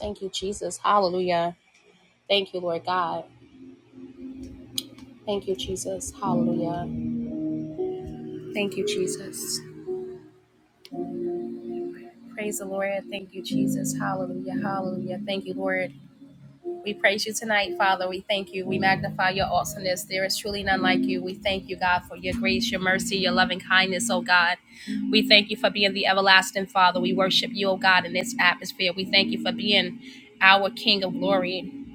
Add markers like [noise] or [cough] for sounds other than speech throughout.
Thank you, Jesus. Hallelujah. Thank you, Lord God. Thank you, Jesus. Hallelujah. Thank you, Jesus. Praise the Lord. Thank you, Jesus. Hallelujah. Hallelujah. Thank you, Lord. We praise you tonight, Father. We thank you. We magnify your awesomeness. There is truly none like you. We thank you, God, for your grace, your mercy, your loving kindness, oh God. We thank you for being the everlasting Father. We worship you, oh God, in this atmosphere. We thank you for being our King of glory,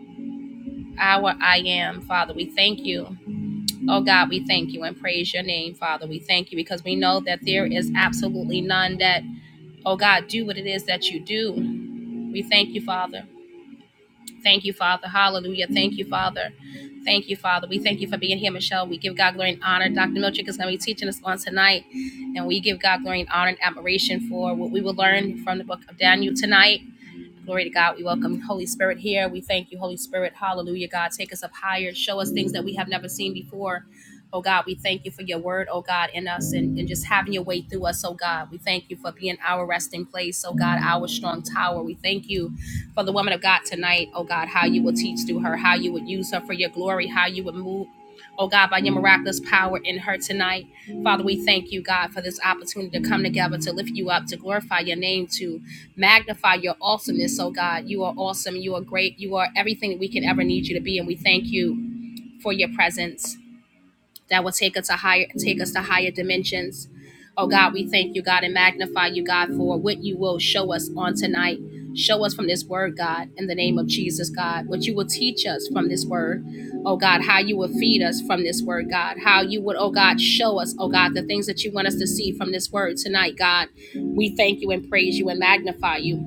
our I am, Father. We thank you. Oh God, we thank you and praise your name, Father. We thank you because we know that there is absolutely none that, oh God, do what it is that you do. We thank you, Father. Thank you, Father. Hallelujah. Thank you, Father. Thank you, Father. We thank you for being here, Michelle. We give God glory and honor. Dr. Milchick is going to be teaching us on tonight, and we give God glory and honor and admiration for what we will learn from the book of Daniel tonight. Glory to God. We welcome Holy Spirit here. We thank you, Holy Spirit. Hallelujah, God. Take us up higher. Show us things that we have never seen before. Oh God, we thank you for your word, oh God, in us and, and just having your way through us, oh God. We thank you for being our resting place, oh God, our strong tower. We thank you for the woman of God tonight, oh God, how you will teach through her, how you would use her for your glory, how you would move Oh God, by your miraculous power in her tonight. Father, we thank you, God, for this opportunity to come together, to lift you up, to glorify your name, to magnify your awesomeness. Oh God, you are awesome. You are great. You are everything that we can ever need you to be. And we thank you for your presence that will take us to higher take us to higher dimensions. Oh God, we thank you, God, and magnify you, God, for what you will show us on tonight. Show us from this word, God, in the name of Jesus, God, what you will teach us from this word. Oh God, how you will feed us from this word, God. How you would, oh God, show us, oh God, the things that you want us to see from this word tonight, God. We thank you and praise you and magnify you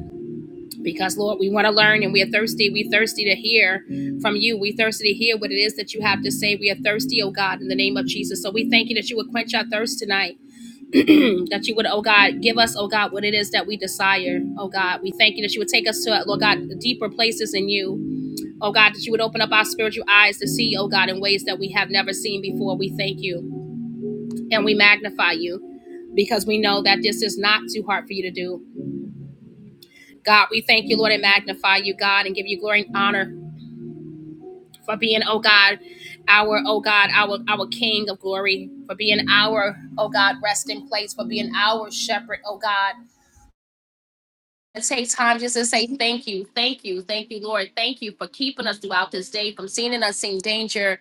because Lord, we want to learn and we are thirsty. We thirsty to hear from you. We thirsty to hear what it is that you have to say. We are thirsty, oh God, in the name of Jesus. So we thank you that you would quench our thirst tonight. [clears throat] that you would, oh God, give us, oh God, what it is that we desire. Oh God, we thank you that you would take us to, Lord God, deeper places in you. Oh God, that you would open up our spiritual eyes to see, oh God, in ways that we have never seen before. We thank you and we magnify you because we know that this is not too hard for you to do. God, we thank you, Lord, and magnify you, God, and give you glory and honor for being, oh God, our, oh God, our, our King of glory, for being our, oh God, resting place, for being our shepherd, oh God. And take time just to say thank you, thank you, thank you, Lord. Thank you for keeping us throughout this day, from seeing and unseen danger.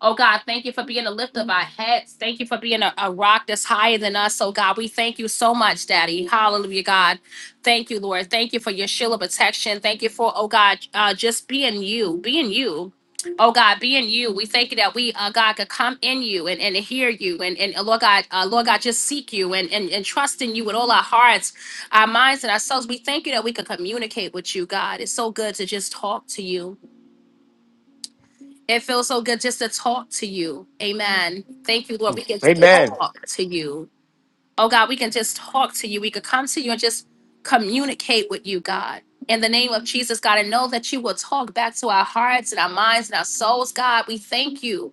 Oh God, thank you for being a lift of our heads. Thank you for being a, a rock that's higher than us. Oh God, we thank you so much, Daddy. Hallelujah, God. Thank you, Lord. Thank you for your shield of protection. Thank you for, oh God, uh, just being you, being you. Oh God, being you. We thank you that we, uh, God, could come in you and, and hear you and, and uh, Lord God, uh, Lord God, just seek you and, and, and trust in you with all our hearts, our minds, and ourselves. We thank you that we could communicate with you, God. It's so good to just talk to you. It feels so good just to talk to you. Amen. Thank you, Lord. We can Amen. talk to you. Oh God, we can just talk to you. We could come to you and just communicate with you, God. In the name of Jesus, God, and know that you will talk back to our hearts and our minds and our souls, God. We thank you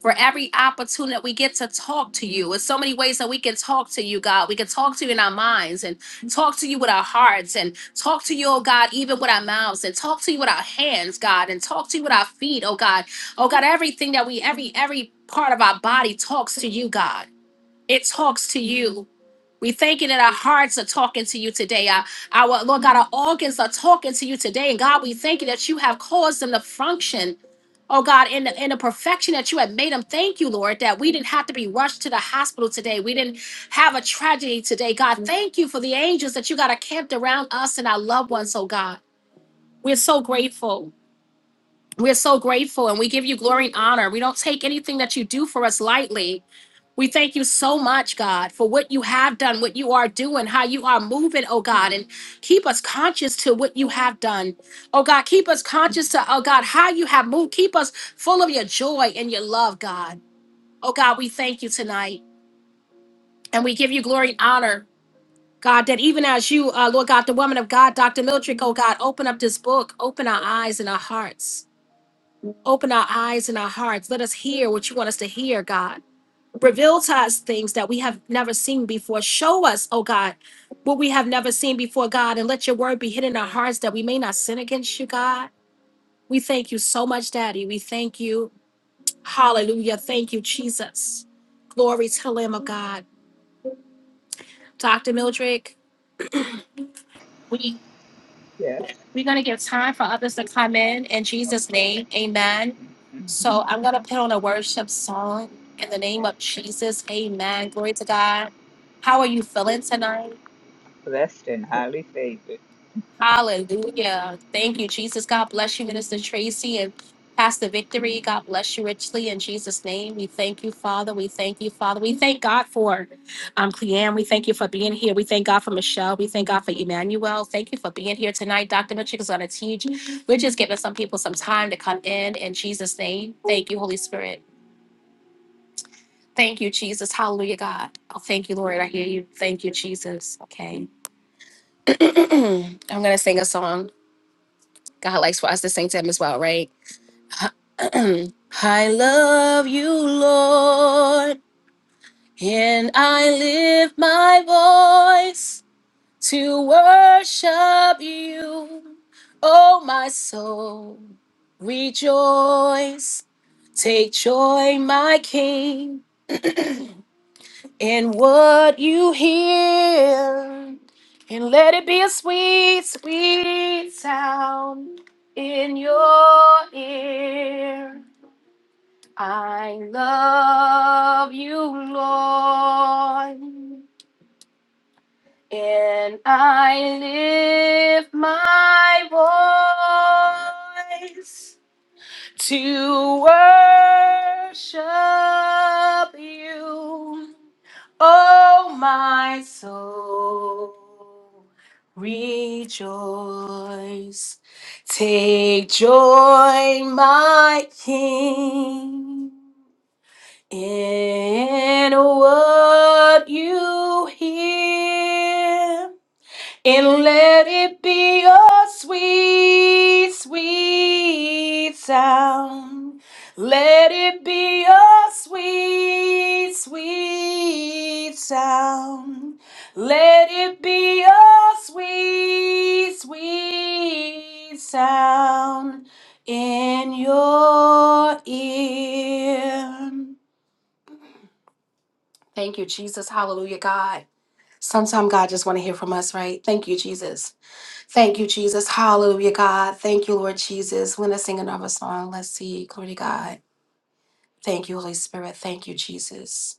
for every opportunity that we get to talk to you. There's so many ways that we can talk to you, God. We can talk to you in our minds and talk to you with our hearts and talk to you, oh God, even with our mouths and talk to you with our hands, God, and talk to you with our feet, oh God. Oh God, everything that we, every, every part of our body talks to you, God. It talks to you. We thank you that our hearts are talking to you today. Our, our Lord God, our organs are talking to you today. And God, we thank you that you have caused them to function. Oh God, in the, in the perfection that you have made them, thank you, Lord, that we didn't have to be rushed to the hospital today. We didn't have a tragedy today. God, thank you for the angels that you got encamped around us and our loved ones, oh God. We're so grateful. We're so grateful and we give you glory and honor. We don't take anything that you do for us lightly. We thank you so much, God, for what you have done, what you are doing, how you are moving, oh God, and keep us conscious to what you have done. Oh God, keep us conscious to, oh God, how you have moved. Keep us full of your joy and your love, God. Oh God, we thank you tonight and we give you glory and honor. God, that even as you, uh, Lord God, the woman of God, Dr. Mildred, oh God, open up this book, open our eyes and our hearts, open our eyes and our hearts. Let us hear what you want us to hear, God. Reveal to us things that we have never seen before. Show us, oh God, what we have never seen before, God, and let your word be hidden in our hearts that we may not sin against you, God. We thank you so much, Daddy. We thank you. Hallelujah. Thank you, Jesus. Glory to the Lamb of God. Dr. Mildred, we, Yes. we're going to give time for others to come in in Jesus' Okay. name. Amen. hmm So I'm going to put on a worship song in the name Okay. of Jesus. Amen. Glory to God. How are you feeling tonight? Blessed and highly favored. Hallelujah. Thank you, Jesus. God bless you, Minister Tracy and Pastor Victory. God bless you richly in Jesus' name. We thank you, Father. We thank you, Father. We thank God for um Cleanne. We thank you for being here. We thank God for Michelle. We thank God for Emmanuel. Thank you for being here tonight. Dr. Mitchell is gonna teach. We're just giving some people some time to come in in Jesus' name. Thank you, Holy Spirit. Thank you, Jesus. Hallelujah, God. Oh, thank you, Lord. I hear you. Thank you, Jesus. Okay. [clears throat] I'm gonna sing a song. God likes for us to sing to him as well, right? [clears throat] I love you, Lord, and I lift my voice to worship you. Oh, my soul, rejoice. Take joy, my King, in what you hear, and let it be a sweet, sweet sound in your ear. I love you, Lord, and I lift my voice to worship you, oh my soul. Rejoice, take joy, my King. In what you hear, and let it be a sweet, sweet sound. Let it be a sweet, sweet sound. Let it be a sweet, sweet sound in your ear. Thank you, Jesus. Hallelujah, God. Sometimes God just want to hear from us, right? Thank you, Jesus. Thank you, Jesus. Hallelujah, God. Thank you, Lord Jesus. We're going to sing another song. Let's see. Glory to God. Thank you, Holy Spirit. Thank you, Jesus.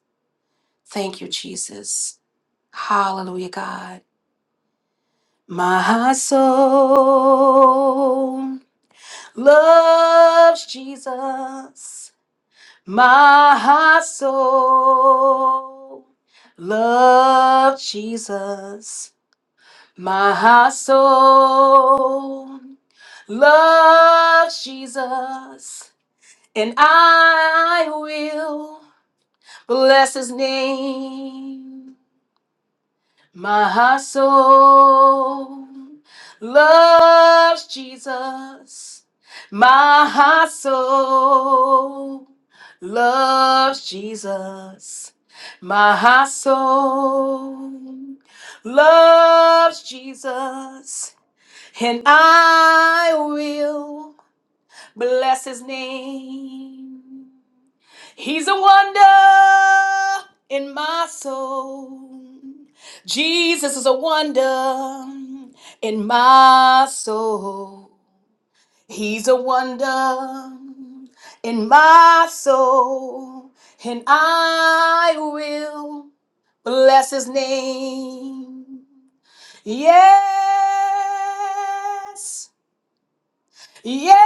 Thank you, Jesus. Hallelujah, God. My soul loves Jesus. My soul loves Jesus. My soul loves Jesus, and I will bless his name. My soul loves Jesus. My soul loves Jesus. My soul loves Jesus. And I will bless his name. He's a wonder in my soul. Jesus is a wonder in my soul. He's a wonder in my soul. And I will bless his name. Yes. Yes,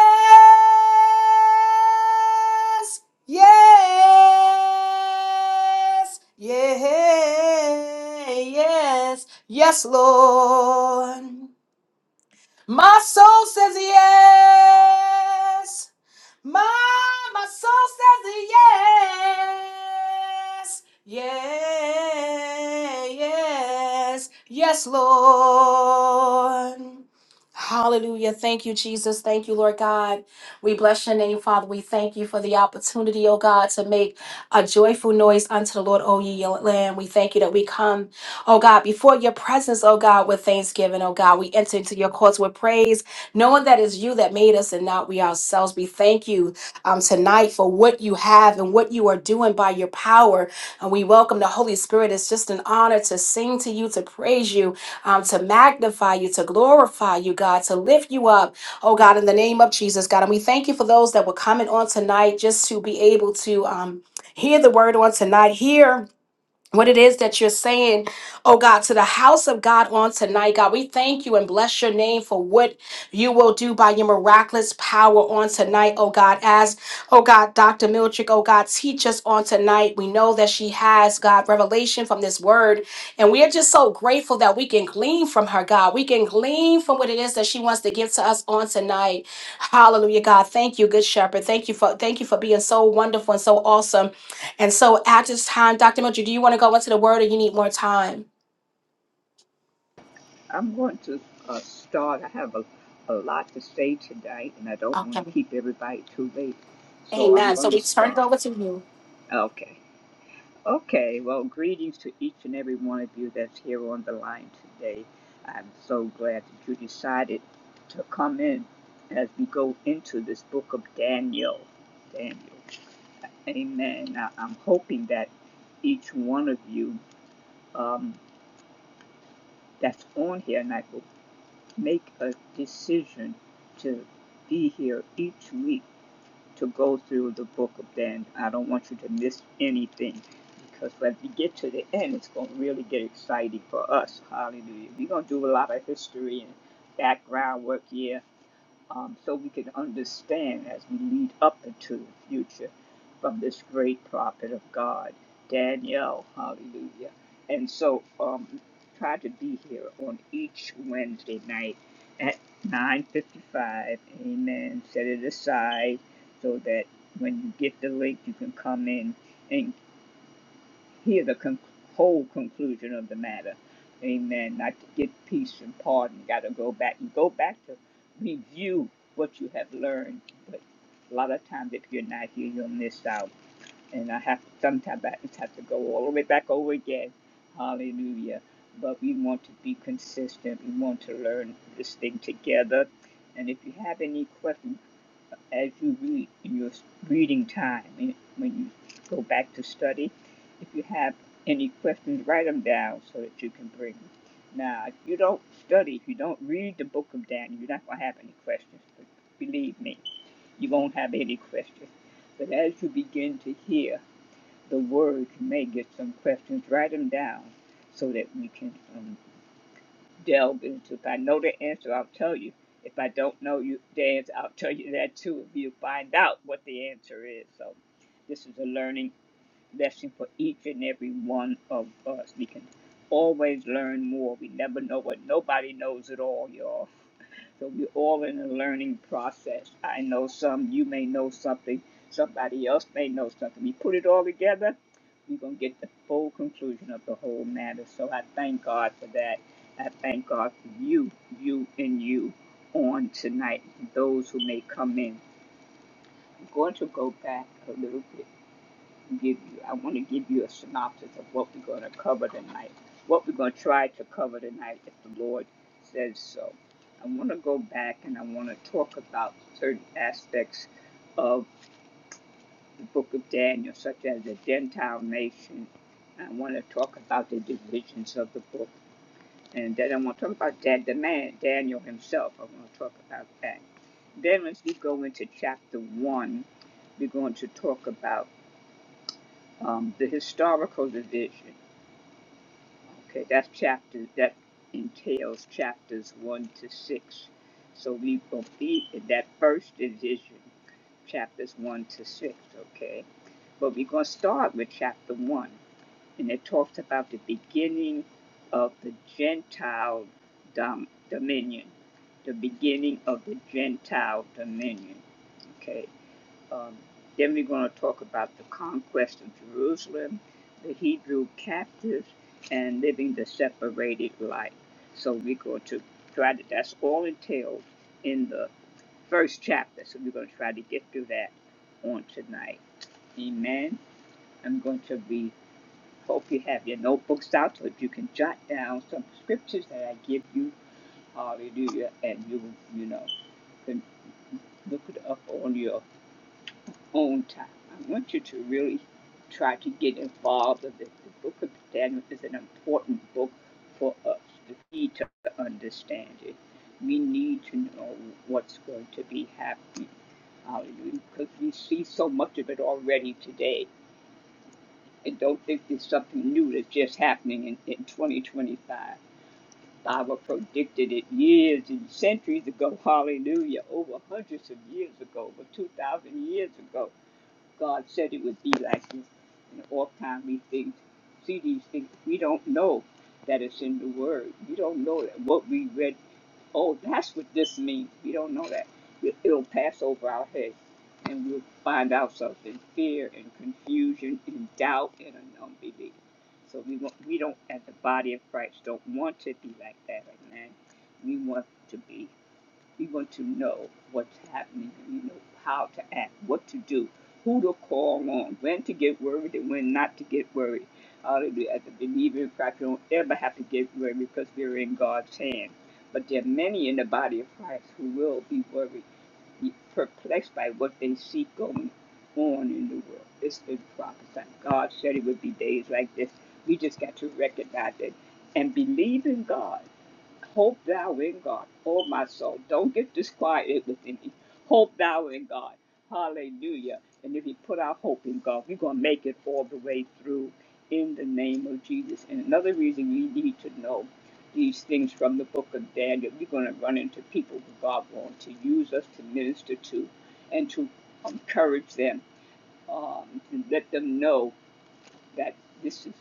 yes, yeah, yes, yes, Lord. My soul says yes, my, my soul says yes. Yeah, yes, yes, Lord. Hallelujah. Thank you, Jesus. Thank you, Lord God. We bless your name, Father. We thank you for the opportunity, oh God, to make a joyful noise unto the Lord, O ye land. We thank you that we come, oh God, before your presence, oh God, with thanksgiving, oh God. We enter into your courts with praise knowing that it's you that made us and not we ourselves. We thank you um, tonight for what you have and what you are doing by your power. And we welcome the Holy Spirit. It's just an honor to sing to you, to praise you, um, to magnify you, to glorify you, God, to lift you up, oh God, in the name of Jesus, God. And we thank you for those that were coming on tonight just to be able to um, hear the word on tonight, here what it is that you're saying, oh God, to the house of God on tonight, God. We thank you and bless your name for what you will do by your miraculous power on tonight, oh God. As, oh God, Dr. Miltrick, oh God, teach us on tonight. We know that she has, God, revelation from this word. And we are just so grateful that we can glean from her, God. We can glean from what it is that she wants to give to us on tonight. Hallelujah, God. Thank you, good shepherd. Thank you for thank you for being so wonderful and so awesome. And so at this time, Dr. Mildred, do you want to go into the word or you need more time? I'm going to uh, start. I have a, a lot to say tonight, and I don't want Okay. to keep everybody too late. So I'm Amen. So going to we turn it start. over to you. Okay. Okay. Well, greetings to each and every one of you that's here on the line today. I'm so glad that you decided to come in as we go into this book of Daniel. Daniel. Amen. I, I'm hoping that each one of you um, that's on here and I will make a decision to be here each week to go through the book of Dan. I don't want you to miss anything because when we get to the end, it's going to really get exciting for us. Hallelujah. We're going to do a lot of history and background work here. um, so we can understand as we lead up into the future from this great prophet of God, Daniel. Hallelujah. And so um, try to be here on each Wednesday night at 9.55. Amen. Set it aside so that when you get the link, you can come in and hear the con- whole conclusion of the matter. Amen. Not to get peace and pardon. Got to go back and go back to review what you have learned. But a lot of times, if you're not here, you'll miss out. And I have to, sometimes I just have to go all the way back over again. Hallelujah. But we want to be consistent. We want to learn this thing together. And if you have any questions, as you read in your reading time and when you go back to study. If you have any questions, write them down so that you can bring them. Now, if you don't study, if you don't read the book of Daniel, you're not going to have any questions. But believe me, you won't have any questions. But as you begin to hear the words, you may get some questions. Write them down so that we can um, delve into. If I know the answer, I'll tell you. If I don't know you, the answer, I'll tell you that too. If you find out what the answer is, so this is a learning lesson for each and every one of us. We can always learn more. We never know what nobody knows it all, y'all. So we're all in a learning process. I know some, you may know something, somebody else may know something. We put it all together, we're going to get the full conclusion of the whole matter. So I thank God for that. I thank God for you, you and you on tonight, those who may come in. I'm going to go back a little bit give you. I want to give you a synopsis of what we're going to cover tonight, what we're going to try to cover tonight, if the Lord says so. I want to go back and I want to talk about certain aspects of the book of Daniel, such as the Gentile nation. I want to talk about the divisions of the book. And then I want to talk about that, the man, Daniel himself. I want to talk about that. Then, as we go into chapter one, we're going to talk about um, the historical division. Okay, that's chapter, that entails chapters 1 to 6. So we will be in that first division, chapters 1 to 6, okay? But we're going to start with chapter 1, and it talks about the beginning of the Gentile dom- dominion, the beginning of the Gentile dominion, okay? Um, then we're going to talk about the conquest of Jerusalem, the Hebrew captives, and living the separated life. So we're going to try to, that's all entailed in the first chapter. So we're going to try to get through that on tonight. Amen. I'm going to be, hope you have your notebooks out so if you can jot down some scriptures that I give you. Hallelujah. And you, you know, can look it up on your own time. I want you to really try to get involved with it. The book of Daniel is an important book for us. We need to understand it. We need to know what's going to be happening. Hallelujah. Because we see so much of it already today. And don't think it's something new that's just happening in, in 2025. Bible predicted it years and centuries ago. Hallelujah. Over hundreds of years ago, over 2,000 years ago. God said it would be like this. And oft time we think, see these things, we don't know that it's in the Word. We don't know that what we read, oh, that's what this means. We don't know that. It- It'll pass over our head, and we'll find ourselves in fear and confusion and doubt and an unbelief. So we want, we don't, as the body of Christ, don't want to be like that, amen. We want to be we want to know what's happening. We know how to act, what to do, who to call on, when to get worried and when not to get worried. Hallelujah. As a believer in Christ, we don't ever have to get worried because we're in God's hand. But there are many in the body of Christ who will be worried, be perplexed by what they see going on in the world. It's been prophesied. God said it would be days like this. We just got to recognize it and believe in God Hope thou in God. Oh, my soul. Don't get disquieted within me. Hope thou in God. Hallelujah. And if we put our hope in God, we're going to make it all the way through in the name of Jesus. And another reason we need to know these things from the book of Daniel, we're going to run into people who God wants to use us to minister to and to encourage them, um, to let them know that this is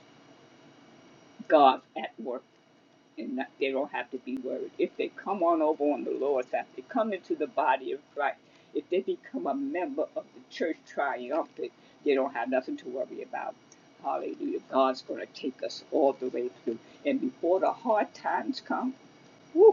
God at work and not, they don't have to be worried. If they come on over on the Lord's side, if they come into the body of Christ, if they become a member of the church triumphant, they don't have nothing to worry about. Hallelujah. God's going to take us all the way through. And before the hard times come, woo.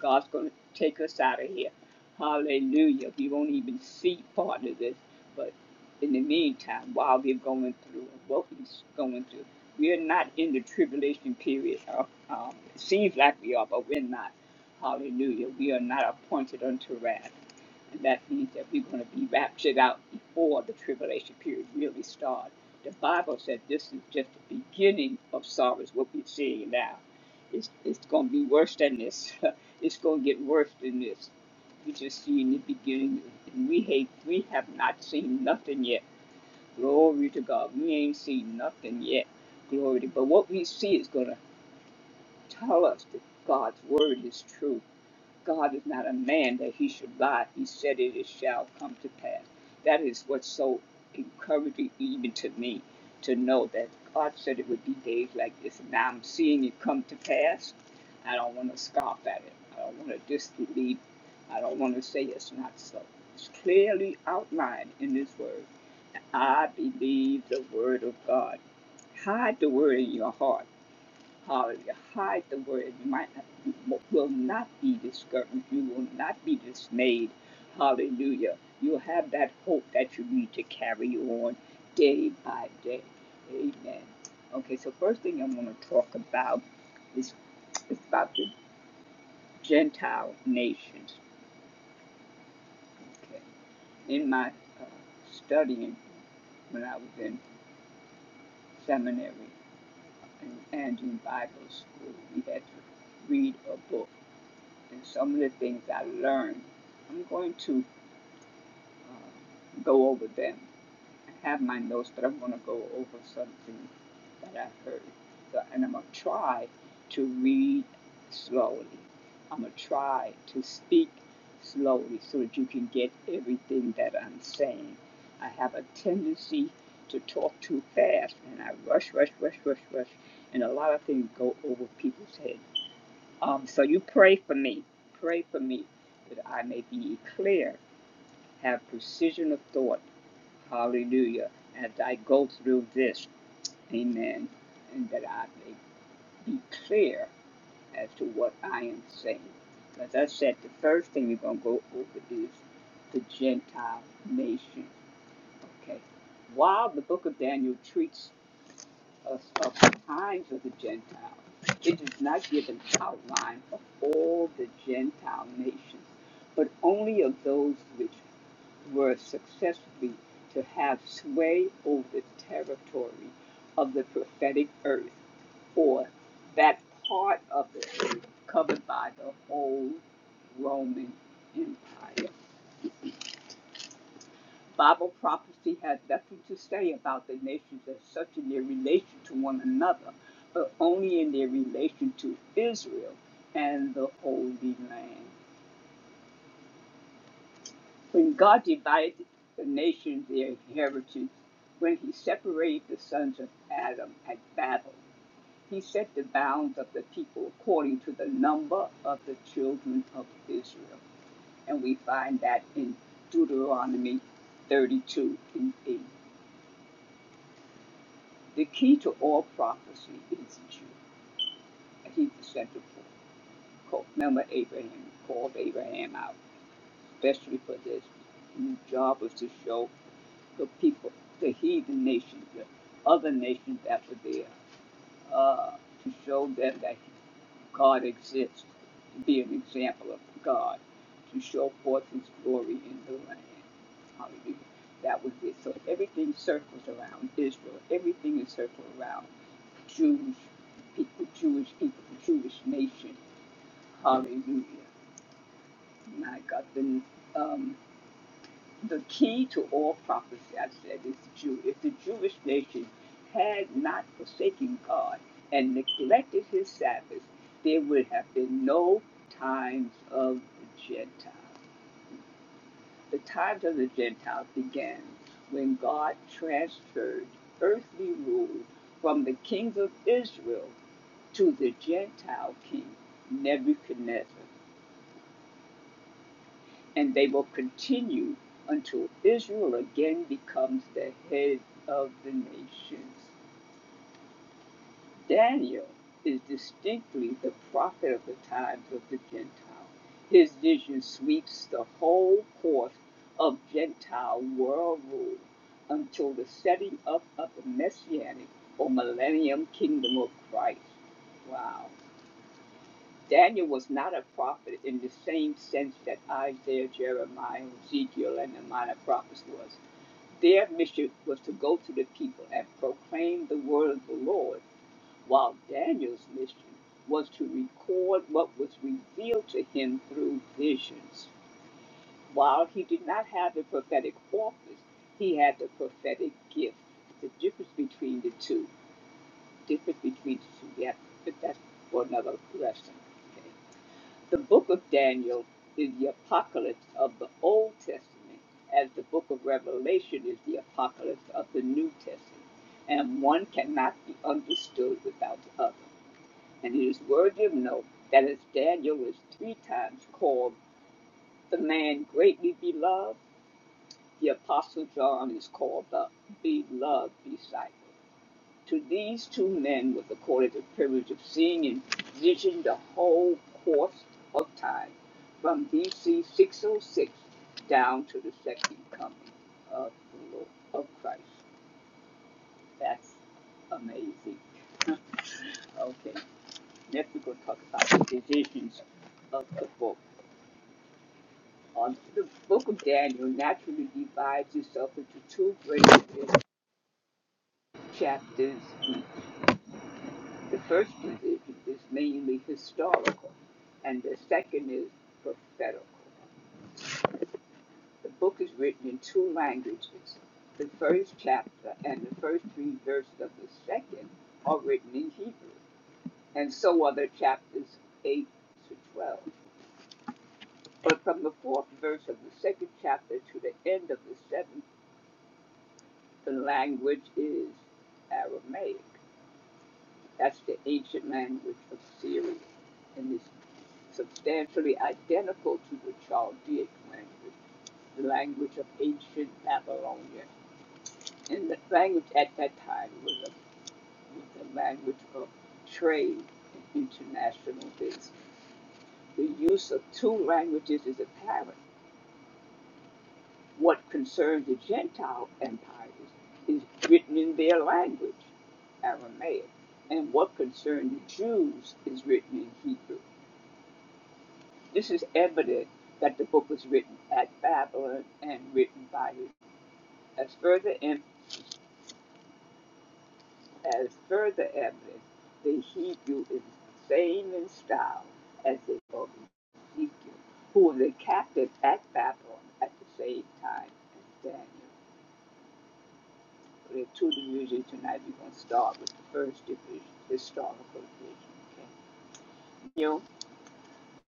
God's going to take us out of here. Hallelujah. We won't even see part of this. But in the meantime, while we're going through what we're going through, we are not in the tribulation period. Uh, um, it seems like we are, but we're not. Hallelujah. We are not appointed unto wrath. And That means that we're going to be raptured out before the tribulation period really starts. The Bible said this is just the beginning of sorrows, what we're seeing now. It's, it's going to be worse than this. [laughs] it's going to get worse than this. We just see in the beginning, and we hate, we have not seen nothing yet. Glory to God. We ain't seen nothing yet. Glory to God. But what we see is going to tell us that God's word is true. God is not a man that he should lie. He said it, it shall come to pass. That is what's so encouraging, even to me, to know that God said it would be days like this. And now I'm seeing it come to pass. I don't want to scoff at it. I don't want to disbelieve. I don't want to say it's not so. It's clearly outlined in this word. I believe the word of God. Hide the word in your heart Hallelujah. Hide the word. You might not, will not be discouraged. You will not be dismayed. Hallelujah. You'll have that hope that you need to carry on day by day. Amen. Okay, so first thing I want to talk about is, is about the Gentile nations. Okay. In my uh, studying when I was in seminary and, and in Bible school, we had to read a book and some of the things I learned. I'm going to uh, go over them. I have my notes, but I'm going to go over something that I heard. So, and I'm going to try to read slowly. I'm going to try to speak slowly so that you can get everything that I'm saying. I have a tendency to talk too fast and I rush, rush, rush, rush, rush, and a lot of things go over people's heads. Um, so you pray for me. Pray for me that I may be clear, have precision of thought. Hallelujah. As I go through this, amen. And that I may be clear as to what I am saying. As I said, the first thing you're going to go over is the Gentile nation. Okay. While the book of Daniel treats us of the times of the Gentiles. It does not give an outline of all the Gentile nations, but only of those which were successfully to have sway over the territory of the prophetic earth, or that part of the earth covered by the whole Roman Empire. Bible prophecy has nothing to say about the nations as such in their relation to one another, but only in their relation to Israel and the Holy Land. When God divided the nations, their inheritance, when he separated the sons of Adam at Babel, he set the bounds of the people according to the number of the children of Israel. And we find that in Deuteronomy 32 and 8. The key to all prophecy is Jew. He's the central point. Remember, Abraham called Abraham out, especially for this His job was to show the people, the heathen nations, the other nations that were there, uh, to show them that God exists, to be an example of God, to show forth His glory in the land. Hallelujah. That was it. So everything circles around Israel. Everything is circled around Jewish people, Jewish people, Jewish nation. Hallelujah. My God, the, um, the key to all prophecy, I said, is the Jew. If the Jewish nation had not forsaken God and neglected his Sabbath, there would have been no times of the Gentiles. The times of the Gentiles began when God transferred earthly rule from the kings of Israel to the Gentile king Nebuchadnezzar, and they will continue until Israel again becomes the head of the nations. Daniel is distinctly the prophet of the times of the Gentiles. His vision sweeps the whole course of Gentile world rule until the setting up of the messianic or millennium kingdom of Christ. Wow. Daniel was not a prophet in the same sense that Isaiah, Jeremiah, Ezekiel, and the minor prophets was. Their mission was to go to the people and proclaim the word of the Lord, while Daniel's mission was to record what was revealed to him through visions. While he did not have the prophetic office, he had the prophetic gift. The difference between the two, difference between the two, yeah, but that's for another lesson. Okay? The book of Daniel is the apocalypse of the Old Testament, as the book of Revelation is the apocalypse of the New Testament, and one cannot be understood without the other. And it is worthy of note that as Daniel is three times called the man greatly beloved, the Apostle John is called the beloved disciple. To these two men was accorded the privilege of seeing in vision the whole course of time, from BC 606 down to the second coming of the Lord, of Christ. That's amazing. Okay, next we're going to talk about the divisions of the book. Um, the book of Daniel naturally divides itself into two great chapters The first one is, is mainly historical, and the second is prophetical. The book is written in two languages. The first chapter and the first three verses of the second are written in Hebrew, and so are the chapters 8 to 12. But from the fourth verse of the second chapter to the end of the seventh, the language is Aramaic. That's the ancient language of Syria and is substantially identical to the Chaldeic language, the language of ancient Babylonia. And the language at that time was a, was a language of trade and international business. The use of two languages is apparent. What concerned the Gentile empires is written in their language, Aramaic, and what concerned the Jews is written in Hebrew. This is evident that the book was written at Babylon and written by him. As further em- as further evidence, the Hebrew is the same in style as the book of Ezekiel, who were the captive at Babylon at the same time as Daniel. There are two divisions tonight. We're going to start with the first division, historical division. Okay? Daniel,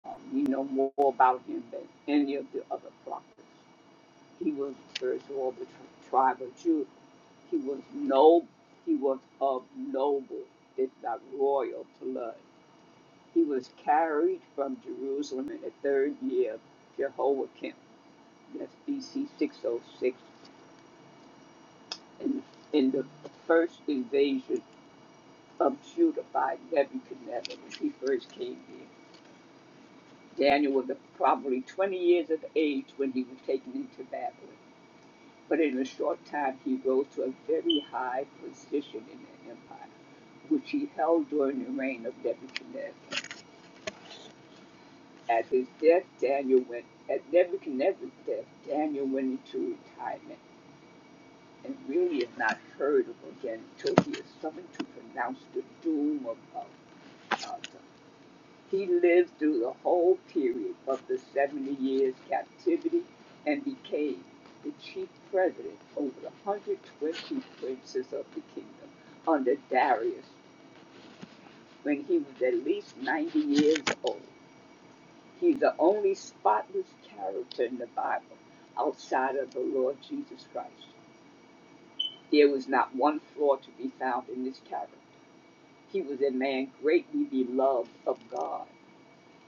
um, we know more about him than any of the other prophets. He was the first of all the tri- tribe of Judah. He was no he was of noble, if not royal, blood. He was carried from Jerusalem in the third year of Jehoiakim, that's BC 606, in, in the first invasion of Judah by Nebuchadnezzar when he first came here. Daniel was probably 20 years of age when he was taken into Babylon, but in a short time he rose to a very high position in the empire. which he held during the reign of Nebuchadnezzar. At his death, Daniel went at Nebuchadnezzar's death, Daniel went into retirement and really is not heard of again until he is summoned to pronounce the doom of Belshazzar. He lived through the whole period of the 70 years captivity and became the chief president over the 120 princes of the kingdom under Darius when he was at least 90 years old. He's the only spotless character in the Bible outside of the Lord Jesus Christ. There was not one flaw to be found in this character. He was a man greatly beloved of God.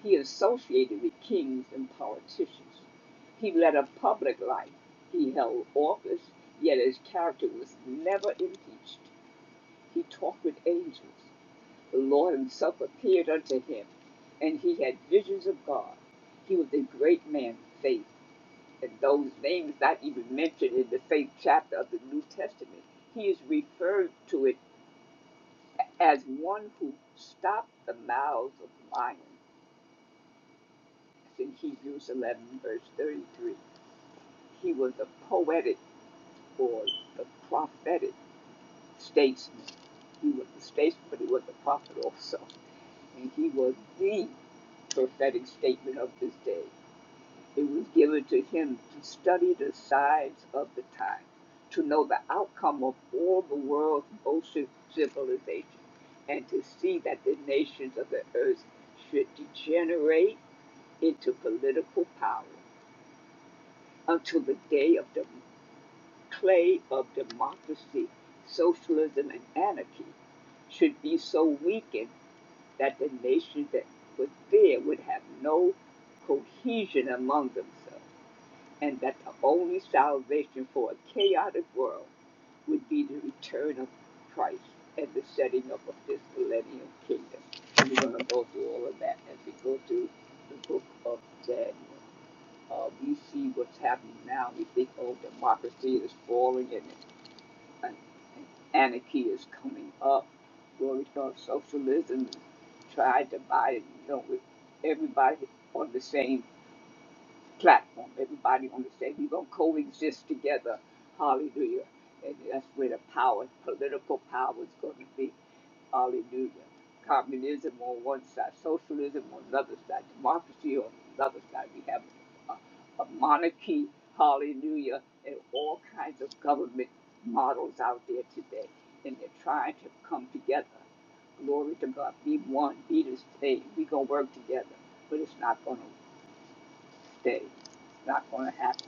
He associated with kings and politicians. He led a public life. He held office, yet his character was never impeached. He talked with angels. The Lord himself appeared unto him, and he had visions of God. He was a great man of faith and those names not even mentioned in the same chapter of the New Testament. He is referred to it as one who stopped the mouths of lions. It's in Hebrews 11, verse 33. He was a poetic or the prophetic statesman. He was a statesman, but he was a prophet also. And he was the prophetic statement of this day. It was given to him to study the signs of the time, to know the outcome of all the world's ocean civilization, and to see that the nations of the earth should degenerate into political power until the day of the clay of democracy, socialism, and anarchy should be so weakened that the nations that were there would have no cohesion among themselves and that the only salvation for a chaotic world would be the return of Christ and the setting up of this millennial kingdom. And we're going to go through all of that as we go through the book of Daniel. Uh, we see what's happening now. We think, oh, democracy is falling and, and, and anarchy is coming up. Glory to God, socialism tried to buy it, you know, with everybody on the same platform. Everybody on the stage. We're gonna coexist together. Hallelujah. And that's where the power, political power is gonna be. Hallelujah. Communism on one side, socialism on the other side, democracy on the other side. We have a, a monarchy, hallelujah, and all kinds of government models out there today. And they're trying to come together. Glory to God. Be one, be the same. We're gonna work together. But it's not gonna work day. It's not going to happen.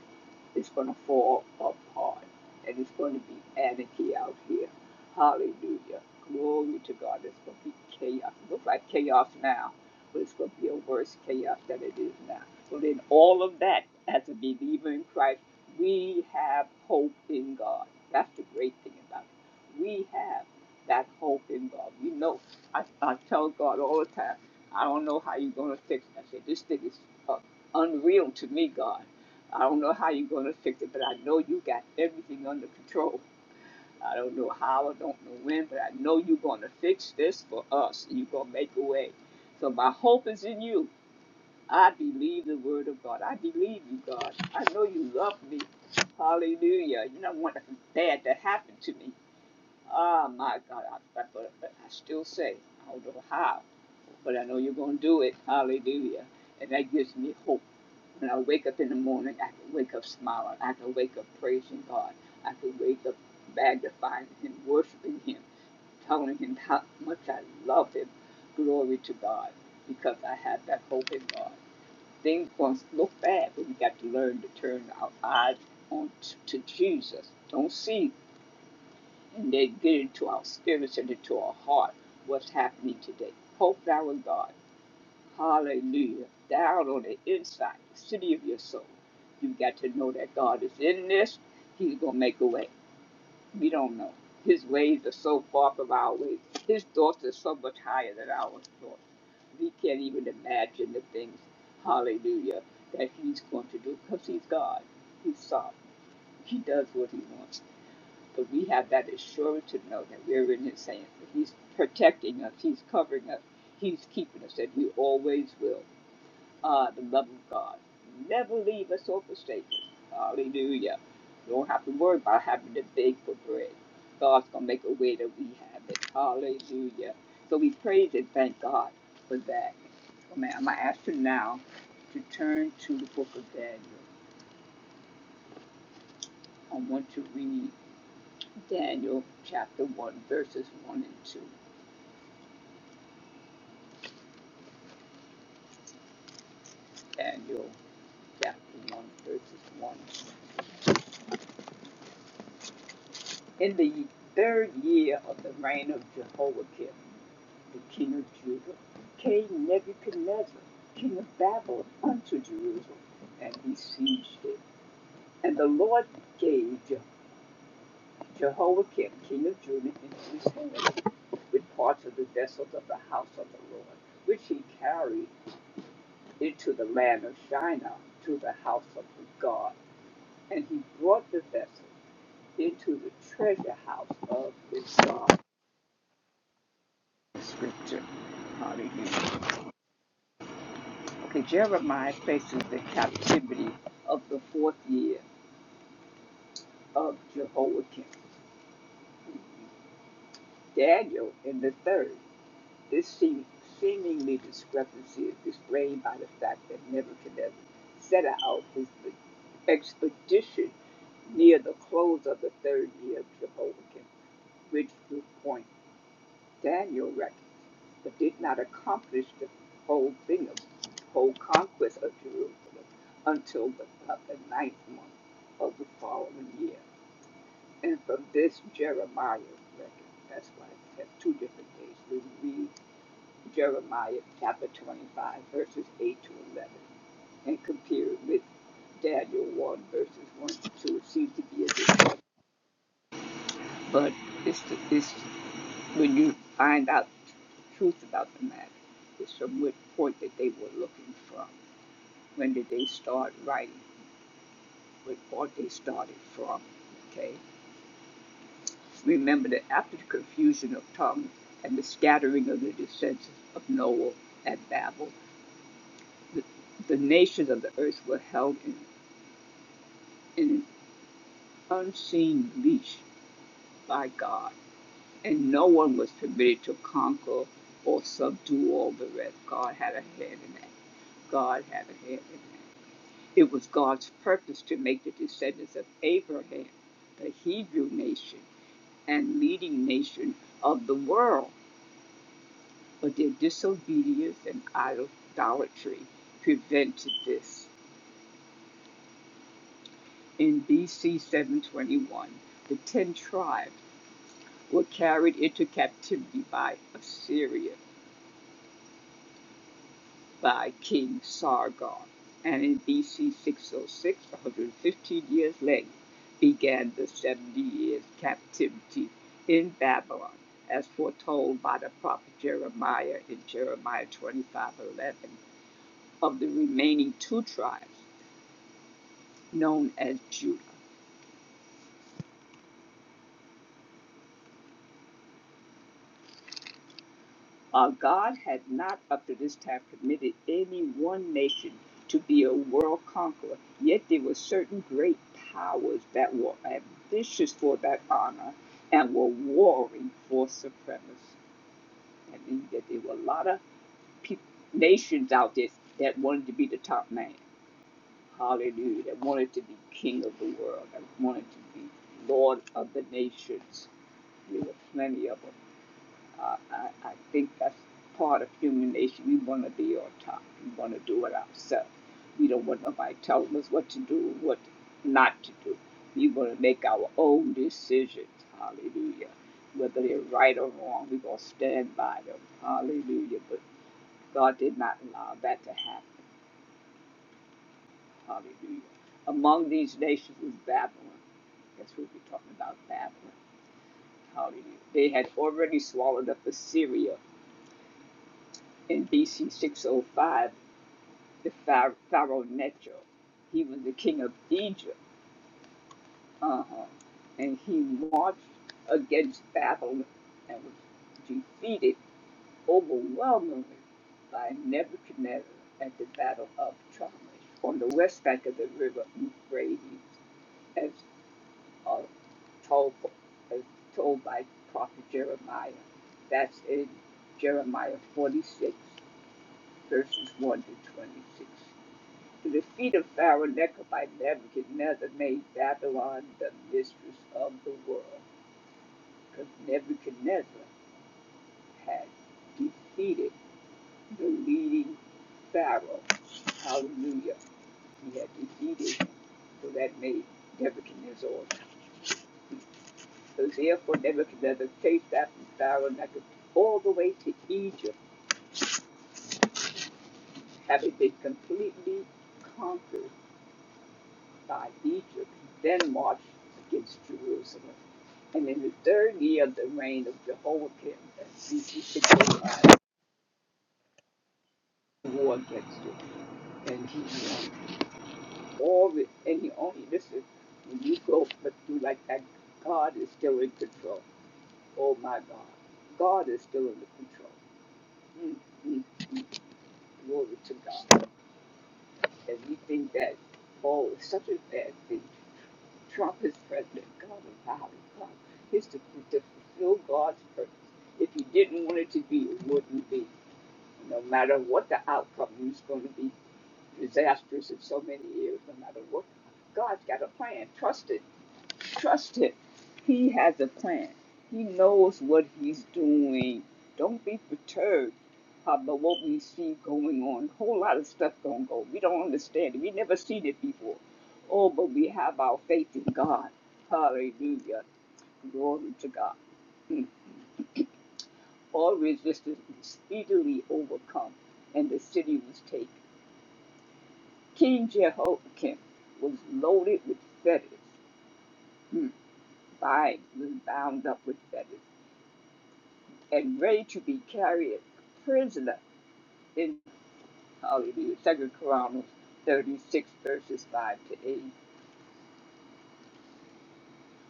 It's going to fall apart. And it's going to be anarchy out here. Hallelujah. Glory to God. It's going to be chaos. It looks like chaos now, but it's going to be a worse chaos than it is now. So in all of that, as a believer in Christ, we have hope in God. That's the great thing about it. We have that hope in God. We know. I, I tell God all the time, I don't know how you're going to fix it. I say, this thing is up unreal to me, God. I don't know how you're going to fix it, but I know you got everything under control. I don't know how, I don't know when, but I know you're going to fix this for us. You're going to make a way. So my hope is in you. I believe the word of God. I believe you, God. I know you love me. Hallelujah. You don't want nothing bad to happen to me. Ah, my God. I, but but I still say, I don't know how but I know you're going to do it. Hallelujah. And that gives me hope. When I wake up in the morning, I can wake up smiling. I can wake up praising God. I can wake up magnifying Him, worshiping Him, telling Him how much I love Him. Glory to God, because I have that hope in God. Things going to look bad, but we got to learn to turn our eyes on t- to Jesus. Don't see and then get into our spirits and into our heart what's happening today. Hope thou in God. Hallelujah. Down on the inside, the city of your soul. You got to know that God is in this. He's going to make a way. We don't know. His ways are so far from our ways. His thoughts are so much higher than our thoughts. We can't even imagine the things, hallelujah, that He's going to do because He's God. He's sovereign. He does what He wants. But we have that assurance to know that we're in His hands. that He's protecting us. He's covering us. He's keeping us, and He always will uh, the love of God. Never leave us or forsake us. Hallelujah. You Don't have to worry about having to beg for bread. God's going to make a way that we have it. Hallelujah. So we praise and thank God for that. So, man, I'm going to ask you now to turn to the book of Daniel. I want to read Daniel chapter 1, verses 1 and 2. Daniel chapter 1, verses 1. In the third year of the reign of Jehoiakim, the king of Judah, came Nebuchadnezzar, king of Babylon, unto Jerusalem, and besieged it. And the Lord gave Je- Jehoiakim, king of Judah, into his hand, with parts of the vessels of the house of the Lord, which he carried into the land of Shinar, to the house of the God. And he brought the vessels into the treasure house of his God. Scripture. Hallelujah. Okay, Jeremiah faces the captivity of the fourth year of Jehoiakim. Daniel in the third. This seem, seemingly discrepancy is displayed by the fact that Nebuchadnezzar set out his e, expedition near the close of the third year of Jehoiakim, which would point Daniel reckoned, but did not accomplish the whole thing of whole conquest of Jerusalem until the, uh, the ninth month of the following year. And from this Jeremiah record, that's why it has two different days. We read Jeremiah chapter 25, verses 8 to 11, and compare it with Daniel 1, verses 1 to 2. It seems to be a difference, but it's, the, it's when you find out the truth about the matter, it's from what point that they were looking from. When did they start writing? What part they started from? Okay. Remember that after the confusion of tongues and the scattering of the descendants of Noah at Babel, the, the nations of the earth were held in, in an unseen leash by God, and no one was permitted to conquer or subdue all the rest. God had a hand in that. God had a hand in that. It was God's purpose to make the descendants of Abraham the Hebrew nation and leading nation of the world, but their disobedience and idolatry prevented this. In BC 721, the ten tribes were carried into captivity by Assyria. by King Sargon, and in BC 606, 115 years later, began the 70 years captivity in Babylon, as foretold by the prophet Jeremiah in Jeremiah 25:11 of the remaining two tribes known as Judah. Uh, God had not up to this time permitted any one nation to be a world conqueror, yet there were certain great powers that were ambitious for that honor and were warring for supremacy. That means that there were a lot of peop nations out there that wanted to be the top man. Hallelujah. That wanted to be king of the world, that wanted to be lord of the nations. There were plenty of them. Uh, I, I think that's part of human nature. We want to be on top. We want to do it ourselves. We don't want nobody telling us what to do, what not to do. We want to make our own decisions. Hallelujah. Whether they're right or wrong, we're going to stand by them. Hallelujah. But God did not allow that to happen. Hallelujah. Among these nations was Babylon. That's what we're talking about, Babylon. Hallelujah. They had already swallowed up Assyria in BC 605, the Pharaoh, Necho. He was the king of Egypt, uh-huh. and he marched against Babylon and was defeated overwhelmingly by Nebuchadnezzar at the Battle of Chalmers on the west bank of the river Euphrates, as uh, told, as told by prophet Jeremiah. That's in Jeremiah 46, verses 1 to 26. to the feet of Pharaoh, Nebuchadnezzar made Babylon the mistress of the world, because Nebuchadnezzar had defeated the leading Pharaoh. Hallelujah. He had defeated him. So that made Nebuchadnezzar. awesome. So therefore, Nebuchadnezzar chased after Pharaoh Nebuchadnezzar all the way to Egypt, having been completely conquered by Egypt, then marched against Jerusalem. And in the third year of the reign of Jehoiakim, he began the war against it. And he won. All the, and he only, listen, when you go through like that, God is still in control. Oh my God. God is still in the control. Mm, mm, mm. Glory to God. And we think that, oh, it's such a bad thing. Trump is president. God knows how he come. It's to, to fulfill God's purpose. If he didn't want it to be, it wouldn't be. No matter what the outcome, it's going to be disastrous in so many years. No matter what, God's got a plan. Trust it. Trust Him. He has a plan. He knows what He's doing. Don't be perturbed about what we see going on. A whole lot of stuff going on. We don't understand it. We never seen it before. Oh, but we have our faith in God. Hallelujah. Glory to God. Mm. All resistance was speedily overcome, and the city was taken. King Jehoiakim was loaded with fetters. Mm. Bind was bound up with fetters. and ready to be carried prisoner in hallelujah, Second Chronicles 36, verses 5 to 8.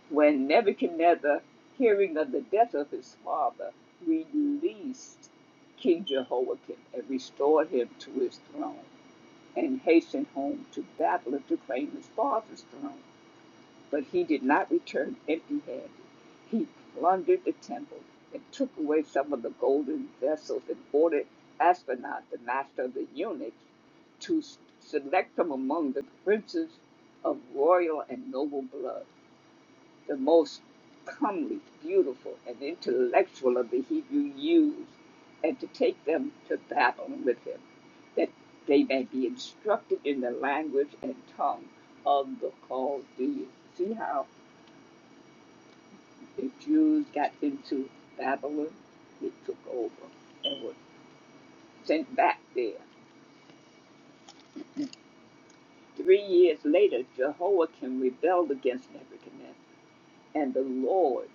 When Nebuchadnezzar, hearing of the death of his father, released King Jehoiakim and restored him to his throne, and hastened home to Babylon to claim his father's throne. But he did not return empty handed. He plundered the temple and took away some of the golden vessels and ordered Aspenaz, the master of the eunuchs, to select from among the princes of royal and noble blood, the most comely, beautiful, and intellectual of the Hebrew youths, and to take them to Babylon with him, that they may be instructed in the language and tongue of the Chaldeans. See how the Jews got into Babylon, they took over and were sent back there. Three years later, Jehoiakim rebelled against Nebuchadnezzar, and the Lord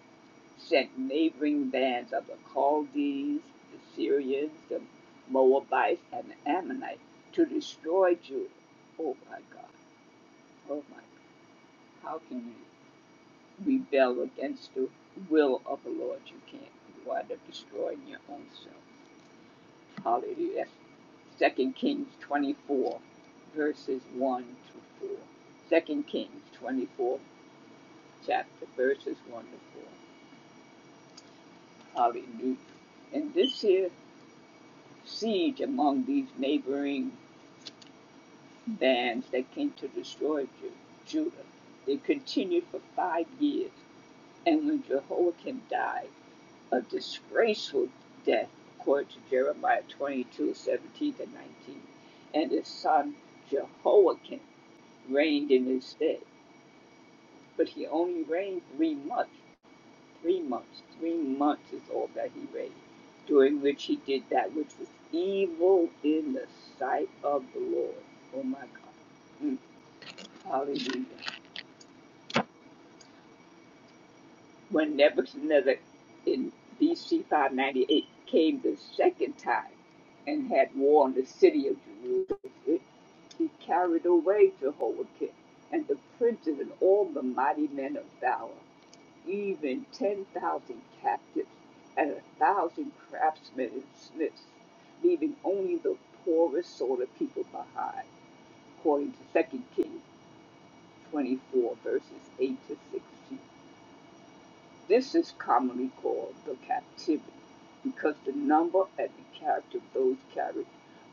sent neighboring bands of the Chaldees, the Syrians, the Moabites, and the Ammonites to destroy Judah. Oh my God, oh my God, how can you rebel against the will of the Lord? You can't. You wind up destroying your own self. Hallelujah That's Second Kings 24, verses 1 to 4. Second Kings 24, chapter, verses 1 to 4. Hallelujah. And this here siege among these neighboring bands that came to destroy Ju- Judah, it continued for five years. And when Jehoiakim died, a disgraceful death, according to Jeremiah 22 17 to 19, and his son Jehoiakim reigned in his stead. But he only reigned three months. Three months. Three months is all that he reigned, during which he did that which was evil in the sight of the Lord. Oh my God. Mm, hallelujah. When Nebuchadnezzar in BC 598 came the second time and had war on the city of Jerusalem, he carried away Jehoiakim and the princes and all the mighty men of valor. even ten thousand captives and a thousand craftsmen and smiths, leaving only the poorest sort of people behind, according to Second Kings 24, verses 8 to 16. This is commonly called the captivity, because the number and the character of those carried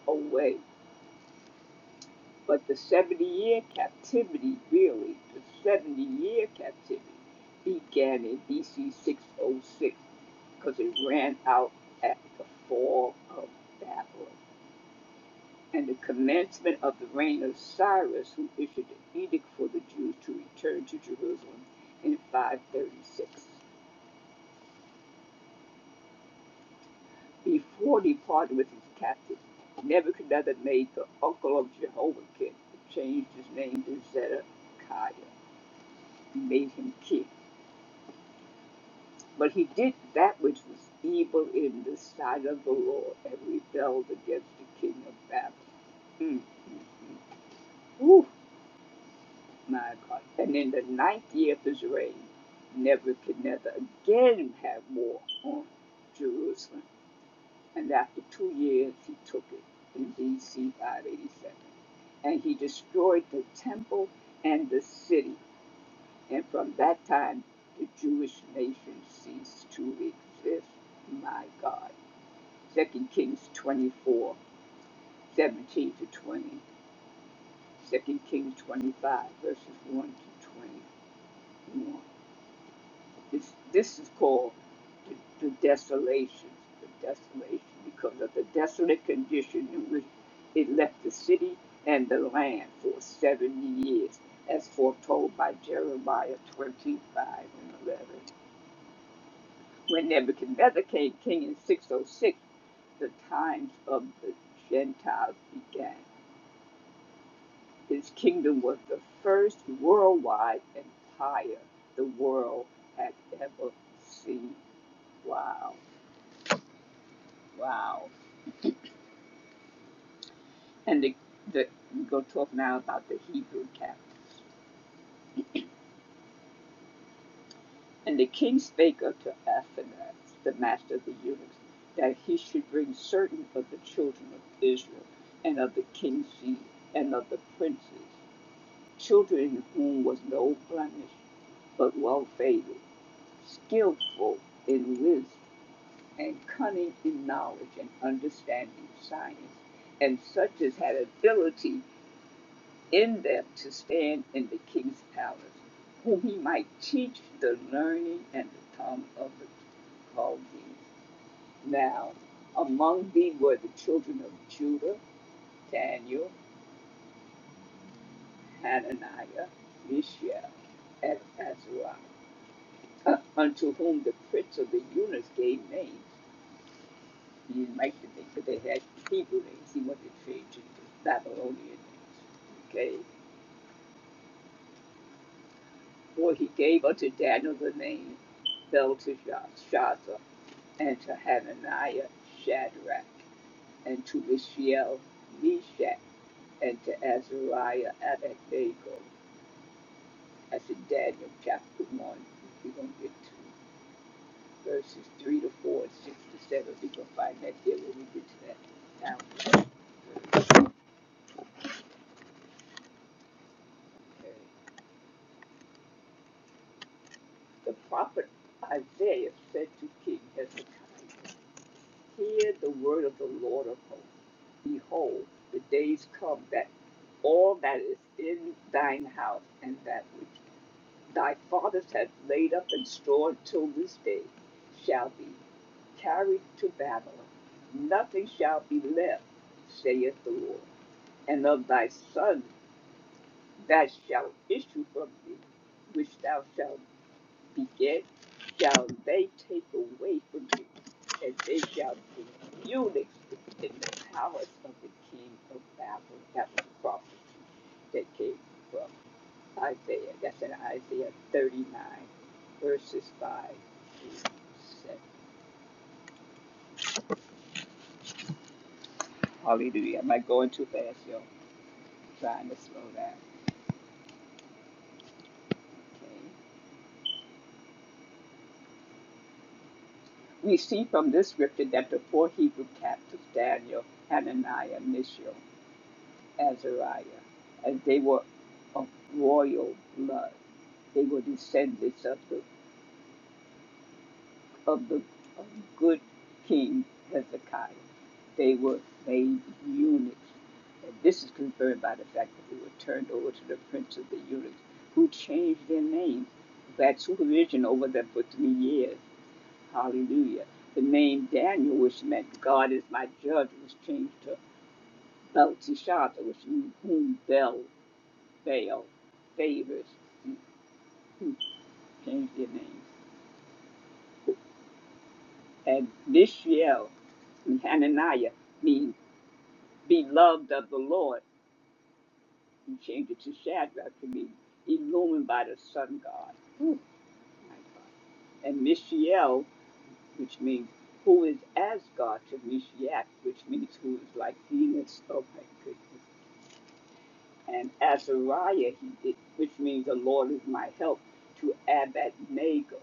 away. But the 70 year captivity, really, the 70 year captivity, began in BC 606 because it ran out at the fall of Babylon. And the commencement of the reign of Cyrus, who issued an edict for the Jews to return to Jerusalem in 536. Before departing with his captives, Nebuchadnezzar made the uncle of Jehoiakim, who changed his name to Zedekiah, and made him king. But he did that which was evil in the sight of the Lord and rebelled against the king of Babylon. Mm. Oof. my God. And in the ninth year of his reign, Nebuchadnezzar again had war on Jerusalem. And after two years, he took it in BC 587. And he destroyed the temple and the city. And from that time, the Jewish nation ceased to exist. My God. Second Kings 24:17 to 20. 2 Kings 25, verses 1 to 21. This, this is called the, the desolation, the desolation, because of the desolate condition in which it left the city and the land for 70 years, as foretold by Jeremiah 25 and 11. When Nebuchadnezzar came king in 606, the times of the Gentiles began. His kingdom was the first worldwide empire the world had ever seen. Wow, wow. And the, the we go talk now about the Hebrew camp. And the king spake unto Athanas, the master of the eunuchs, that he should bring certain of the children of Israel, and of the king's seed, and of the princes, children in whom was no blemish, but well favored, skillful in wisdom, and cunning in knowledge and understanding of science, and such as had ability in them to stand in the king's palace, whom he might teach the learning and the tongue of the Chaldees. Now, among thee were the children of Judah, Daniel, Hananiah, Mishael, and Azariah, [clears throat] unto whom the prince of the eunuchs gave names. He didn't like the names, but they had Hebrew names. He wanted to change it to Babylonian names. Okay? For he gave unto Daniel the name Belteshazzar, and to Hananiah Shadrach, and to Mishael Meshach, and to Azariah Abednego. That's in Daniel chapter 1. We're going to get to verses 3 to 4 and 6 to 7. We're going to find that there when we get to that. Now, the prophet Isaiah said to King Hezekiah, Hear the word of the Lord of hosts. Behold, the days come that all that is in thine house and that which thy fathers have laid up and stored till this day shall be carried to Babylon. Nothing shall be left, saith the Lord. And of thy son that shall issue from thee, which thou shalt beget shall they take away from you, and they shall be eunuchs in the palace of the king of Babylon. That was a prophecy that came from Isaiah. That's in Isaiah 39, verses 5 through 7. Hallelujah. Am I going too fast, y'all? Trying to slow down. Okay. We see from this scripture that the four Hebrew captives, Daniel, Hananiah, Mishael, Azariah, and they were of royal blood. They were descendants of the of the of the good King Hezekiah. They were made eunuchs. And this is confirmed by the fact that they were turned over to the prince of the eunuchs, who changed their names. That supervision over them for three years. Hallelujah. The name Daniel, which meant God is my judge, was changed to Belteshazzar, which means whom Bel Baal, Favors, [clears throat] change their names. And Mishael and Hananiah mean beloved of the Lord. He changed it to Shadrach to mean illumined by the sun god. Ooh, my God. And Mishael, which means who is as God to Mishak, which means who is like Venus. Oh my goodness. And Azariah he did, which means the Lord is my help, to Abednego,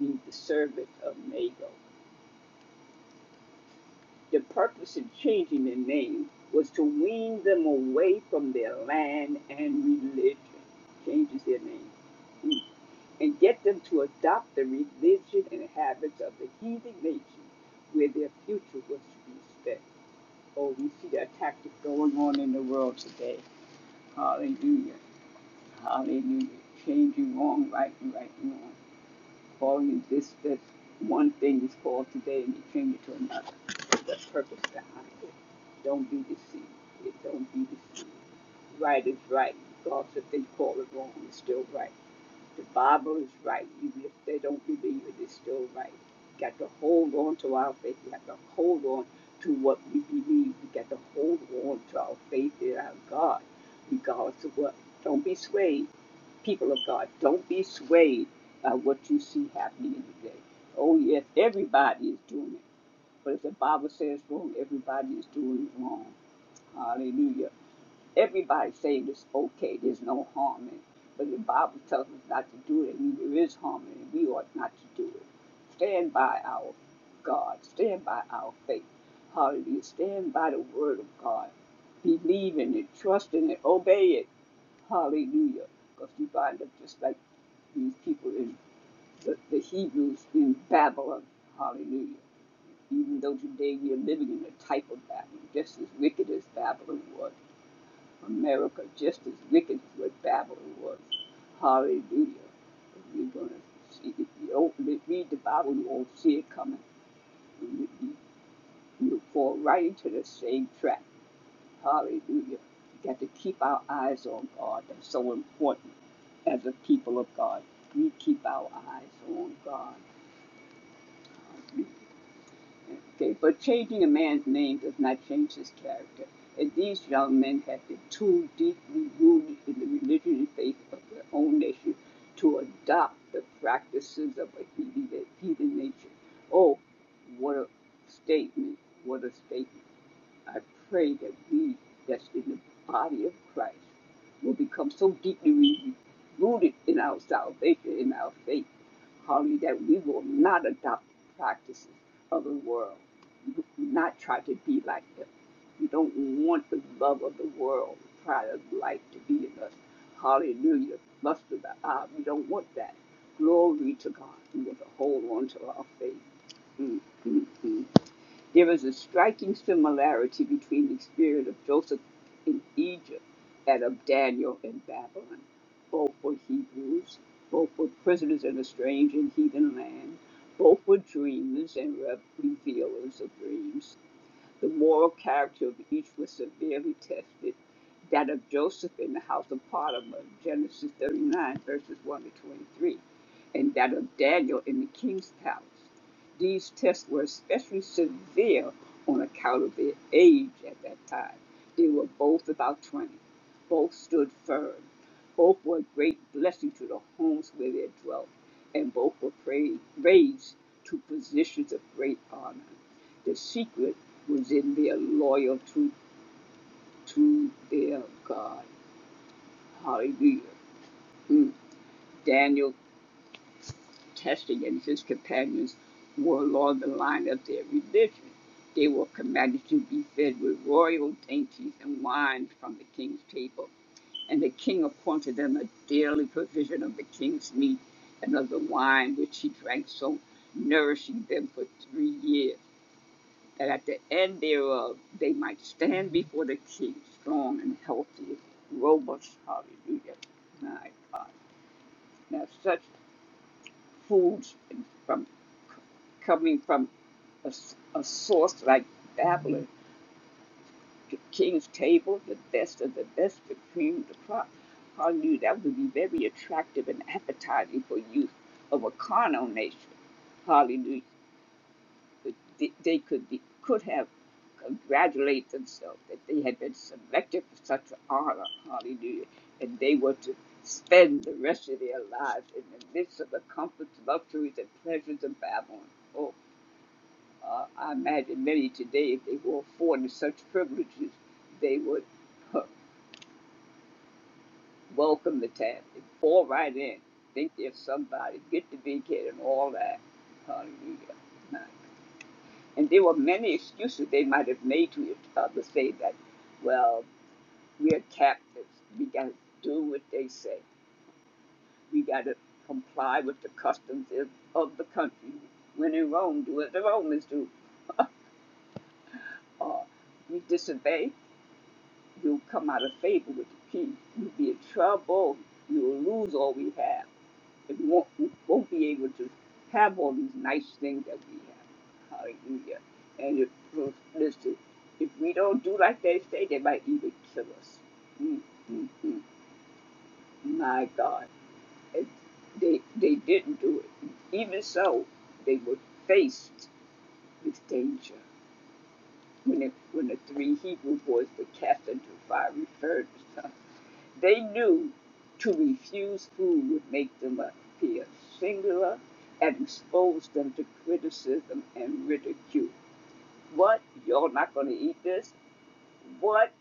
means the servant of Nago. The purpose of changing their name was to wean them away from their land and religion. Changes their name. Mm. And get them to adopt the religion and habits of the heathen nation where their future was to be spent. Oh, we see that tactic going on in the world today. Hallelujah. Hallelujah. Changing wrong, right, and right, and wrong falling into this, this one thing is called today and you change it to another. That's purpose behind it? Don't be deceived. It don't be deceived. Right is right. God if they call it wrong, it's still right. The Bible is right. Even if they don't believe it, it's still right. We Got to hold on to our faith. We have to hold on to what we believe. We got to hold on to our faith in our God, regardless of what. Don't be swayed, people of God. Don't be swayed by what you see happening today. Oh, yes, everybody is doing it. But if the Bible says wrong, everybody is doing it wrong. Hallelujah. Everybody saying it's okay, there's no harm in it. But the Bible tells us not to do it. I mean, there is harm in it. We ought not to do it. Stand by our God. Stand by our faith. Hallelujah. Stand by the word of God. Believe in it. Trust in it. Obey it. Hallelujah. Because you wind up just like these people in the, the Hebrews in Babylon. Hallelujah. Even though today we are living in a type of Babylon, just as wicked as Babylon was. America just as wicked as what Babylon was. Hallelujah. If We're going to see, if you don't read the Bible, you won't see it coming. You, you, you'll fall right into the same trap. Hallelujah. You got to keep our eyes on God. That's so important as a people of God. We keep our eyes on God. We Okay, but changing a man's name does not change his character, and these young men have been too deeply rooted in the religion and faith of their own nation to adopt the practices of a heathen, nature. Oh, what a statement! What a statement! I pray that we that's in the body of Christ will become so deeply rooted in our salvation, in our faith, hardly that we will not adopt the practices of the world. We will not try to be like them. We don't want the love of the world, the pride of life to be in us. Hallelujah. Lust of the eye. We don't want that. Glory to God. We want to hold on to our faith. Mm, mm, mm. There is a striking similarity between the spirit of Joseph in Egypt and of Daniel in Babylon. Both were Hebrews, both were prisoners in a strange and heathen land, both were dreamers and re- revealers of dreams. The moral character of each was severely tested. That of Joseph in the house of Potiphar, Genesis 39, verses 1 to 23, and that of Daniel in the king's palace. These tests were especially severe on account of their age at that time. They were both about 20. Both stood firm. Both were a great blessing to the homes where they dwelt, and both were praised, raised to positions of great honor. The secret was in their loyalty to their God. Hallelujah. Mm. Daniel testing and his companions were along the line of their religion. They were commanded to be fed with royal dainties and wine from the king's table. And the king appointed them a daily provision of the king's meat and of the wine which he drank, so nourishing them for three years. that at the end thereof they might stand before the king, strong and healthy, robust, hallelujah. Right. Now, such foods from coming from a a source like Babylon, the king's table, the best of the best, the cream, the crop, hallelujah, that would be very attractive and appetizing for youth of a carnal nation. Hallelujah. th- they could be, could have congratulate themselves that they had been selected for such an honor, hallelujah, and they were to spend the rest of their lives in the midst of the comforts, luxuries, and pleasures of Babylon. Oh, uh, I imagine many today, if they were afforded such privileges, they would huh, welcome the task and fall right in, think they're somebody, get to be kid and all that. Hallelujah. Now, And there were many excuses they might have made to each other, say that, well, we're captives. We got to do what they say. We got to comply with the customs of, the country. When in Rome, do what the Romans do. Or we disobey, we'll come out of favor with the king. We'll be in trouble. We will lose all we have. but we won't, won't be able to have all these nice things that we have. Hallelujah. And if, so, listen, if we don't do like they say, they might even kill us. Mm, mm, mm. My God. And they, they didn't do it. Even so, they were faced with danger. When, it, when the three Hebrew boys were cast into a fiery furnace, huh? They knew to refuse food would make them appear singular and expose them to criticism and ridicule. What? You're not going to eat this? What?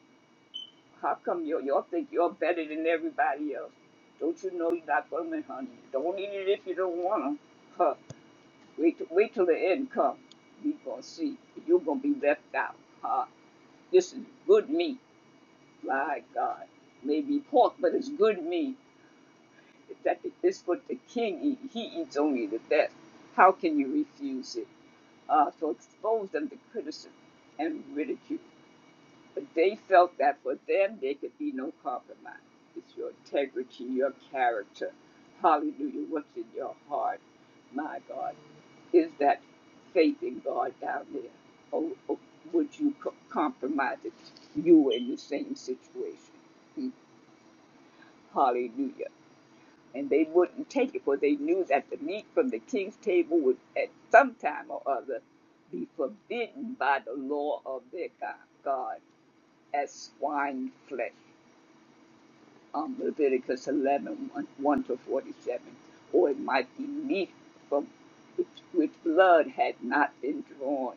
How come you, y'all think you're better than everybody else? Don't you know you're not going to honey? Don't eat it if you don't want to. Huh. Wait, till- wait till the end comes. You're going to see. You're going to be left out. Huh. This is good meat. My God. Maybe pork, but it's good meat. that it's what the king eat. He eats only the best. How can you refuse it? Uh, so expose them to criticism and ridicule. But they felt that for them there could be no compromise. It's your integrity, your character. Hallelujah. What's in your heart? My God. Is that faith in God down there? Or, or would you co- compromise it? You were in the same situation. Hmm. Hallelujah and they wouldn't take it, for they knew that the meat from the king's table would at some time or other be forbidden by the law of their God as swine flesh. Um, Leviticus eleven one 1, to 47. Or it might be meat from which, which blood had not been drawn.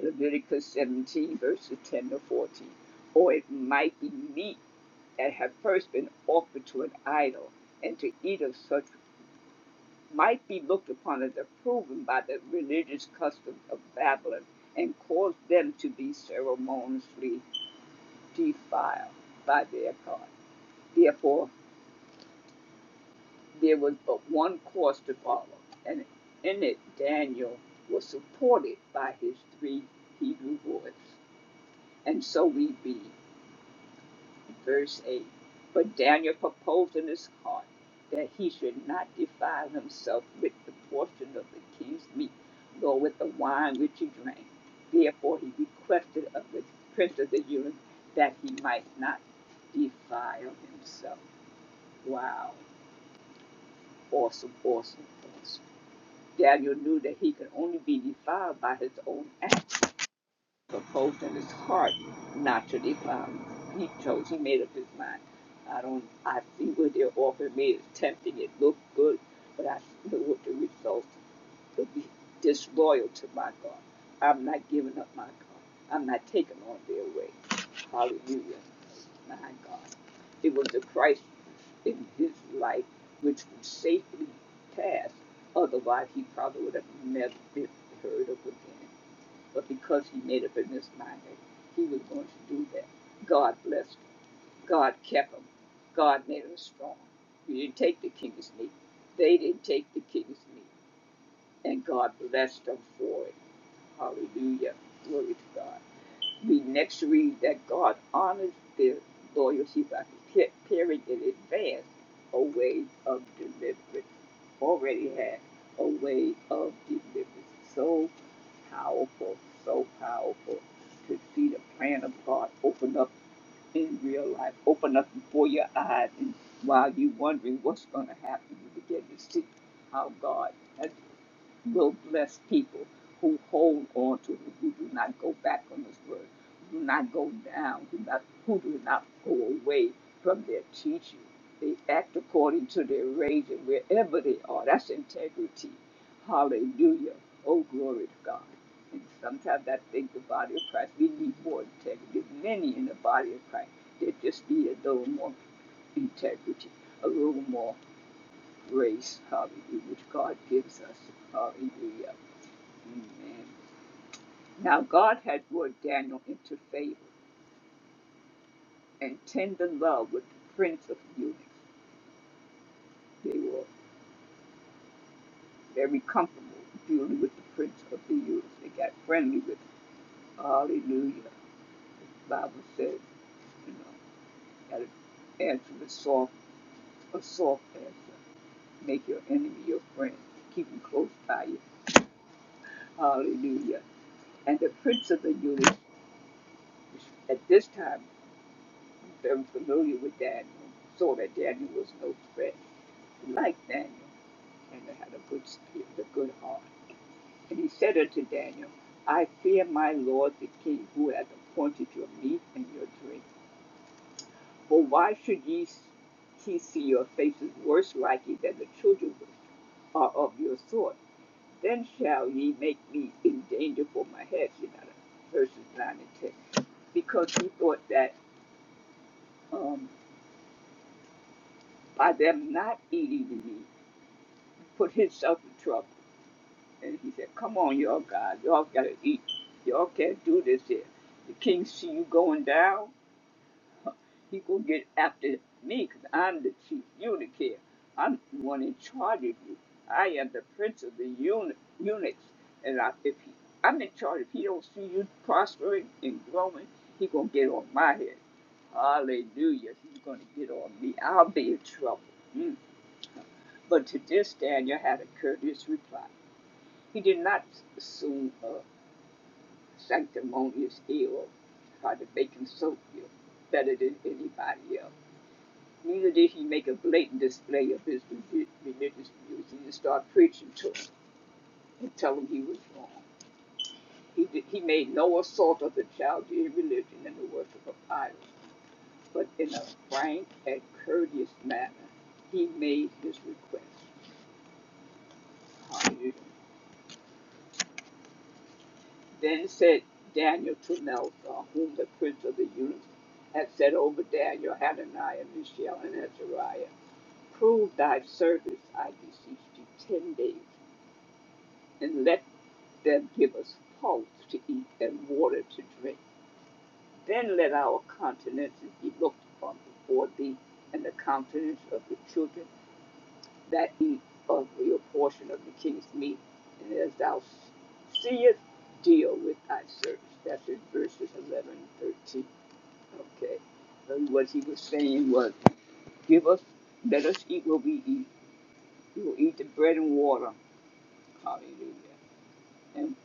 Leviticus 17, verses 10 to 14. Or it might be meat that had first been offered to an idol, and to eat of such might be looked upon as approved by the religious customs of Babylon and caused them to be ceremoniously defiled by their God. Therefore, there was but one course to follow, and in it Daniel was supported by his three Hebrew boys. And so we read verse 8. But Daniel proposed in his heart that he should not defile himself with the portion of the king's meat, nor with the wine which he drank. Therefore he requested of the prince of the eunuchs that he might not defile himself. Wow. Awesome, awesome, awesome. Daniel knew that he could only be defiled by his own acts proposed in his heart not to defile. me. He chose, he made up his mind. I don't, I see what they're offering me. It's tempting, it looked good, but I know what the results will be disloyal to my God. I'm not giving up my God. I'm not taking on their way. Hallelujah. My God. It was the Christ in his life which would safely pass. Otherwise, he probably would have never been heard of again. But because he made up in his mind that he was going to do that, God blessed him. God kept him. God made him strong. He didn't take the king's meat. They didn't take the king's meat. And God blessed them for it. Hallelujah. Glory to God. We next read that God honors their loyalty by preparing in advance a way of deliverance. Already had a way of deliverance. So powerful, so powerful to see the plan of God open up in real life, open up before your eyes. And while you're wondering what's going to happen, you begin to see how God has will bless people who hold on to it, who do not go back on his word, who do not go down, who, not, who do not go away from their teaching. They act according to their rage and wherever they are. That's integrity. Hallelujah. Oh, glory to God. And sometimes I think the body of Christ, we need more integrity. There's many in the body of Christ that just need a little more integrity, a little more grace, hallelujah, which God gives us. Hallelujah. Amen. Now God had brought Daniel into favor and tender love with the prince of the eunuchs. They were very comfortable dealing with the prince of the eunuchs. They got friendly with him. Hallelujah. The Bible says, you know, gotta answer with soft, a soft answer. Make your enemy your friend. Keep him close by you. Hallelujah. And the prince of the eunuchs at this time I'm familiar with Daniel, saw that Daniel was no threat. Like Daniel, and had a good spirit, a good heart. And he said unto Daniel, I fear my lord the king, who hath appointed your meat and your drink. For why should ye he see your faces worse like ye than the children which are of your sort? Then shall ye make me in danger for my head. You know, verses 9 and 10. Because he thought that um, by them not eating the meat, put himself in trouble. And he said, Come on, y'all guys, y'all gotta eat. Y'all can't do this here. The king see you going down, he gonna get after me, 'cause I'm the chief eunuch here. I'm the one in charge of you. I am the prince of the eunuch, eunuchs. And I, if he, I'm in charge, if he don't see you prospering and growing, he gonna get on my head. Hallelujah. He's gonna get on me. I'll be in trouble. Mm. But to this Daniel had a courteous reply. He did not assume a sanctimonious ill by making soap ill better than anybody else. Neither did he make a blatant display of his religious views. He didn't start preaching to him and tell him he was wrong. He, did, he made no assault of the child in religion and the worship of idols, but in a frank and courteous manner, he made his request. Hallelujah. Then said Daniel to Melchizedek, whom the prince of the eunuchs had set over Daniel, Hananiah, Mishael, and Azariah, Prove thy service, I beseech thee, ten days, and let them give us pulse to eat and water to drink. Then let our countenances be looked upon before thee, and the countenance of the children that eat of your portion of the king's meat, and as thou seest, deal with thy servants. That's in verses 11 and 13. Okay. So what he was saying was, give us, let us eat what we eat. We will eat the bread and water. Hallelujah. And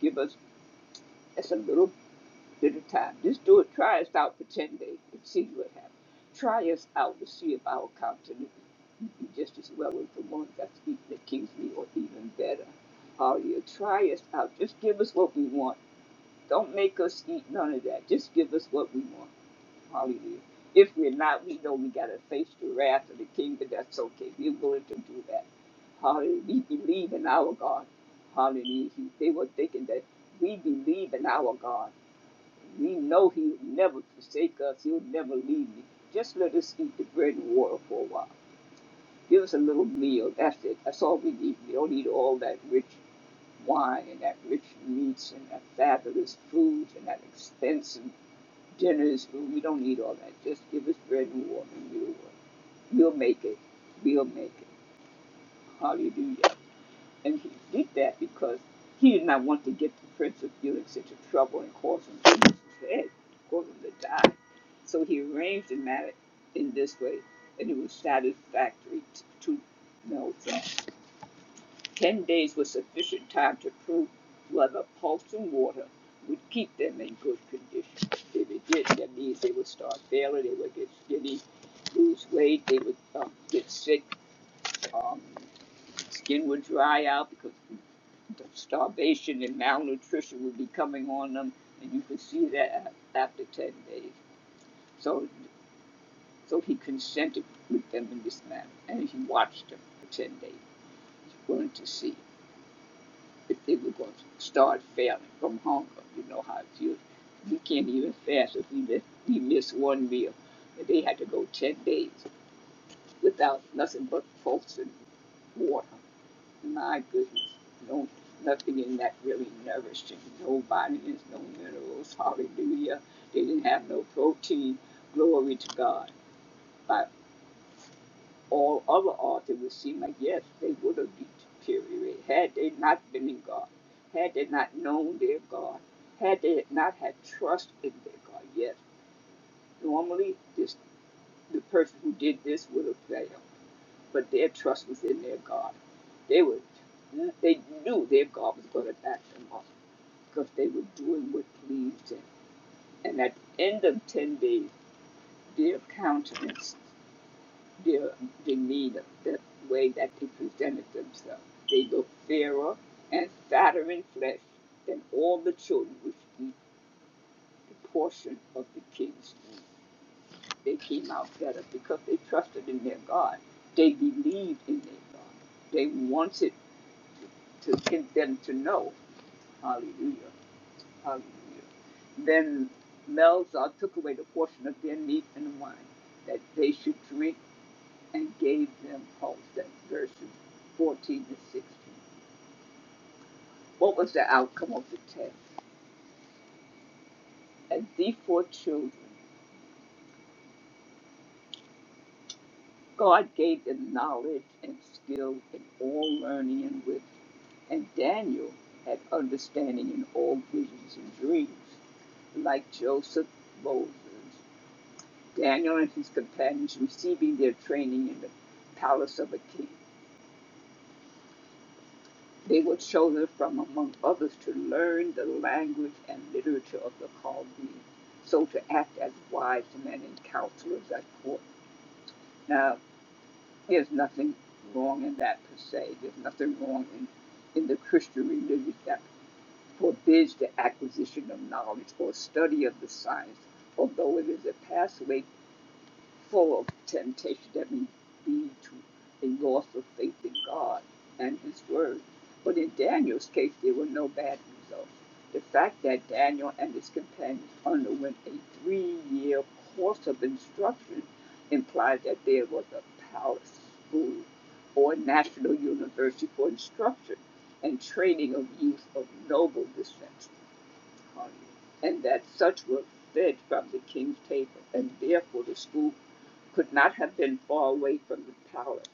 give us, that's a little to the time. Just do it. Try us out for 10 days and see what happens. Try us out to see if our countenance be just as well as the one that's eating at Kingsley or even better. Hallelujah. Try us out. Just give us what we want. Don't make us eat none of that. Just give us what we want. Hallelujah. If we're not, we know we got to face the wrath of the king, but that's okay. We're willing to do that. Hallelujah. We believe in our God. Hallelujah. He- They were thinking that we believe in our God. We know He will never forsake us. He'll never leave me. Just let us eat the bread and water for a while. Give us a little meal. That's it. That's all we need. We don't need all that rich wine and that rich meats and that fabulous foods and that expensive dinners. We don't need all that. Just give us bread and water and we'll, we'll make it. We'll make it. Hallelujah. And he did that because he did not want to get the Prince of Felix into trouble and cause him to lose his head, cause him to die. So he arranged the matter in this way, and it was satisfactory t- to Melville. Ten days was sufficient time to prove whether pulse and water would keep them in good condition. If it did, that means they would start failing, they would get skinny, lose weight, they would um, get sick, um, skin would dry out because starvation and malnutrition would be coming on them, and you could see that after 10 days. So, so he consented with them in this manner, and he watched them for 10 days. He wanted to see if they were going to start failing from hunger. You know how it feels. He can't even fast if he miss, he missed one meal. And they had to go 10 days without nothing but pulse and water. My goodness, no, nothing in that really nourished him. No vitamins, no minerals. Hallelujah. They didn't have no protein. Glory to God. By all other odds, it would seem like yes, they would have deteriorated had they not been in God, had they not known their God, had they not had trust in their God. Yes, normally this the person who did this would have failed. but their trust was in their God. They were, they knew their God was going to back them up because they were doing what pleased Him. And at the end of ten days, their countenance, their demeanor, the way that they presented themselves, they looked fairer and fatter in flesh than all the children which eat the portion of the king's food. They came out better because they trusted in their God. They believed in their God. They wanted to get them to know. Hallelujah. Hallelujah. Then Melzar took away the portion of their meat and wine that they should drink and gave them pulse. That's verses 14 to 16. What was the outcome of the test? And these four children, God gave them knowledge and skill in all learning and wisdom. And Daniel had understanding in all visions and dreams, like Joseph, Moses, Daniel and his companions receiving their training in the palace of a king. They were chosen from among others to learn the language and literature of the Chaldeans, so to act as wise men and counselors at court. Now, there's nothing wrong in that per se. There's nothing wrong in, in the Christian religion that forbids the acquisition of knowledge or study of the science, although it is a pathway full of temptation that may lead to a loss of faith in God and His Word. But in Daniel's case, there were no bad results. The fact that Daniel and his companions underwent a three year course of instruction implies that there was a palace school or national university for instruction and training of youth of noble descent, and that such were fed from the king's table, and therefore the school could not have been far away from the palette,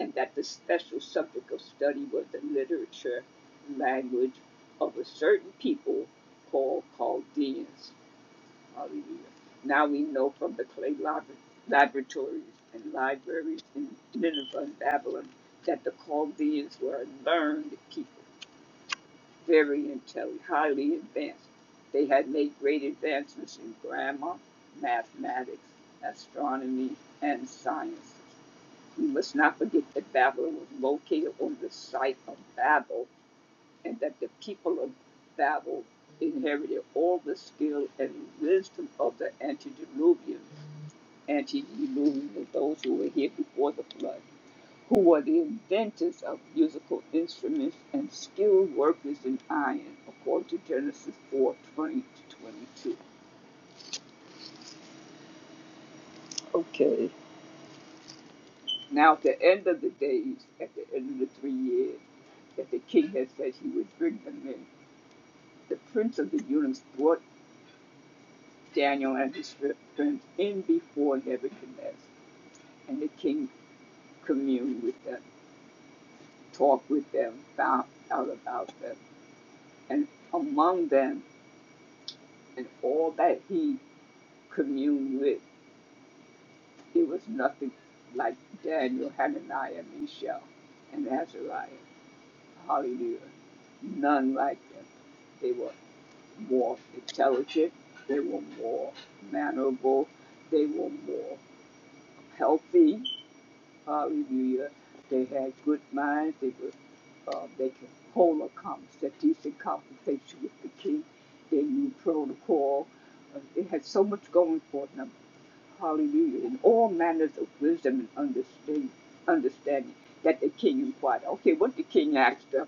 and that the special subject of study was the literature language of a certain people called Chaldeans. Hallelujah. Now we know from the clay laboratories and libraries in Nineveh and Babylon that the Chaldeans were a learned people, very intelligent, highly advanced. They had made great advancements in grammar, mathematics, astronomy, and science. We must not forget that Babylon was located on the site of Babel and that the people of Babel inherited all the skill and wisdom of the antediluvians, antediluvians, of those who were here before the flood, who were the inventors of musical instruments and skilled workers in iron, according to Genesis 4 20 to 22. Okay. Now, at the end of the days, at the end of the three years, that the king had said he would bring them in. The prince of the eunuchs brought Daniel and his friends in before Nebuchadnezzar, and the king communed with them, talked with them, found out about them. And among them, and all that he communed with, it was nothing like Daniel, Hananiah, Mishael, and Azariah. Hallelujah. None like them. They were more intelligent. They were more mannerable. They were more healthy. Hallelujah. They had good minds. They were, uh, they could hold a conversation, decent conversation with the king. They knew protocol. Uh, It had so much going for them. Hallelujah. And all manners of wisdom and understand understanding that the king inquired. Okay, what the king asked them.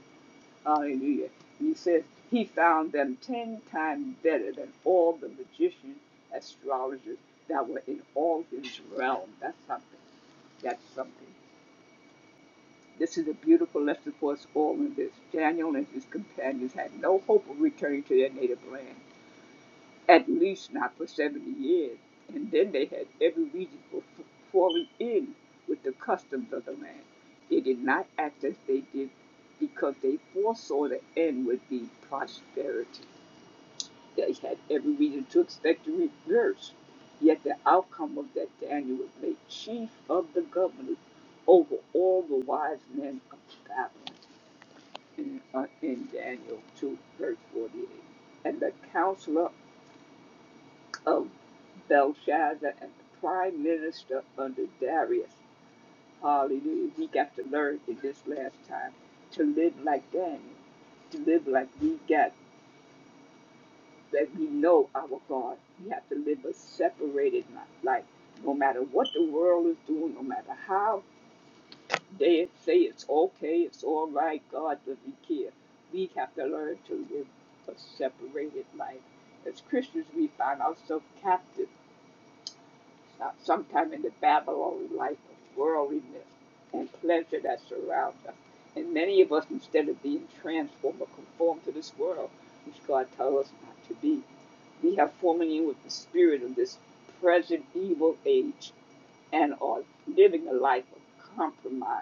Hallelujah. And he says he found them ten times better than all the magicians, astrologers that were in all his realm. That's something. That's something. This is a beautiful lesson for us all in this. Daniel and his companions had no hope of returning to their native land, at least not for 70 years, and then they had every reason for falling in with the customs of the land. They did not act as they did because they foresaw the end would be prosperity. They had every reason to expect the reverse, yet the outcome of that Daniel was made chief of the governors over all the wise men of Babylon in, uh, in Daniel 2, verse 48. And the counselor of Belshazzar and the prime minister under Darius. Hallelujah. We got to learn in this last time to live like Daniel, to live like we got, that we know our God. We have to live a separated life. No matter what the world is doing, no matter how They say it's okay, it's all right, God doesn't care. We have to learn to live a separated life. As Christians, we find ourselves captive uh, sometime in the Babylonian life of worldliness and pleasure that surrounds us. And many of us, instead of being transformed or conformed to this world, which God tells us not to be, we have fallen in with the spirit of this present evil age and are living a life of compromise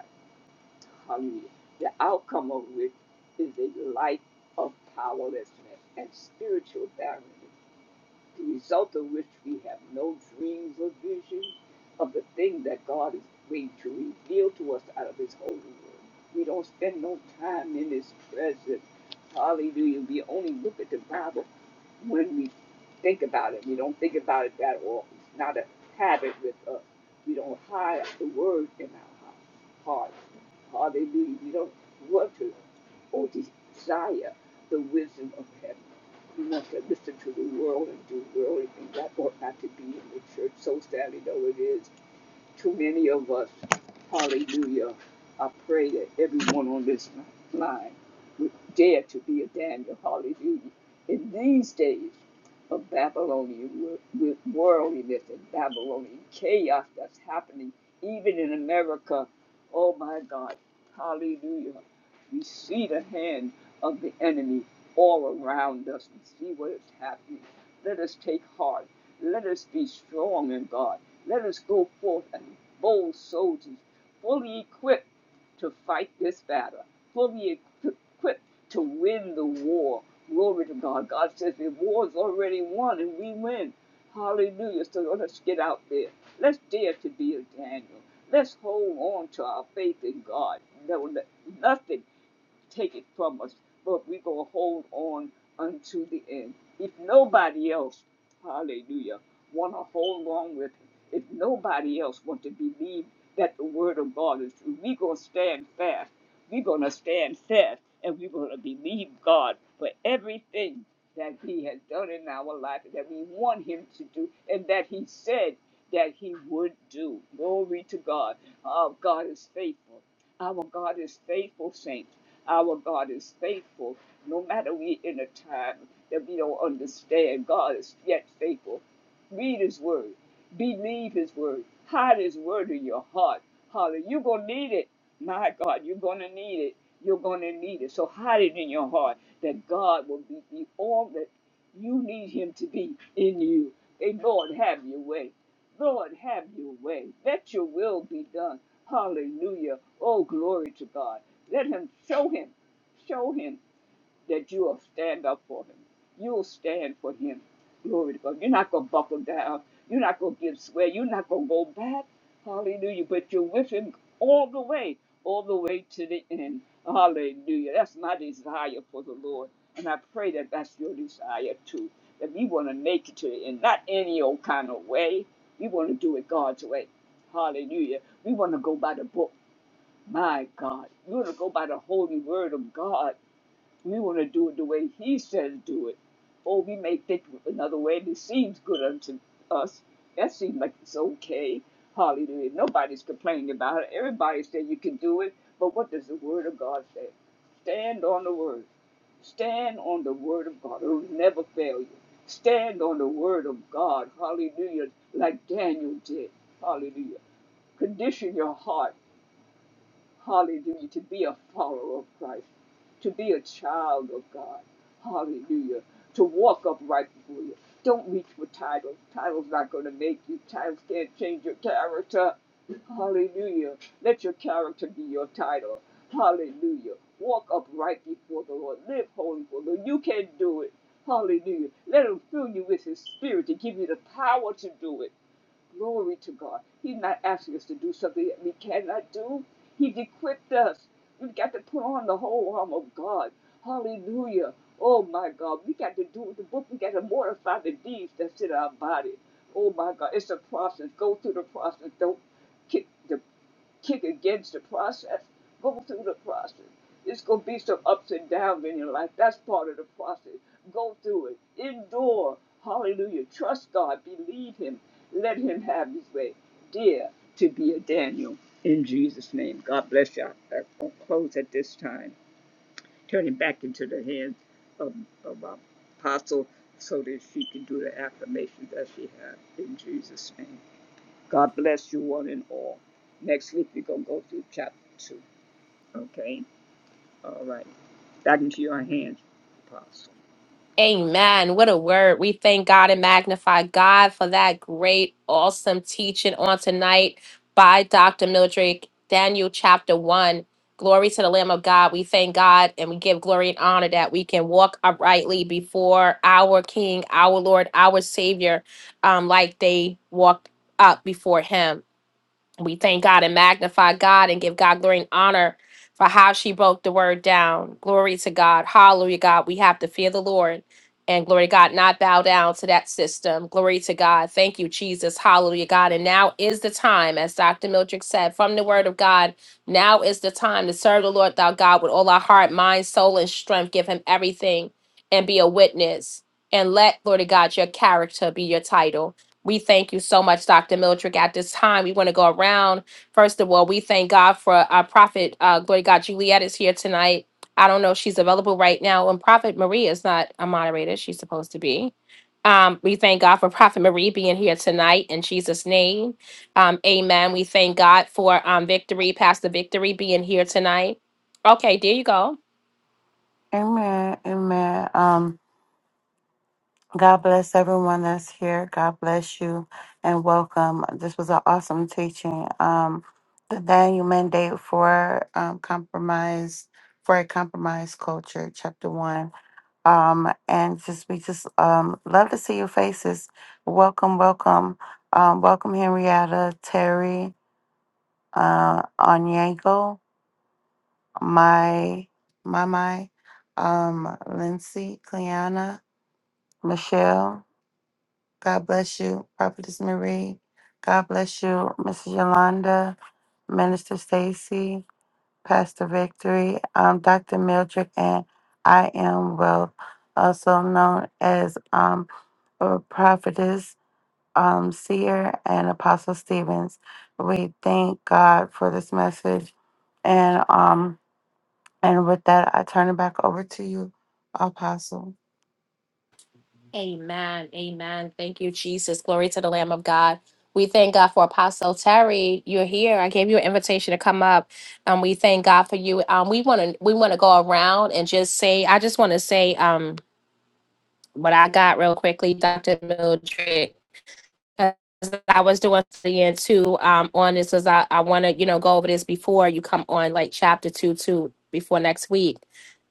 Hallelujah. The outcome of which is a life of powerlessness and spiritual barrenness the result of which we have no dreams or visions of the thing that God is waiting to reveal to us out of His holy word. We don't spend no time in His presence. Hallelujah. We only look at the Bible when we think about it. We don't think about it that often. It's not a habit with us. We don't hide the word in our heart. hearts. Hallelujah. We don't want to or desire the wisdom of heaven. You must have to the world and do worldly things. That ought not to be in the church. So sadly, though, it is. Too many of us, hallelujah, I pray that everyone on this line would dare to be a Daniel, hallelujah. In these days, of Babylonian wo- worldliness and Babylonian chaos that's happening even in America. Oh my God. Hallelujah. We see the hand of the enemy all around us and see what is happening. Let us take heart. Let us be strong in God. Let us go forth as bold soldiers, fully equipped to fight this battle, fully equipped to win the war. Glory to God. God says the war's already won and we win. Hallelujah. So let's get out there. Let's dare to be a Daniel. Let's hold on to our faith in God. Don't let nothing take it from us, but we gonna hold on unto the end. If nobody else, hallelujah, wanna hold on with it, if nobody else want to believe that the word of God is true, we gonna stand fast. we gonna stand fast and we gonna believe God for everything that He has done in our life that we want Him to do and that He said that He would do. Glory to God. Oh, God is faithful. Our God is faithful, saints. Our God is faithful. No matter we in a time that we don't understand, God is yet faithful. Read His Word. Believe His Word. Hide His Word in your heart. Holler, you're going to need it. My God, you're going to need it. You're going to need it. So hide it in your heart that God will be, be all that you need Him to be in you. And Lord, have your way. Lord, have your way. Let your will be done. Hallelujah. Oh, glory to God. Let him show him. Show him that you will stand up for him. You will stand for him. Glory to God. You're not going to buckle down. You're not going to give swear. You're not going to go back. Hallelujah. But you're with him all the way, all the way to the end. Hallelujah. That's my desire for the Lord. And I pray that that's your desire too. That we want to make it to the end, not any old kind of way. We want to do it God's way. Hallelujah. We want to go by the book. My God. We want to go by the holy word of God. We want to do it the way He says do it. Or we may think another way that seems good unto us. That seems like it's okay. Hallelujah. Nobody's complaining about it. Everybody said you can do it. But what does the Word of God say? Stand on the Word. Stand on the Word of God. It will never fail you. Stand on the Word of God. Hallelujah. Like Daniel did. Hallelujah condition your heart. Hallelujah. To be a follower of Christ, to be a child of God. Hallelujah. To walk upright before you. Don't reach for titles. Titles not going to make you. Titles can't change your character. Hallelujah. Let your character be your title. Hallelujah. Walk upright before the Lord. Live holy for the Lord. You can do it. Hallelujah. Let him fill you with his spirit to give you the power to do it. Glory to God. He's not asking us to do something that we cannot do. He's equipped us. We've got to put on the whole arm of God. Hallelujah. Oh my God. We got to do with the book. We got to mortify the deeds that's in our body. Oh my God. It's a process. Go through the process. Don't kick the kick against the process. Go through the process. It's gonna be some ups and downs in your life. That's part of the process. Go through it. Endure. Hallelujah. Trust God. Believe Him. Let Him have His way. Dear to be a Daniel. In Jesus' name. God bless y'all. I'm gonna close at this time. Turn it back into the hands of, of our apostle so that she can do the affirmations that she had in Jesus' name. God bless you one and all. Next week we're gonna go through chapter two. Okay? All right. Back into your hands, Apostle. Amen. What a word. We thank God and magnify God for that great, awesome teaching on tonight by Dr. Mildred, Daniel chapter 1. Glory to the Lamb of God. We thank God and we give glory and honor that we can walk uprightly before our King, our Lord, our Savior, um, like they walked up before Him. We thank God and magnify God and give God glory and honor for how she broke the word down. Glory to God. Hallelujah, God. We have to fear the Lord. And glory to God, not bow down to that system. Glory to God. Thank you, Jesus. Hallelujah, God. And now is the time, as Dr. Mildred said, from the word of God, now is the time to serve the Lord thou God with all our heart, mind, soul, and strength. Give him everything and be a witness. And let, glory to God, your character be your title. We thank you so much, Dr. Mildred. At this time, we want to go around. First of all, we thank God for our prophet, uh, glory to God, Juliet is here tonight. I don't know if she's available right now. And Prophet Marie is not a moderator, she's supposed to be. Um, we thank God for Prophet Marie being here tonight in Jesus' name. Um, amen. We thank God for um, Victory, Pastor Victory being here tonight. Okay, there you go. Amen. Amen. Um, God bless everyone that's here. God bless you and welcome. This was an awesome teaching. Um, the Daniel mandate for um, compromise for a compromise culture, chapter one. Um, and just we just um love to see your faces. Welcome, welcome, um, welcome Henrietta, Terry, uh, Onyango, my, my, my, um, Lindsay, Cleanna. Michelle, God bless you. Prophetess Marie, God bless you. Mrs. Yolanda, Minister Stacy, Pastor Victory, um, Dr. Mildred, and I am Wealth, also known as um, uh, Prophetess um, Seer and Apostle Stevens. We thank God for this message. And um, and with that, I turn it back over to you, Apostle. Amen. Amen. Thank you, Jesus. Glory to the Lamb of God. We thank God for Apostle Terry. You're here. I gave you an invitation to come up, and we thank God for you. Um, we want to we want to go around and just say. I just want to say um what I got real quickly, Doctor Mildred as I was doing at the end too um, on this as I, I want to you know go over this before you come on like chapter two two before next week.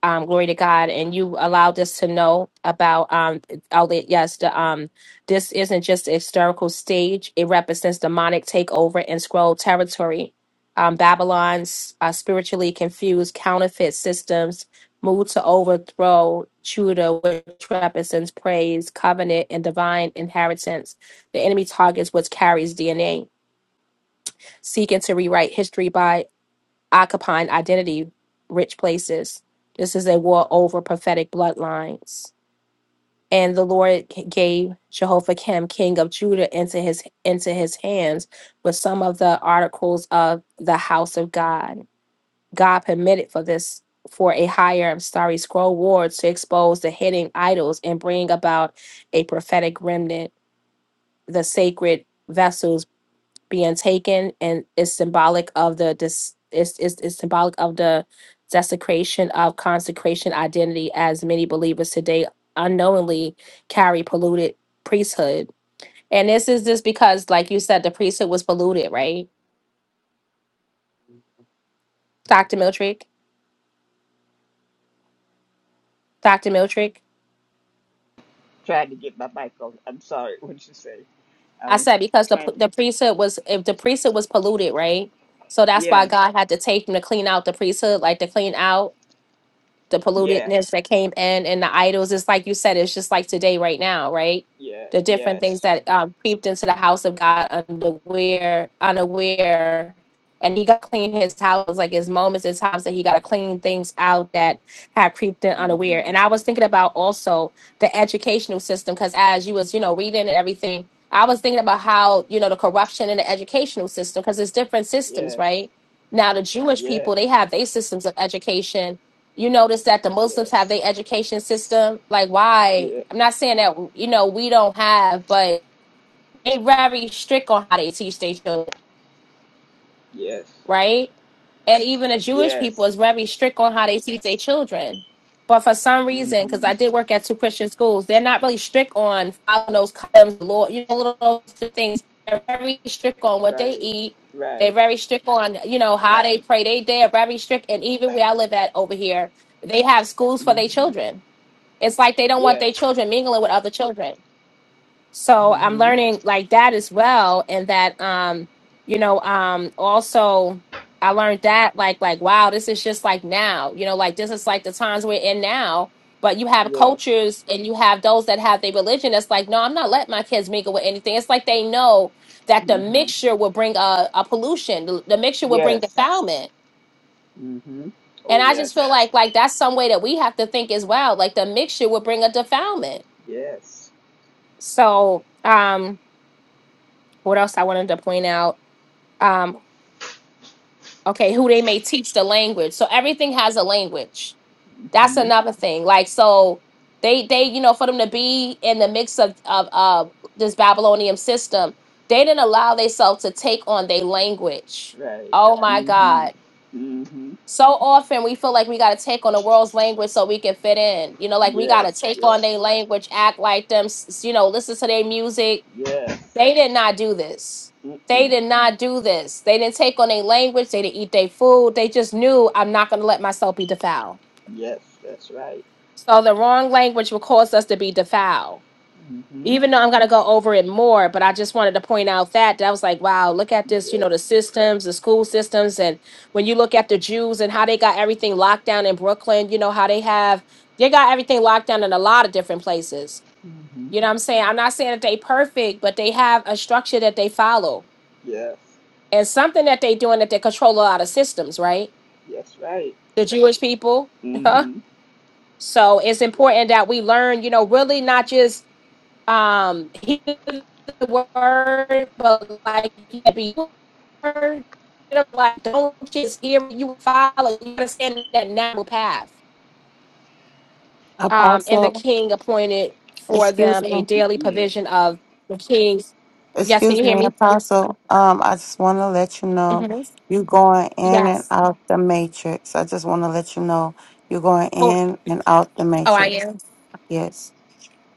Um, glory to God, and you allowed us to know about um, all the Yes, the um, this isn't just a historical stage; it represents demonic takeover in scroll territory. Um, Babylon's uh, spiritually confused counterfeit systems moved to overthrow Judah, which represents praise, covenant, and divine inheritance the enemy targets what carries DNA, seeking to rewrite history by occupying identity rich places. This is a war over prophetic bloodlines. And the Lord gave Jehoiakim, king of Judah, into his into his hands with some of the articles of the house of God. God permitted for this for a higher starry scroll ward to expose the hidden idols and bring about a prophetic remnant, the sacred vessels being taken and is symbolic of the dis is is, is symbolic of the desecration of consecration identity as many believers today unknowingly carry polluted priesthood. And this is just because, like you said, the priesthood was polluted, right? Dr. Miltrick? Dr. Miltrick? Trying to get my mic on. I'm sorry. [laughs] What'd you say? I I was said because the trying. to... the priesthood was if the priesthood was polluted, right? So that's why Yes. God had to take him to clean out the priesthood, like to clean out the Yeah. pollutedness that came in and the idols. It's like you said, it's just like today, right now, right? Yes. The different things Yes. that um, creeped into the house of God unaware, unaware, and he got to clean his house. Like his moments and times that he got to clean things out that had creeped in unaware. Mm-hmm. And I was thinking about also the educational system because as you was, you know, reading and everything, I was thinking about how you know the corruption in the educational system because it's different systems, Yes. right? Now the Jewish people Yes. they have their systems of education you notice that the Muslims have Yes. their education system. Like, why? Yeah. I'm not saying that you know we don't have, but they very strict on how they teach their children, Yes. right? And even the Jewish people Yes. is very strict on how they teach their children. But for some reason, because Mm-hmm. I did work at two Christian schools, they're not really strict on following those customs, law, you know, little those things. They're very strict on what they Right. eat. They're Right. very strict on, you know, how they pray. They they are very strict. And even where I live at over here, they have schools for their Mm-hmm. children it's like they don't want their Yes. children mingling with other children. So I'm Mm-hmm. learning like that as well, and that um, you know, um, also I learned that like like wow, this is just like now, you know, like this is like the times we're in now. But you have Yes. cultures and you have those that have their religion. That's like, no, I'm not letting my kids mingle with anything. It's like they know that the Mm-hmm. mixture will bring a, a pollution. The, the mixture will bring Yes. defilement. Mm-hmm. Oh And I just feel yes. like like that's some way that we have to think as well. Like the mixture will bring a defilement Yes. So, um, what else I wanted to point out? Um, okay, who they may teach the language. So everything has a language. That's Mm-hmm. another thing. Like so, they they you know for them to be in the mix of of uh, this Babylonian system, they didn't allow themselves to take on their language. That's right. Oh my Mm-hmm. God. Mm-hmm. So often we feel like we got to take on the world's language so we can fit in. You know, like we got to Yes. take on Yes. their language, act like them, s- s- you know, listen to their music, Yes. They did not do this. They Mm-mm. did not do this. They didn't take on their language. They didn't eat their food. They just knew I'm not going to let myself be defiled. Yes. That's right. So the wrong language will cause us to be defiled. Mm-hmm. Even though I'm going to go over it more, but I just wanted to point out that that was like, wow, look at this, you know, Yes. the systems, the school systems. And when you look at the Jews and how they got everything locked down in Brooklyn, you know, how they have, they got everything locked down in a lot of different places. Mm-hmm. You know what I'm saying? I'm not saying that they perfect, but they have a structure that they follow Yes. And something that they're doing that they control a lot of systems, right? Yes. Right. The Jewish people. Huh? Mm-hmm. So it's Yes. important that we learn, you know, really not just um hear the word, but like be word. You know, Like don't just hear you follow. You understand that narrow path. Um, and the Apostle, king appointed for excuse them a me. daily Yes. provision of the king's. Yes, can Excuse you hear me, me? Apostle. Um, I just want to let you know Mhm. you're going in and Yes. out the matrix. I just want to let you know you're going Oh, in and out the oh, I matrix. am. Yes.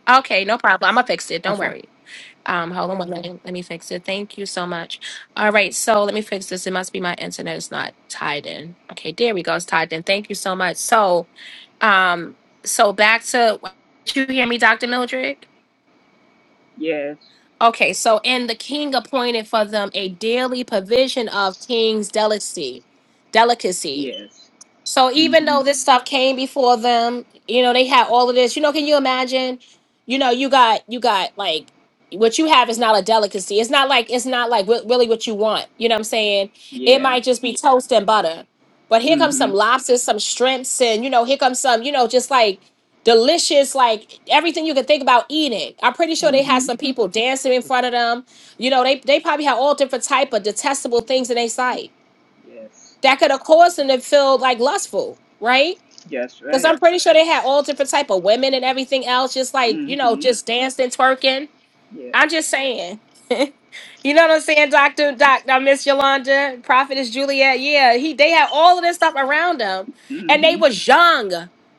Okay, no problem. I'm gonna fix it. Don't Okay. worry. Um, hold on one minute. Let me fix it. Thank you so much. All right, so let me fix this. It must be my internet is not tied in. Okay, there we go. It's tied in. Thank you so much. So, um, so back to did you hear me, Dr. Mildred? Yes. Okay, so and the king appointed for them a daily provision of king's delicacy, delicacy. Yes. So even Mm-hmm. though this stuff came before them, you know, they had all of this. You know, can you imagine? You know, you got you got like what you have is not a delicacy. It's not like it's not like re- really what you want. You know what I'm saying? It Yeah. might just be toast and butter. But here comes Mm-hmm. some lobsters, some shrimps, and you know, here comes some, you know, just like delicious, like everything you could think about eating. I'm pretty sure they had Mm-hmm. some people dancing in front of them. You know, they they probably had all different type of detestable things in their sight Yes. that could have caused them to feel like lustful, right? Yes. Because Right. I'm pretty sure they had all different type of women and everything else, just like you know, Mm-hmm. just dancing, twerking. Yes. I'm just saying. [laughs] You know what I'm saying, Doctor Doc, I Miss Yolanda, Prophetess Juliet. Yeah, he they had all of this stuff around them, and they Mm-hmm. was young.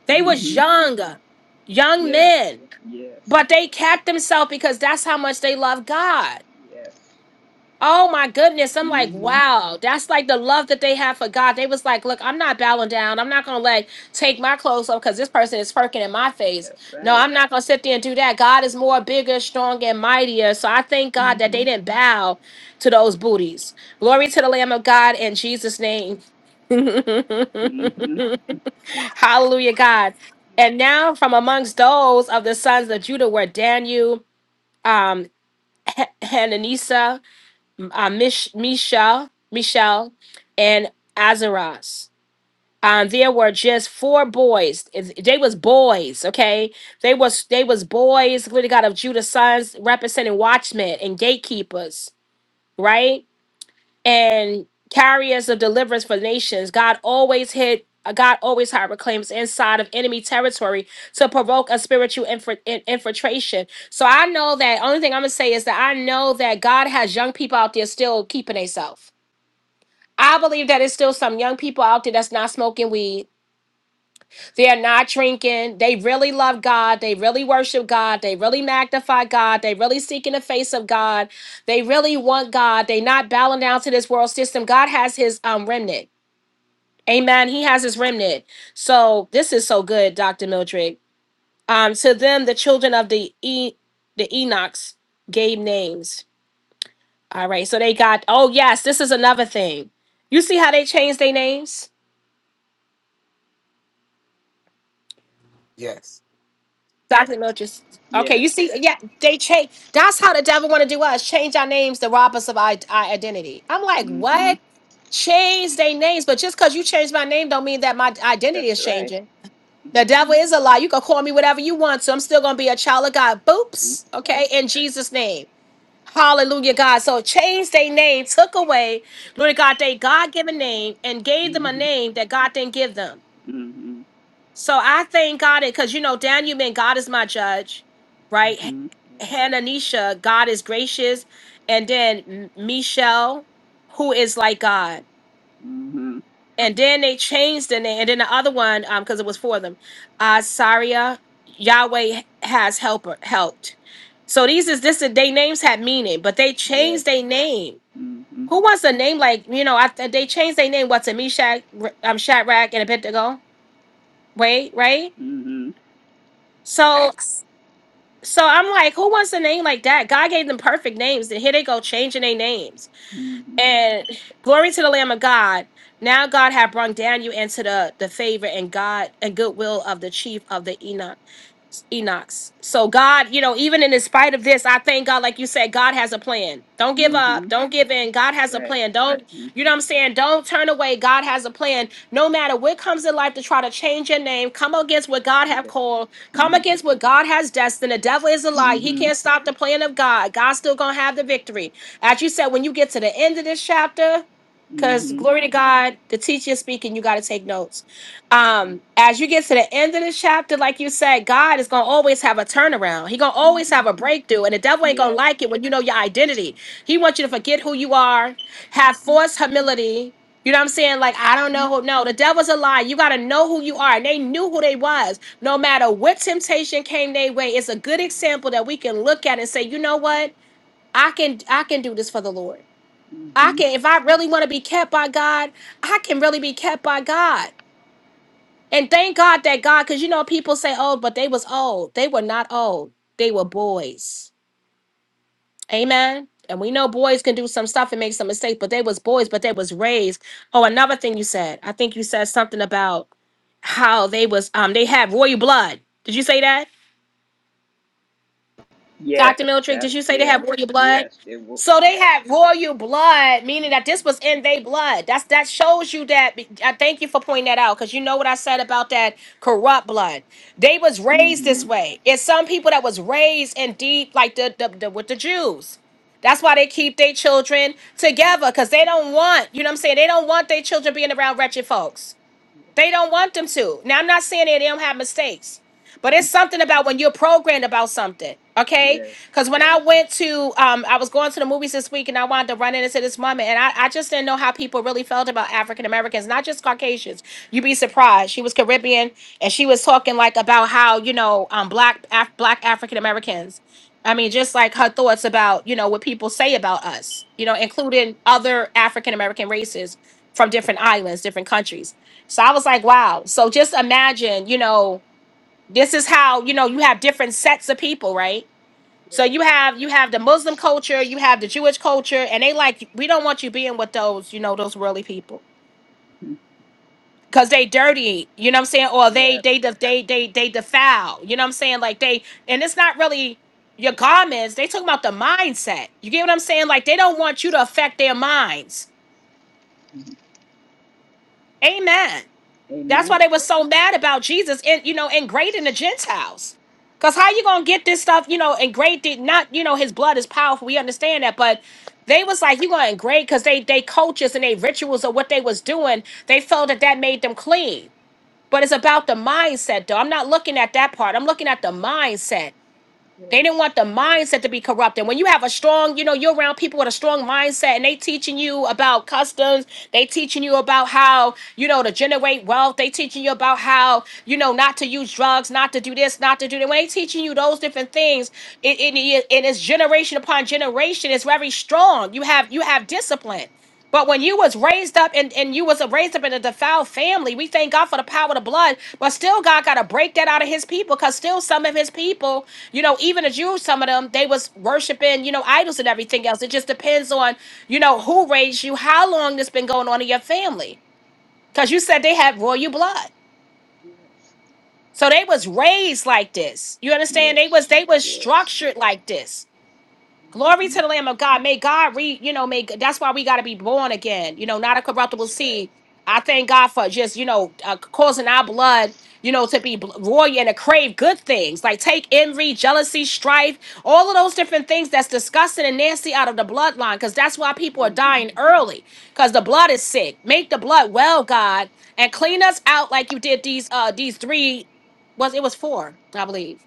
They was Mm-hmm. young, young Yes. men, Yes. but they kept themselves because that's how much they love God. Yes. Oh my goodness. I'm like, Mm-hmm. wow. That's like the love that they have for God. They was like, look, I'm not bowing down. I'm not going to like take my clothes off because this person is perking in my face. That's No, right. I'm not going to sit there and do that. God is more bigger, stronger, and mightier. So I thank God that they Mm-hmm. didn't bow to those booties. Glory to the Lamb of God in Jesus' name. [laughs] Hallelujah, Mm-hmm. God. And now from amongst those of the sons of Judah were Daniel, um, Hananisa uh, Mish, Michal, Michal, and Azaras. Um, there were just four boys. Is- They was boys, okay? They was they was boys. Glory to God of Judah's sons, representing watchmen and gatekeepers, right? And carriers of deliverance for nations. God always hid. uh, God always hide reclaims inside of enemy territory to provoke a spiritual infra- in- infiltration. So I know that only thing I'm gonna say is that I know that God has young people out there still keeping themselves. I believe that it's still some young people out there that's not smoking weed. They are not drinking. They really love God. They really worship God. They really magnify God. They really seek in the face of God. They really want God. They not bowing down to this world system. God has his um remnant. Amen. He has his remnant. So this is so good, Dr. Mildred. Um, to them, the children of the e the Enochs gave names. All right. So they got, oh yes, this is another thing. You see how they changed their names? Yes. Dr. Mildred's. Okay, Yes. you see, yeah, they change. That's how the devil want to do us. Change our names to rob us of our, our identity. I'm like, Mm-hmm. what? Change their names, but just because you changed my name don't mean that my identity That's is right. changing. The devil Mm-hmm. is a lie. You can call me whatever you want, so I'm still gonna be a child of God. Boops. That's right. Okay, in Jesus' name. Hallelujah, God. So change their name, took away, Lord God, they God-given name and gave them a Mm-hmm. name that God didn't give them. Mm-hmm. So I thank God it because you know, Daniel meant God is my judge, right? Mm-hmm. H- Yes. Hananisha, God is gracious, and then M- Michelle, who is like God. Mm-hmm. And then they changed the name, and then the other one, um, because it was for them, uh, Saria, Yahweh has helper helped. So these is this they names had meaning, but they Yes. changed their name. Mm-hmm. Who wants a name like you know? I, they changed their name. What's a Meshach, um, Shadrach, and Abednego? Wait, right? Mm-hmm. So So I'm like, who wants a name like that? God gave them perfect names, and here they go changing their names. Mm-hmm. And glory to the Lamb of God. Now God had brought Daniel into the the favor and God and goodwill of the chief of the Enoch. Enoch's. So God, you know, even in spite of this, I thank God, like you said, God has a plan. Don't give up. Mm-hmm. Don't give in. God That's has a right. plan. Don't, you Mm-hmm. know what I'm saying? Don't turn away. God has a plan. No matter what comes in life to try to change your name, come against what God have Yes. called, come Mm-hmm. against what God has destined. The devil is a lie. He Mm-hmm. can't stop the plan of God. God's still gonna have the victory. As you said, when you get to the end of this chapter, because Mm-hmm. glory to God, the teacher is speaking, you gotta take notes um as you get to the end of the chapter like you said god is gonna always have a turnaround he gonna always Mm-hmm. have a breakthrough and the devil ain't gonna Yes. like it when you know your identity he wants you to forget who you are have Mm-hmm. forced humility you know what i'm saying like i don't know who no the devil's a lie you gotta know who you are and they knew who they was no matter what temptation came their way it's a good example that we can look at and say you know what i can i can do this for the lord i Mm-hmm. can if i really want to be kept by god i can really be kept by god and thank God that God, because you know, people say old, but they was old. They were not old. They were boys. Amen. And we know boys can do some stuff and make some mistakes, but they was boys, but they was raised. Oh, another thing you said. I think you said something about how they was um they had royal blood. Did you say that? Dr. Yes. Miltrick, did That's you say they have yes. royal blood? Yes. It will. So they have royal blood, meaning that Mm-hmm. this was in their blood. That's that shows you that. I thank you for pointing that out because you know what I said about that corrupt blood. They was raised this Mm-hmm. way. It's some people that was raised in deep, like the, the, the with the Jews. That's why they keep their children together because they don't want, you know what I'm saying? They don't want their children being around wretched folks. They don't want them to. Now, I'm not saying that they don't have mistakes, but it's something about when you're programmed about something, Yes. okay? Yes. Because when I went to, um, I was going to the movies this week and I wanted to run into this woman, and I, I just didn't know how people really felt about African Americans, not just Caucasians. You'd be surprised. She was Caribbean, and she was talking like about how you know, um, black Af- black African Americans. I mean, just like her thoughts about you know what people say about us, you know, including other African American races from different islands, different countries. So I was like, wow. So just imagine, you know, this is how, you know, you have different sets of people, right? So Yes. you have you have the Muslim culture, you have the Jewish culture, and they like we don't want you being with those, you know, those worldly people. Cause they dirty, you know what I'm saying? Or they Yeah. they def- they they they defile, you know what I'm saying? Like they and it's not really your garments, they talking about the mindset. You get what I'm saying? Like they don't want you to affect their minds. Amen. That's why Amen. they were so mad about Jesus and you know, and great in the Gentiles. Cause how you gonna get this stuff, you know, and did not, you know, his blood is powerful. We understand that, but they was like, you gonna engrave because they they cultures and they rituals of what they was doing, they felt that that made them clean. But it's about the mindset, though. I'm not looking at that part. I'm looking at the mindset. They didn't Yes. want the mindset to be corrupted. When you have a strong, you know, you're around people with a strong mindset and they teaching you about customs, they teaching you about how, you know, to generate wealth, they teaching you about how, you know, not to use drugs, not to do this, not to do that. When they teaching you those different things, it, it, it, it is generation upon generation, it's very strong. You have you have discipline. But when you was raised up and, and you was raised up in a defiled family, we thank God for the power of the blood. But still, God got to break that out of His people, because still some of His people, you know, even the Jews, some of them they was worshiping, you know, idols and everything else. It just depends on, you know, who raised you, how long this been going on in your family, because you said they had royal blood, Yes. so they was raised like this. You understand? They was Yes. they was Yes. structured like this. Glory Mm-hmm. to the Lamb of God. May God re, you know, make that's why we got to be born again, you know, not a corruptible That's right. seed. I thank God for just, you know, uh, causing our blood, you know, to be bl- royal and to crave good things like take envy, jealousy, strife, all of those different things that's disgusting and nasty out of the bloodline because that's why people are Mm-hmm. dying early because the blood is sick. Make the blood well, God, and clean us out like you did these, uh, these three, was it was four, I believe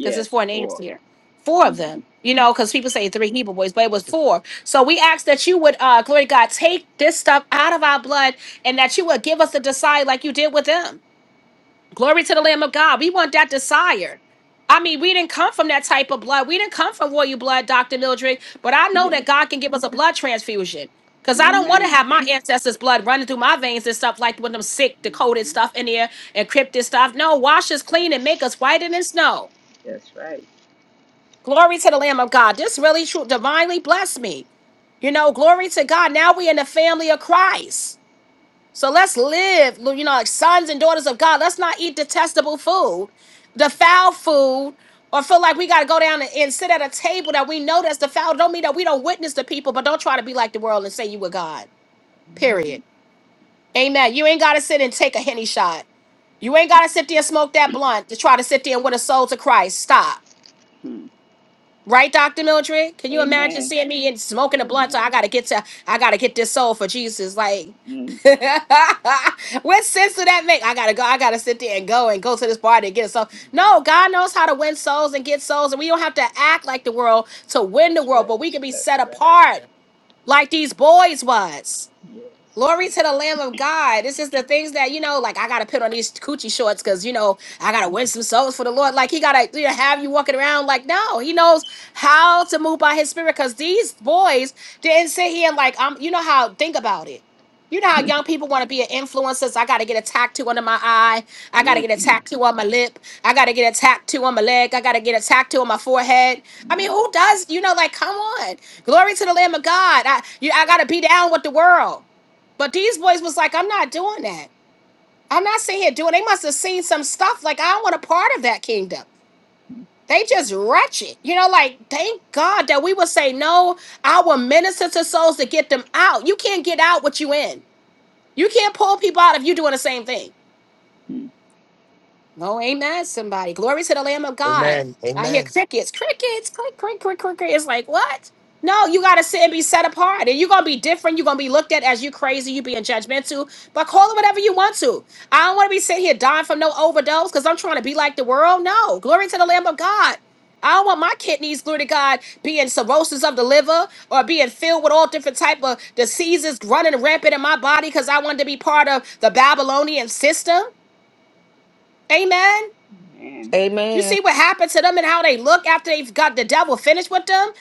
because there's four names 4 here. Four of Mm-hmm. them, you know, because people say three Hebrew boys, but it was four. So we ask that you would, uh, glory to God, take this stuff out of our blood and that you would give us the desire like you did with them. Glory to the Lamb of God. We want that desire. I mean, we didn't come from that type of blood. We didn't come from royal blood, Dr. Mildred, but I know that Yes. God can give us a blood transfusion. Because I don't want to Amen. have my ancestors' blood running through my veins and stuff like with them sick, decoded Mm-hmm. stuff in there, encrypted stuff. No, wash us clean and make us whiter than snow. That's right. Glory to the Lamb of God. This really true, divinely blessed me. You know, glory to God. Now we in the family of Christ. So let's live, you know, like sons and daughters of God. Let's not eat detestable food, the foul food, or feel like we got to go down and, and sit at a table that we know that's the foul. Don't mean that we don't witness to people, but don't try to be like the world and say you were God. Mm-hmm. Period. Amen. You ain't got to sit and take a henny shot. You ain't got to sit there and smoke that blunt to try to sit there and win a soul to Christ. Stop. Hmm. Right, Dr. Mildred? Can you imagine Amen. seeing me and smoking a blunt? So Amen. I gotta get to I gotta get this soul for Jesus. Like Mm. [laughs] what sense did that make? I gotta go, I gotta sit there and go and go to this party and get a soul. No, God knows how to win souls and get souls, and we don't have to act like the world to win the That's world, right. but we can be That's set right. apart like these boys was. Yes. Glory to the Lamb of God. This is the things that, you know, like I gotta put on these coochie shorts because you know I gotta win some souls for the Lord. Like he gotta you know, have you walking around like no, he knows how to move by his spirit because these boys didn't sit here and like I'm you know how think about it. You know how young people want to be an influencers. I gotta get a tattoo under my eye. I gotta get a Mm-hmm. tattoo on my lip. I gotta get a tattoo on my leg. I gotta get a tattoo on my forehead. I mean, No. who does, you know, like come on. Glory to the Lamb of God. I you I gotta be down with the world. But these boys was like, I'm not doing that. I'm not sitting here doing. They must have seen some stuff. Like I don't want a part of that kingdom. They just wretched, you know. Like thank God that we would say no. I will minister to souls to get them out. You can't get out what you in. You can't pull people out if you doing the same thing. Mm-hmm. Oh, ain't that somebody? Glory to the Lamb of God. Amen. I hear Amen. crickets, crickets, click, click, click, click, click. It's like, what? No, you got to sit and be set apart. And you're going to be different. You're going to be looked at as you crazy. You being judgmental. But call it whatever you want to. I don't want to be sitting here dying from no overdose because I'm trying to be like the world. No. Glory to the Lamb of God. I don't want my kidneys, glory to God, being cirrhosis of the liver or being filled with all different type of diseases running rampant in my body because I wanted to be part of the Babylonian system. Amen. Man. You Amen. see what happened to them and how they look after they've got the devil finished with them?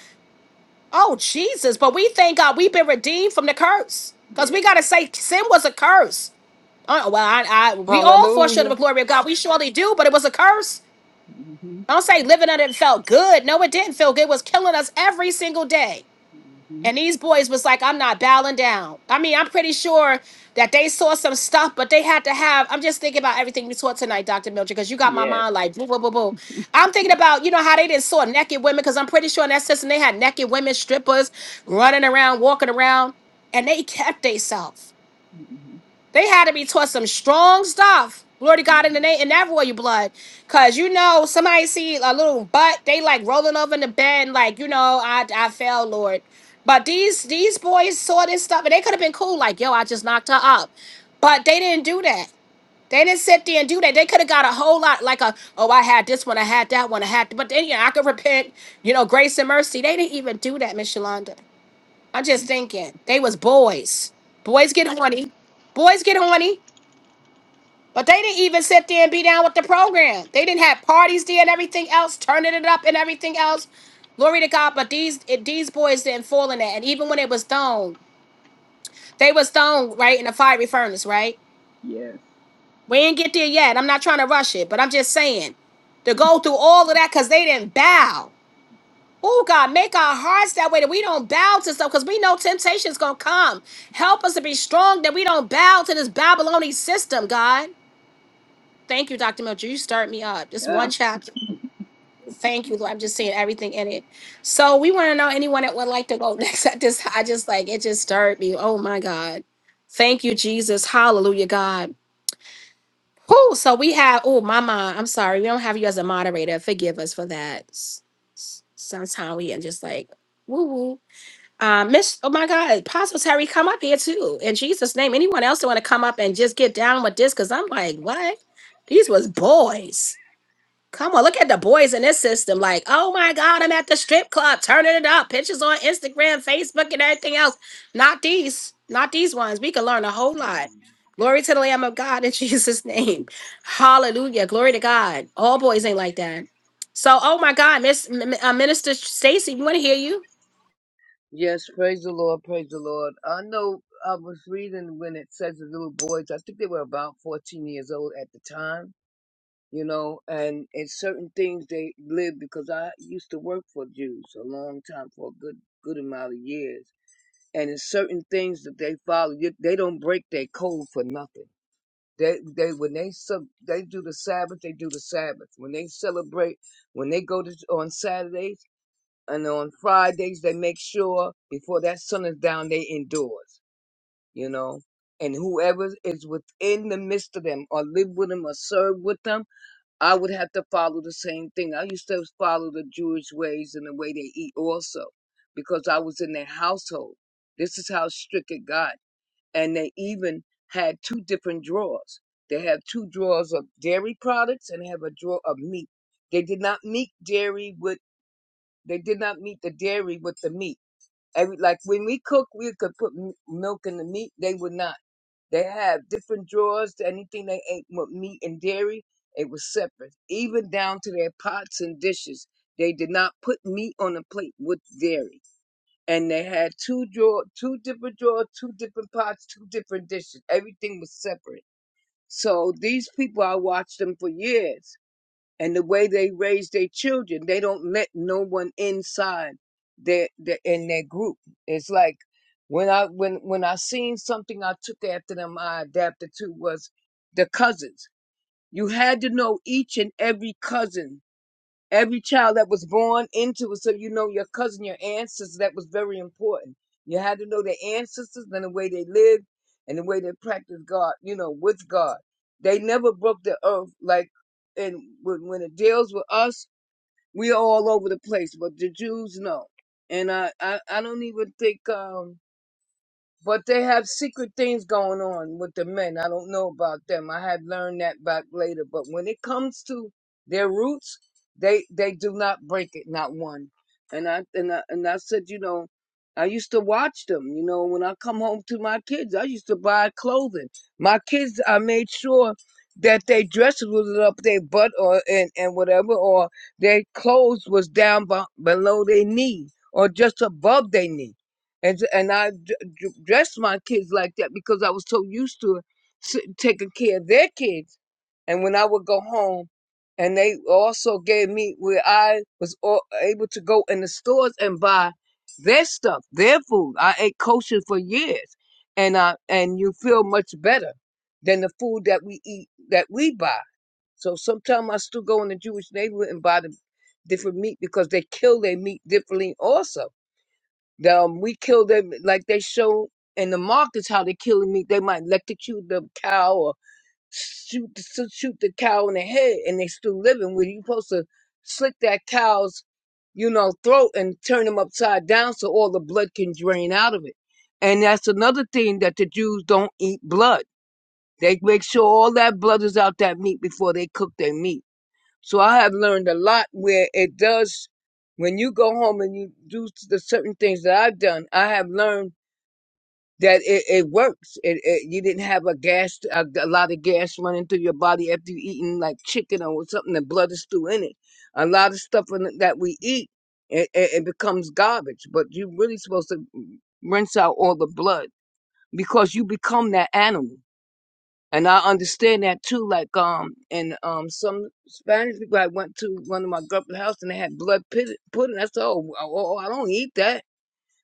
Oh, Jesus. But we thank God we've been redeemed from the curse. Because Yes. we got to say sin was a curse. Uh, well, I, I, we all fall short of the Hallelujah. glory of God. We surely do, but it was a curse. Mm-hmm. Don't say living under it felt good. No, it didn't feel good. It was killing us every single day. hmm And these boys was like, I'm not bowing down. I mean, I'm pretty sure that they saw some stuff, but they had to have. I'm just thinking about everything you taught tonight, Dr. Milcher, because you got my Yes. mind like boo, boo, boo, boo. I'm thinking about, you know, how they didn't saw naked women, because I'm pretty sure in that system they had naked women, strippers running around, walking around, and they kept theyself. hmm They had to be taught some strong stuff. Glory to God in the name in that royal blood. Cause you know, somebody see a little butt, they like rolling over in the bed, and like, you know, I I fell, Lord. But these these boys saw this stuff and they could have been cool, like, yo, I just knocked her up. But they didn't do that. They didn't sit there and do that. They could have got a whole lot, like a, oh, I had this one, I had that one, I had, but then, you know, I could repent, you know, grace and mercy. They didn't even do that, Miss Yolanda. I'm just thinking, they was boys. Boys get horny. Boys get horny. But they didn't even sit there and be down with the program. They didn't have parties there and everything else, turning it up and everything else. Glory to God. But these it- these boys didn't fall in that. And even when it was thrown, they was thrown right in the fiery furnace, right? Yes. We ain't get there yet. I'm not trying to rush it, but I'm just saying to go through all of that because they didn't bow. Oh God, make our hearts that way that we don't bow to stuff because we know temptation's gonna come. Help us to be strong that we don't bow to this Babylonian system, God. Thank you, Dr. Mildred. You start me up. Just one chapter. Thank you, Lord. I'm just seeing everything in it. So we want to know anyone that would like to go [laughs] next. I just, I just like it just stirred me. Oh my God. Thank you, Jesus. Hallelujah, God. Who? So we have, oh, Mama, I'm sorry. We don't have you as a moderator. Forgive us for that. S- s- Sometime we are just like, woo woo. Uh, Miss, oh my God, Apostle Terry, come up here too. In Jesus' name, anyone else that want to come up and just get down with this? Because I'm like, what? These was boys. Come on, look at the boys in this system. Like, oh my God, I'm at the strip club, turning it up. Pictures on Instagram, Facebook, and everything else. Not these, not these ones. We can learn a whole lot. Glory to the Lamb of God in [laughs] Jesus' name. Hallelujah. Glory to God. All boys ain't like that. So, oh my God, Miss M- M- uh, Minister Stacy, we want to hear you. Yes, praise the Lord, praise the Lord. I know I was reading when it says the little boys, I think they were about 14 years old at the time, you know, and in certain things they lived because I used to work for Jews a long time for a good, good amount of years. And in certain things that they follow, you- they don't break their code for nothing. They, they, when they sub, they do the Sabbath, they do the Sabbath. When they celebrate, when they go to on Saturday, and on Fridays they make sure before that sun is down they indoors, you know. And whoever is within the midst of them, or live with them, or serve with them, I would have to follow the same thing. I used to follow the Jewish ways and the way they eat also, because I was in their household. This is how strict it got. And they even had two different drawers. They have two drawers of dairy products and have a drawer of meat. They did not meet dairy with. They did not meet the dairy with the meat Every, like when we cook, we could put m- milk in the meat. They would not. They have different drawers to anything they ate with meat and dairy. It was separate, even down to their pots and dishes. They did not put meat on a plate with dairy. And they had two drawer, two different drawers, two different pots, two different dishes. Everything was separate. So these people, I watched them for years and the way they raise their children they don't let no one inside their, their in their group it's like when i when when i seen something i took after them i adapted to was the cousins you had to know each and every cousin every child that was born into it. So you know your cousin, your ancestors, that was very important. You had to know their ancestors and the way they lived and the way they practiced God, you know, with God. They never broke the earth like, and when, when it deals with us, we are all over the place, but the Jews, no. And I, I, I don't even think, um, but they have secret things going on with the men. I don't know about them. I had learned that back later. But when it comes to their roots, they they do not break it, not one. And I and I, and I said, you know, I used to watch them. You know, when I come home to my kids, I used to buy clothing. My kids, I made sure that they dresses was up their butt or and and whatever, or their clothes was down b- below their knee or just above their knee and j- and I d- d- dressed my kids like that because I was so used to s- taking care of their kids. And when I would go home, and they also gave me where I was all, able to go in the stores and buy their stuff, their food. I ate kosher for years, and I and you feel much better than the food that we eat that we buy. So sometimes I still go in the Jewish neighborhood and buy the different meat because they kill their meat differently also the, um, we kill them like they show in the markets how they kill meat. They might electrocute the cow or shoot the, shoot shoot the cow in the head, and they still living. Where you supposed to slit that cow's, you know, throat and turn them upside down so all the blood can drain out of it. And that's another thing that the Jews don't eat blood. They make sure all that blood is out that meat before they cook their meat so I have learned a lot where it does, when you go home and you do the certain things that I've done, I have learned that it, it works. It, it, you didn't have a gas, a, a lot of gas running through your body after you eating like chicken or something that blood is still in it. A lot of stuff in- that we eat, it, it, it becomes garbage, but you're really supposed to rinse out all the blood because you become that animal. And I understand that too. Like um, and um, some Spanish people. I went to one of my girlfriend's house and they had blood pud- pudding. I said, oh, oh, oh, I don't eat that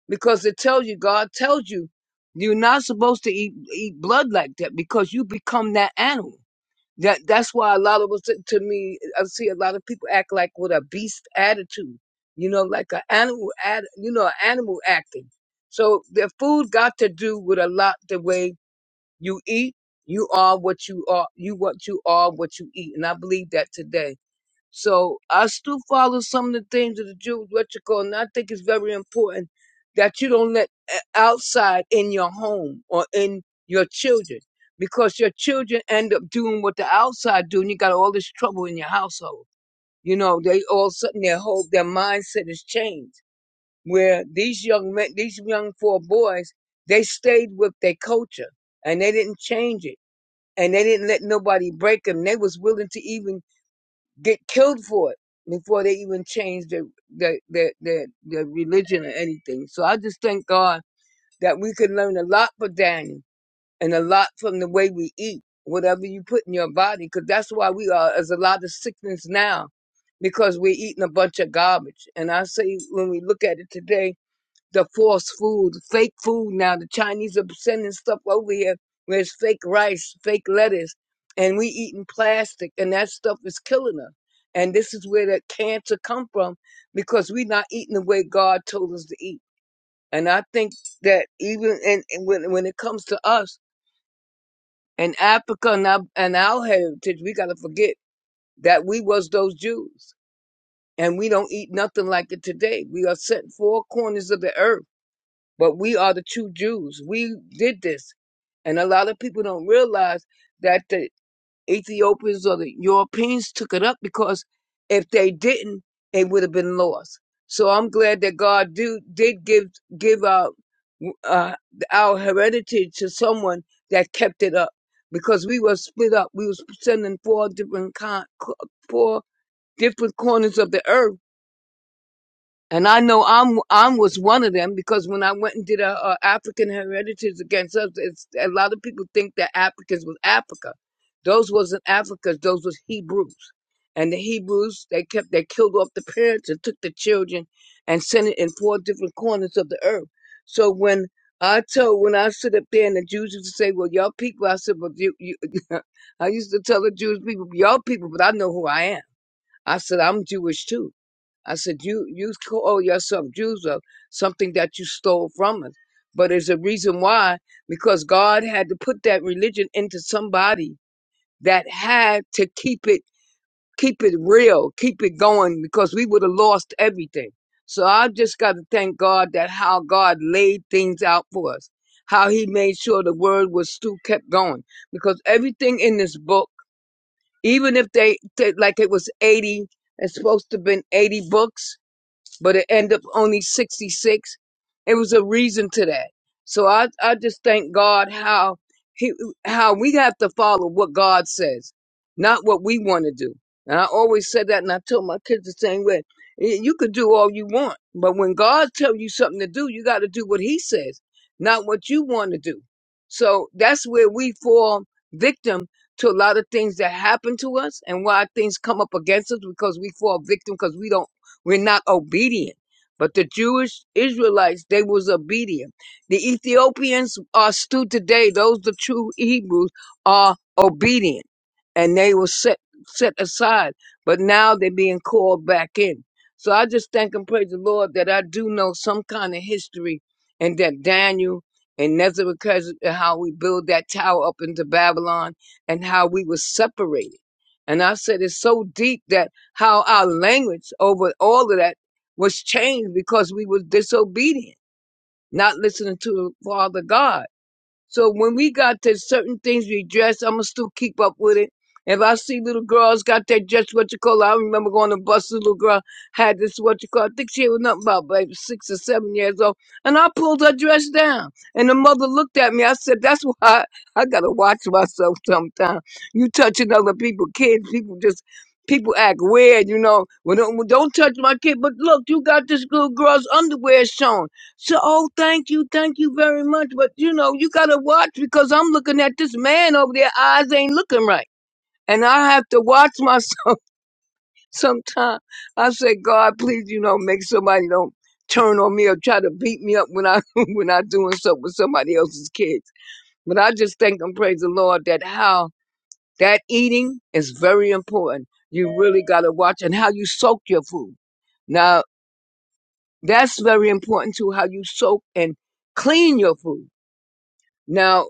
because it tells you God tells you you're not supposed to eat eat blood like that because you become that animal. That that's why a lot of us to me, I see a lot of people act like with a beast attitude. You know, like an animal, ad, you know, an animal acting. So the food got to do with a lot the way you eat, you are what you are, you what you are, what you eat. And I believe that today. So I still follow some of the things of the Jews, what you call, and I think it's very important that you don't let o- outside in your home or in your children because your children end up doing what the outside do and you got all this trouble in your household. You know, they all of a sudden their whole, their mindset is changed where these young men, these young four boys, they stayed with their culture and they didn't change it and they didn't let nobody break them. They was willing to even get killed for it before they even changed their their their their, their religion or anything. So I just thank God that we could learn a lot from Daniel and a lot from the way we eat, whatever you put in your body, because that's why we are as a lot of sickness now because we're eating a bunch of garbage. And I say when we look at it today the false food, fake food now. The Chinese are sending stuff over here where it's fake rice, fake lettuce, and we eating plastic, and that stuff is killing us. And this is where the cancer come from because we not eating the way God told us to eat. And I think that even and when when it comes to us and Africa and our, and our heritage, we got to forget that we was those Jews, and we don't eat nothing like it today. We are sent four corners of the earth But we are the true Jews. We did this. And a lot of people don't realize that the Ethiopians or the Europeans took it up because if they didn't, it would have been lost. So I'm glad that God do, did give give out uh, our heredity to someone that kept it up because we were split up. We was sending four different con- co- four different corners of the earth and I know I'm I'm was one of them because when I went and did a, a African Heritage Against Us, it's, a lot of people think that Africans was Africa. Those wasn't Africans. Those was Hebrews. And the Hebrews they kept they killed off the parents and took the children and sent it in four different corners of the earth. So when I told when I stood up there and the Jews used to say, "Well, y'all people," I said, "Well, you." you [laughs] I used to tell the Jewish people, "Y'all people," but I know who I am. I said, "I'm Jewish too." I said, you you call yourself Jews of something that you stole from us, but there's a reason why because God had to put that religion into somebody that had to keep it keep it real, keep it going because we would have lost everything. So I just got to thank God that how God laid things out for us, how He made sure the word was still kept going because everything in this book, even if they they- like it was eighty, it's supposed to have been eighty books but it ended up only 66. It was a reason to that. So I, I just thank God how he, how we have to follow what God says, not what we want to do. And I always said that, and I told my kids the same way. Y- You could do all you want, but when God tells you something to do, you got to do what He says, not what you want to do. So that's where we fall victim to a lot of things that happen to us, and why things come up against us because we fall victim because we don't we're not obedient. But the Jewish Israelites, they was obedient. The Ethiopians are still today, those the true Hebrews are obedient. And they were set set aside. But now they're being called back in. So I just thank and praise the Lord that I do know some kind of history and that Daniel and Nebuchadnezzar, how we build that tower up into Babylon and how we were separated. And I said, it's so deep that how our language over all of that was changed because we was disobedient, not listening to the Father God. So when we got to certain things, we dress. I'ma still keep up with it. If I see little girls got that dress, what you call it? I remember going to bus. a Little girl had this what you call. I think she was nothing about like six or seven years old, and I pulled her dress down. And the mother looked at me. I said, "That's why I, I gotta watch myself sometimes. You touching other people, kids, people just." People act weird, you know. Well, don't, don't touch my kid. But look, you got this little girl's underwear shown. So, oh, thank you, thank you very much. But you know, you gotta watch because I'm looking at this man over there. Eyes ain't looking right, and I have to watch myself [laughs] sometimes. I say, God, please, you know, make somebody don't turn on me or try to beat me up when I [laughs] when I doing stuff with somebody else's kids. But I just thank and praise the Lord that how that eating is very important. You really gotta watch and how you soak your food. Now that's very important too. How you soak and clean your food Now,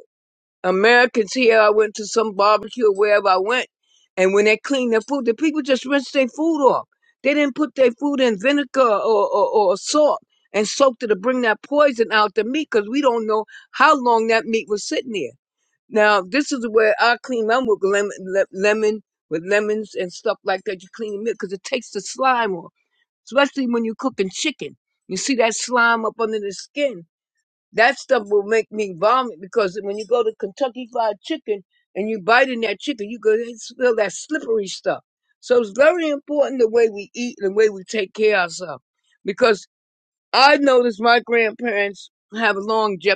Americans here, I went to some barbecue or wherever I went, and when they cleaned their food, the people just rinsed their food off. They didn't put their food in vinegar or, or, or salt and soaked it to bring that poison out the meat because we don't know how long that meat was sitting there. Now, this is where I clean them with lemon, le- lemon with lemons and stuff like that. You clean the meat because it takes the slime off, especially when you're cooking chicken. You see that slime up under the skin that stuff will make me vomit because when you go to Kentucky Fried Chicken and you bite in that chicken, you go feel that slippery stuff. So it's very important the way we eat and the way we take care of ourselves. Because I noticed my grandparents have longevity.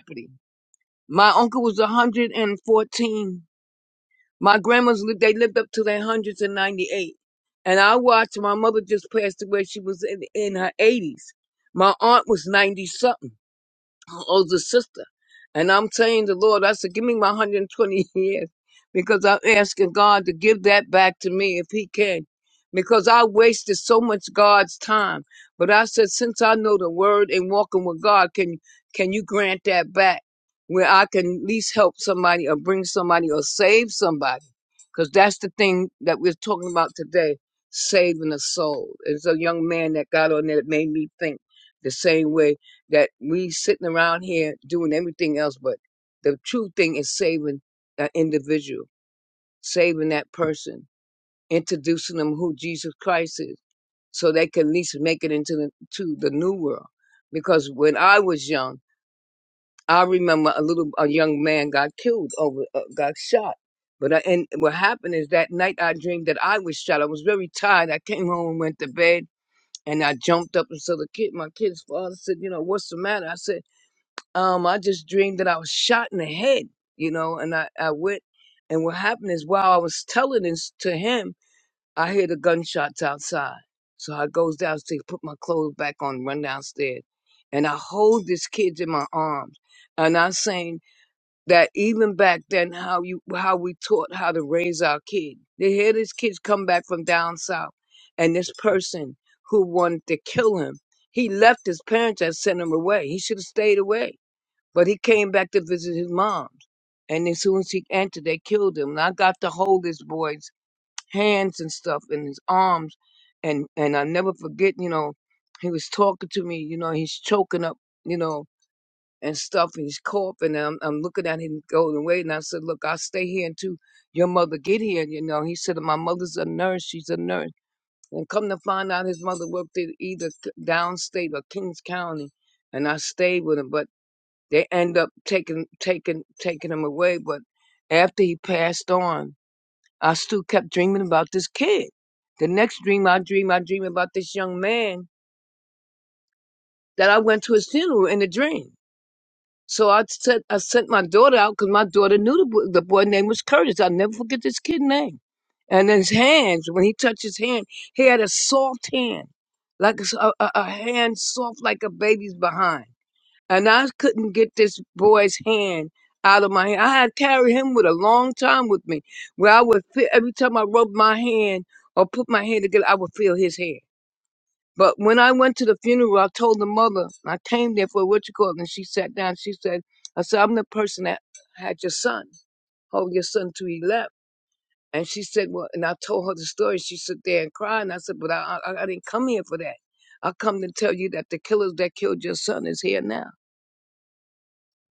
My uncle was 114. My grandma's lived, they lived up to their hundreds and ninety eight. And I watched my mother just passed away. She was in, in her 80s. My aunt was 90 something older sister. And I'm saying the Lord, I said, give me my 120 [laughs] years because I'm asking God to give that back to me if He can. Because I wasted so much God's time. But I said, since I know the word and walking with God, can can you grant that back where I can at least help somebody or bring somebody or save somebody? Because that's the thing that we're talking about today, saving a soul. It's a young man that got on there that made me think the same way that we sitting around here doing everything else, but the true thing is saving that individual, saving that person, introducing them who Jesus Christ is, so they can at least make it into the to the new world. Because when I was young, I remember a little a young man got killed over uh, got shot. But I, and what happened is that night I dreamed that I was shot. I was very tired. I came home and went to bed, and I jumped up and saw the kid. My kid's father said, "You know what's the matter?" I said um, I just dreamed that I was shot in the head, you know, and I, I went, and what happened is while I was telling this to him, I hear the gunshots outside. So I goes downstairs, put my clothes back on, run downstairs, and I hold this kid in my arms, and I'm saying that even back then, how you how we taught how to raise our kid. They hear this kids come back from down south, and this person who wanted to kill him, he left his parents and sent him away. He should have stayed away but he came back to visit his mom's. And as soon as he entered, they killed him. And I got to hold this boy's hands and stuff and his arms. And, and I never forget, you know, he was talking to me, you know, he's choking up, you know, and stuff, and he's coughing. And I'm, I'm looking at him going away. And I said, Look, I'll stay here until your mother get here. You know, he said, My mother's a nurse. She's a nurse. And come to find out, his mother worked in either downstate or Kings County. And I stayed with him. But they end up taking taking taking him away. But after he passed on, I still kept dreaming about this kid. The next dream I dream, I dream about this young man that I went to his funeral in a dream. So I sent I sent my daughter out because my daughter knew the boy, the boy name was Curtis. I'll never forget this kid name. And his hands, when he touched his hand, he had a soft hand, like a, s- a- a- a hand soft like a baby's behind. and I couldn't get this boy's hand out of my hand. I had carried him with a long time with me, where I would feel every time I rubbed my hand or put my hand together, I would feel his hand. But when I went to the funeral, I told the mother, I came there for what you call it, and she sat down. She said, I said, I'm the person that had your son, hold your son till he left. And she said, well, and I told her the story. She sat there and cried. And I said, but I, I, I didn't come here for that. I come to tell you that the killers that killed your son is here now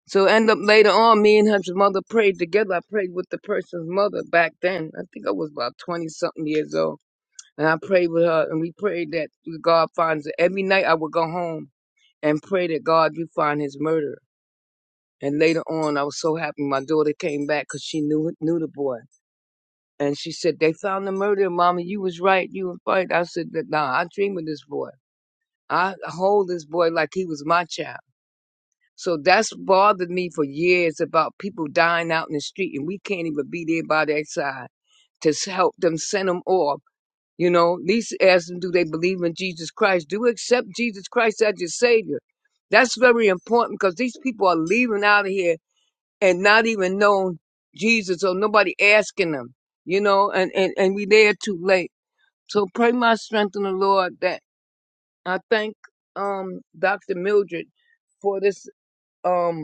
So end up later on, me and his mother prayed together. I prayed with the person's mother back then. I think I was about twenty something years old, and I prayed with her, and we prayed that God finds it. Every night I would go home and pray that God you find his murderer. And later on, I was so happy my daughter came back because she knew knew the boy, and she said they found the murderer, mommy. You was right. You was right. I said that nah, I dream of this boy. I hold this boy like he was my child. So that's bothered me for years about people dying out in the street and we can't even be there by their side to s- help them send them off. You know, at least ask them, do they believe in Jesus Christ? Do you accept Jesus Christ as your Savior? That's very important because these people are leaving out of here and not even knowing Jesus or nobody asking them, you know, and, and, and we there too late. So pray my strength in the Lord that I thank um, Dr. Mildred for this. Um,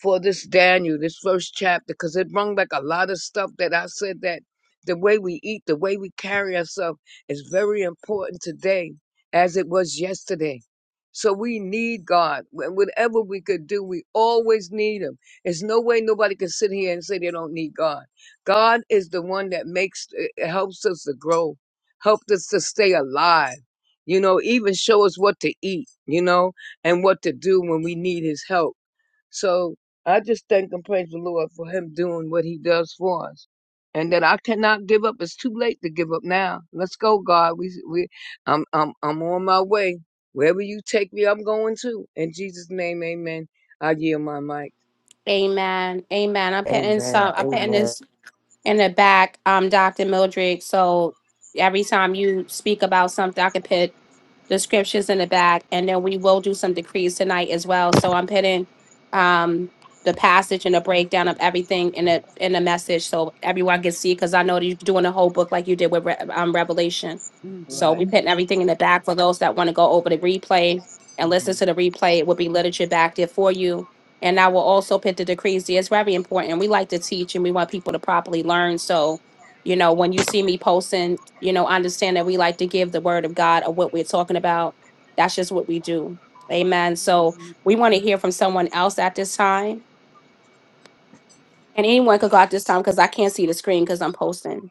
for this Daniel, this first chapter, because it brought back a lot of stuff that I said that the way we eat, the way we carry ourselves is very important today as it was yesterday. So we need God. Wh- Whatever we could do, we always need Him. There's no way nobody can sit here and say they don't need God. God is the one that makes, eh, helps us to grow, helps us to stay alive, you know, even show us what to eat, you know, and what to do when we need His help so I just thank and praise the Lord for him doing what he does for us. And that I cannot give up. It's too late to give up now. Let's go, God. We we I'm I'm I'm on my way. Wherever you take me, I'm going to. In Jesus' name, amen. I yield my mic. Amen. Amen. I'm putting Amen. some. I'm putting Amen. this in the back, um, Dr. Mildred. So every time you speak about something, I can put the scriptures in the back, and then we will do some decrees tonight as well. So I'm putting um the passage and a breakdown of everything in a in a message so everyone can see because I know that you're doing a whole book like you did with Re- um, Revelation. So Yeah. Right. we putting everything in the back for those that want to go over the replay and hmm listen to the replay. It will be literature back there for you. And I will also put the decrees there. It's very important. We like to teach and we want people to properly learn. So you know, when you see me posting, you know, understand that we like to give the word of God of what we're talking about. That's just what we do. Amen. [laughs] So we want to hear from someone else at this time. And anyone could go at this time because I can't see the screen because I'm posting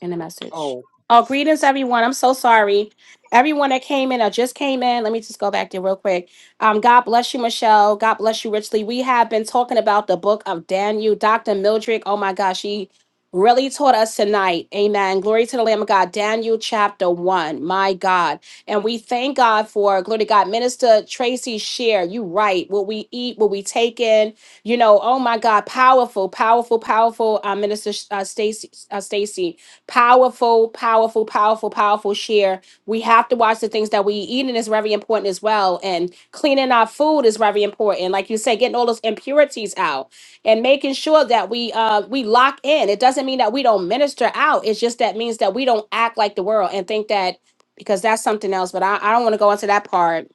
in the message. Oh, Oh, greetings, everyone. I'm so sorry. Everyone that came in or just came in, let me just go back there real quick. Um, God bless you, Michelle. God bless you richly. We have been talking about the book of Daniel. Dr. Mildred, oh my gosh, she really taught us tonight. Amen. Glory to the Lamb of God. Daniel chapter one. My God. And we thank God for, glory to God, Minister Tracy share. You right. What we eat, what we take in, you know, oh my God, powerful, powerful, powerful. Uh, Minister uh, Stacy, uh, Stacy. Powerful, powerful, powerful, powerful share. We have to watch the things that we eat, and it's very important as well. And cleaning our food is very important. Like you said, getting all those impurities out and making sure that we uh we lock in. It doesn't mean that we don't minister out. It's just that means that we don't act like the world and think that because that's something else. But I, I don't want to go into that part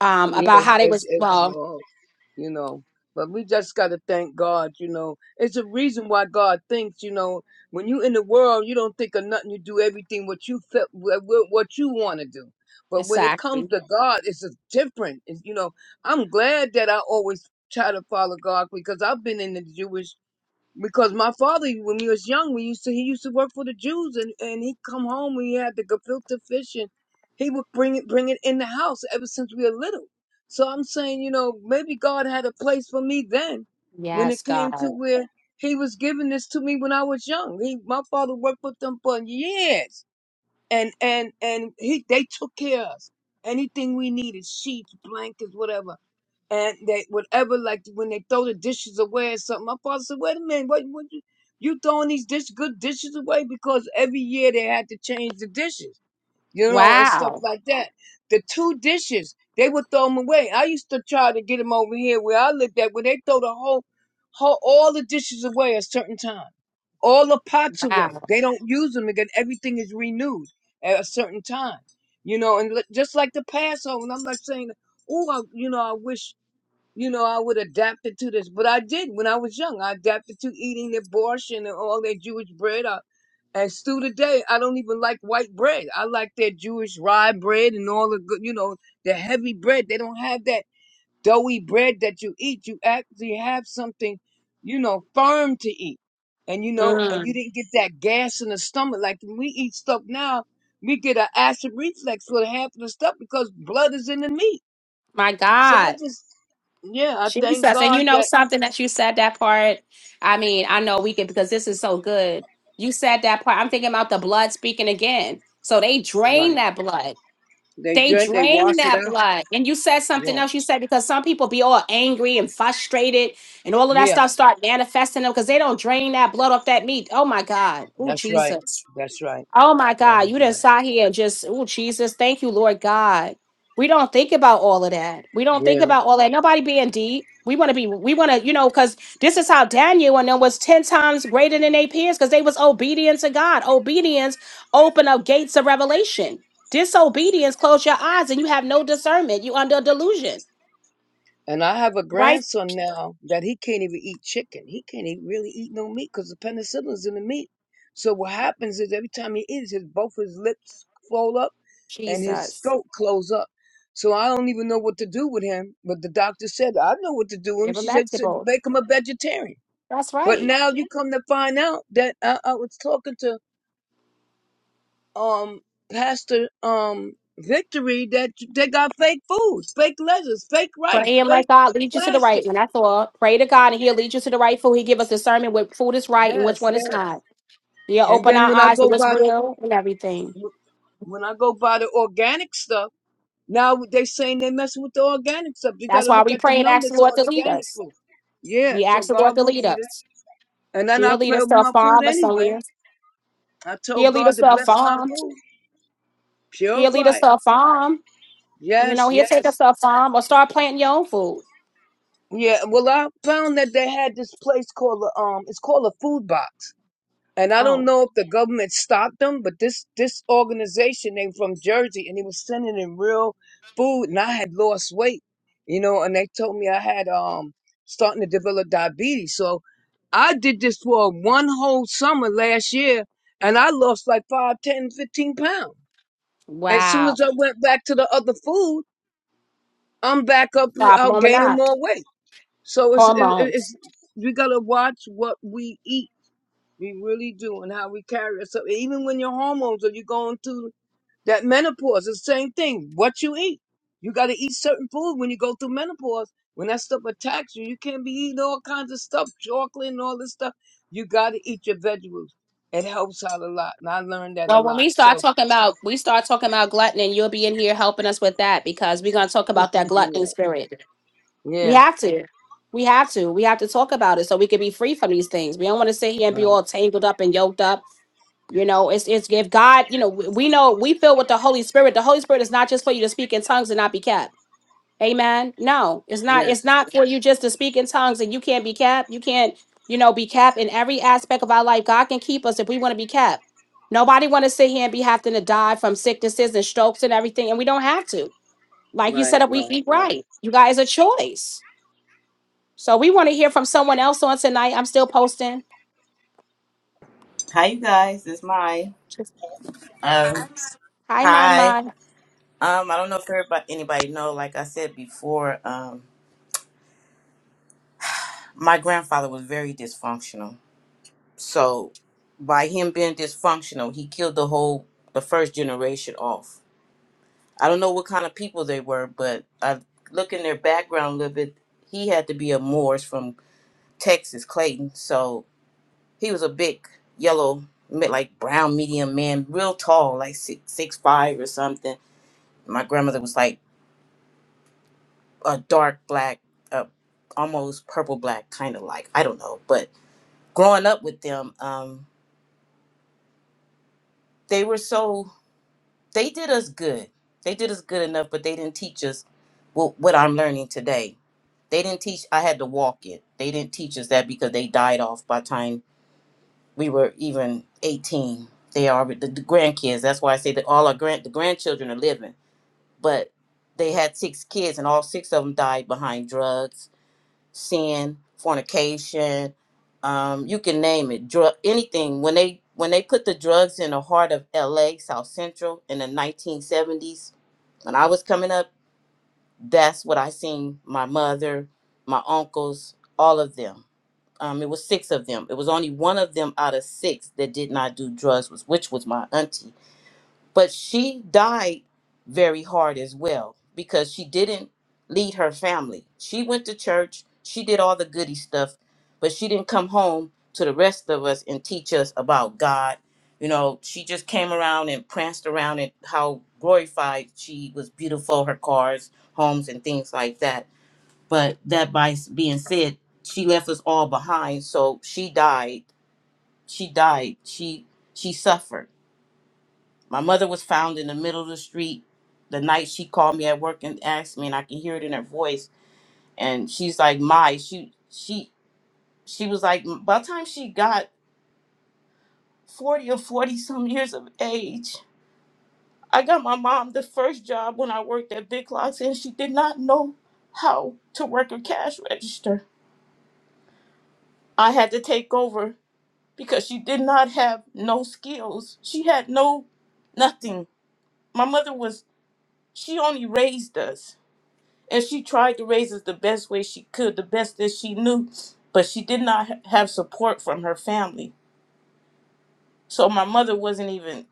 um about yes, how they it's was it's well long. you know. But we just got to thank God, you know. It's a reason why God thinks, you know, when you in the world, you don't think of nothing. You do everything what you felt, wha- wha- what you want to do. But when it comes exactly. to God, it's just different. It's, you know, I'm glad that I always try to follow God because I've been in the Jewish because my father, when he was young, we used to he used to work for the Jews, and and he'd come home. We had the gefilte fish, and he would bring it bring it in the house ever since we were little. So I'm saying, you know, maybe God had a place for me then, when Yes, it came to God. where He was giving this to me when I was young. He, my father worked with them for years, and and and he they took care of us. Anything we needed, sheets, blankets, whatever and that whatever, like when they throw the dishes away or something. My father said, "Wait a minute, what, what you, you throwing these dish good dishes away?" Because every year they had to change the dishes, you know, and stuff Wow. like that. The two dishes they would throw them away. I used to try to get them over here where I lived at, where they throw the whole, whole all the dishes away at a certain time, all the pots away. Wow. They don't use them again. Everything is renewed at a certain time. You know, and li- just like the Passover, and I'm not saying, oh, I, you know, I wish you know, I would adapt it to this. But I did when I was young. I adapted to eating the borscht and all that Jewish bread. I, and still today, I don't even like white bread. I like that Jewish rye bread and all the good, you know, the heavy bread. They don't have that doughy bread that you eat. You actually have something, you know, firm to eat. And you know, and Mm, you didn't get that gas in the stomach. Like when we eat stuff now, we get an acid reflux for half of the stuff because blood is in the meat. my So I God. just yeah, I thank Jesus. And you God know that something that you said that part? I mean, I know we could because this is so good. You said that part. I'm thinking about the blood speaking again. So they drain right. that blood. They They drink, they drain wash it that out. blood. And you said something Yeah, else. You said because some people be all angry and frustrated and all of that yeah, stuff start manifesting them because they don't drain that blood off that meat. Oh my God. Oh that's right. Jesus. That's right. Oh my That God, you is done right. sat here and just, oh Jesus, thank you, Lord God. We don't think about all of that. We don't think Yeah. about all that. Nobody being deep. We want to be, we want to, you know, because this is how Daniel and them was 10 times greater than they peers because they was obedient to God. Obedience open up gates of revelation. Disobedience close your eyes and you have no discernment. You under delusion. And I have a Right? grandson now that he can't even eat chicken. He can't even really eat no meat because the penicillin's in the meat. So what happens is every time he eats, his both his lips fold up and his Jesus. throat close up. So I don't even know what to do with him. But the doctor said I know what to do with him. Give them She said "So vegetables. make him a vegetarian. That's But right. now you come to find out that I, I was talking to um Pastor um Victory that they got fake foods, fake lettuce, fake Pray rice, and let fake God lead you to the right plastic. one. That's all. Pray to God and He'll lead you to the right food. He give us discernment what food is right and which Yes, one is yes. not. He'll And open then our when I eyes to go what's buy the real and everything. when I go buy the organic stuff, now they saying they messing with the organic stuff. You got That's to why look we at the pray and ask the numbers Lord on to lead organic us. food. Yeah, We so ask the Lord God to will lead lead us. us. And then I He'll lead pray us over to a my food farm or anyway. somewhere. I told He'll lead God us to to a bless my farm. food, He'll lead purify us it. to a farm. You Yes, know, he'll take us yes. to a farm or start planting your own food. Yeah, well, I found that they had this place called a, um, it's called a food box, and I don't Oh, know if the government stopped them, but this this organization they from Jersey, and they was sending in real food, and I had lost weight, you know, and they told me I had um starting to develop diabetes, so I did this for one whole summer last year, and I lost like five, ten, fifteen pounds. As soon wow. as I went back to the other food, I'm back up, Stop I'm blowing gaining up. more weight. So it's, it, Hormones. it's we gotta watch what we eat. We really do, and how we carry ourselves. Even when your hormones or you going through that menopause, it's the same thing. What you eat, you gotta eat certain food when you go through menopause. When that stuff attacks you, you can't be eating all kinds of stuff, chocolate and all this stuff. You gotta eat your vegetables. It helps out a lot, and I learned that a Well, when lot. we So start talking about we start talking about gluttony, you'll be in here helping us with that because we're gonna talk about [laughs] that gluttony yeah, spirit. We yeah, have to. We have to. We have to talk about it so we can be free from these things. We don't want to sit here and be right, all tangled up and yoked up. You know, it's it's if God, you know, we, we know we feel with the Holy Spirit. The Holy Spirit is not just for you to speak in tongues and not be kept. Amen. No, it's not. yes, It's not for you just to speak in tongues and you can't be capped. You can't, you know, be capped in every aspect of our life. God can keep us if we want to be capped. Nobody want to sit here and be having to die from sicknesses and strokes and everything, and we don't have to. Like you right, said, if we right, eat right. right, you guys a choice. So we want to hear from someone else on tonight. I'm still posting. Hi, you guys. It's Mai. Um, Hi, my hi. mind. Um, I don't know if everybody, anybody know. Like I said before, um, my grandfather was very dysfunctional. So, by him being dysfunctional, he killed the whole the first generation off. I don't know what kind of people they were, but I look in their background a little bit. He had to be a Moors from Texas, Clayton. So he was a big yellow, me- like brown medium man, real tall, like six six five or something. My grandmother was like a dark black, uh, almost purple black kind of like. I don't know, but growing up with them, um, they were so they did us good. They did us good enough, but they didn't teach us what, what I'm learning today. They didn't teach. I had to walk it. They didn't teach us that because they died off by the time we were even 18. They are the, the grandkids. That's why I say that all our grand the grandchildren are living, but they had six kids and all six of them died behind drugs sin, fornication, um, you can name it, drug, anything. When they when they put the drugs in the heart of L.A. South Central in the 1970s, when I was coming up, that's what I seen. My mother, my uncles, all of them. Um, it was six of them. It was only one of them out of six that did not do drugs, was which was my auntie but she died very hard as well because she didn't lead her family. She went to church, she did all the goody stuff, but she didn't come home to the rest of us and teach us about God. You know, she just came around and pranced around and how glorified she was beautiful, her cars, homes, and things like that. But that by s- being said, she left us all behind. So she died. She died. She she suffered my mother was found in the middle of the street the night she called me at work and asked me, and I can hear it in her voice. And she's like, "My, she, she, she was like, by the time she got forty or forty some years of age, I got my mom the first job when I worked at Big Lots, and she did not know how to work a cash register. I had to take over because she did not have no skills. She had no nothing. My mother was. She only raised us. and she tried to raise us the best way she could, the best that she knew, but she did not ha- have support from her family. So my mother wasn't even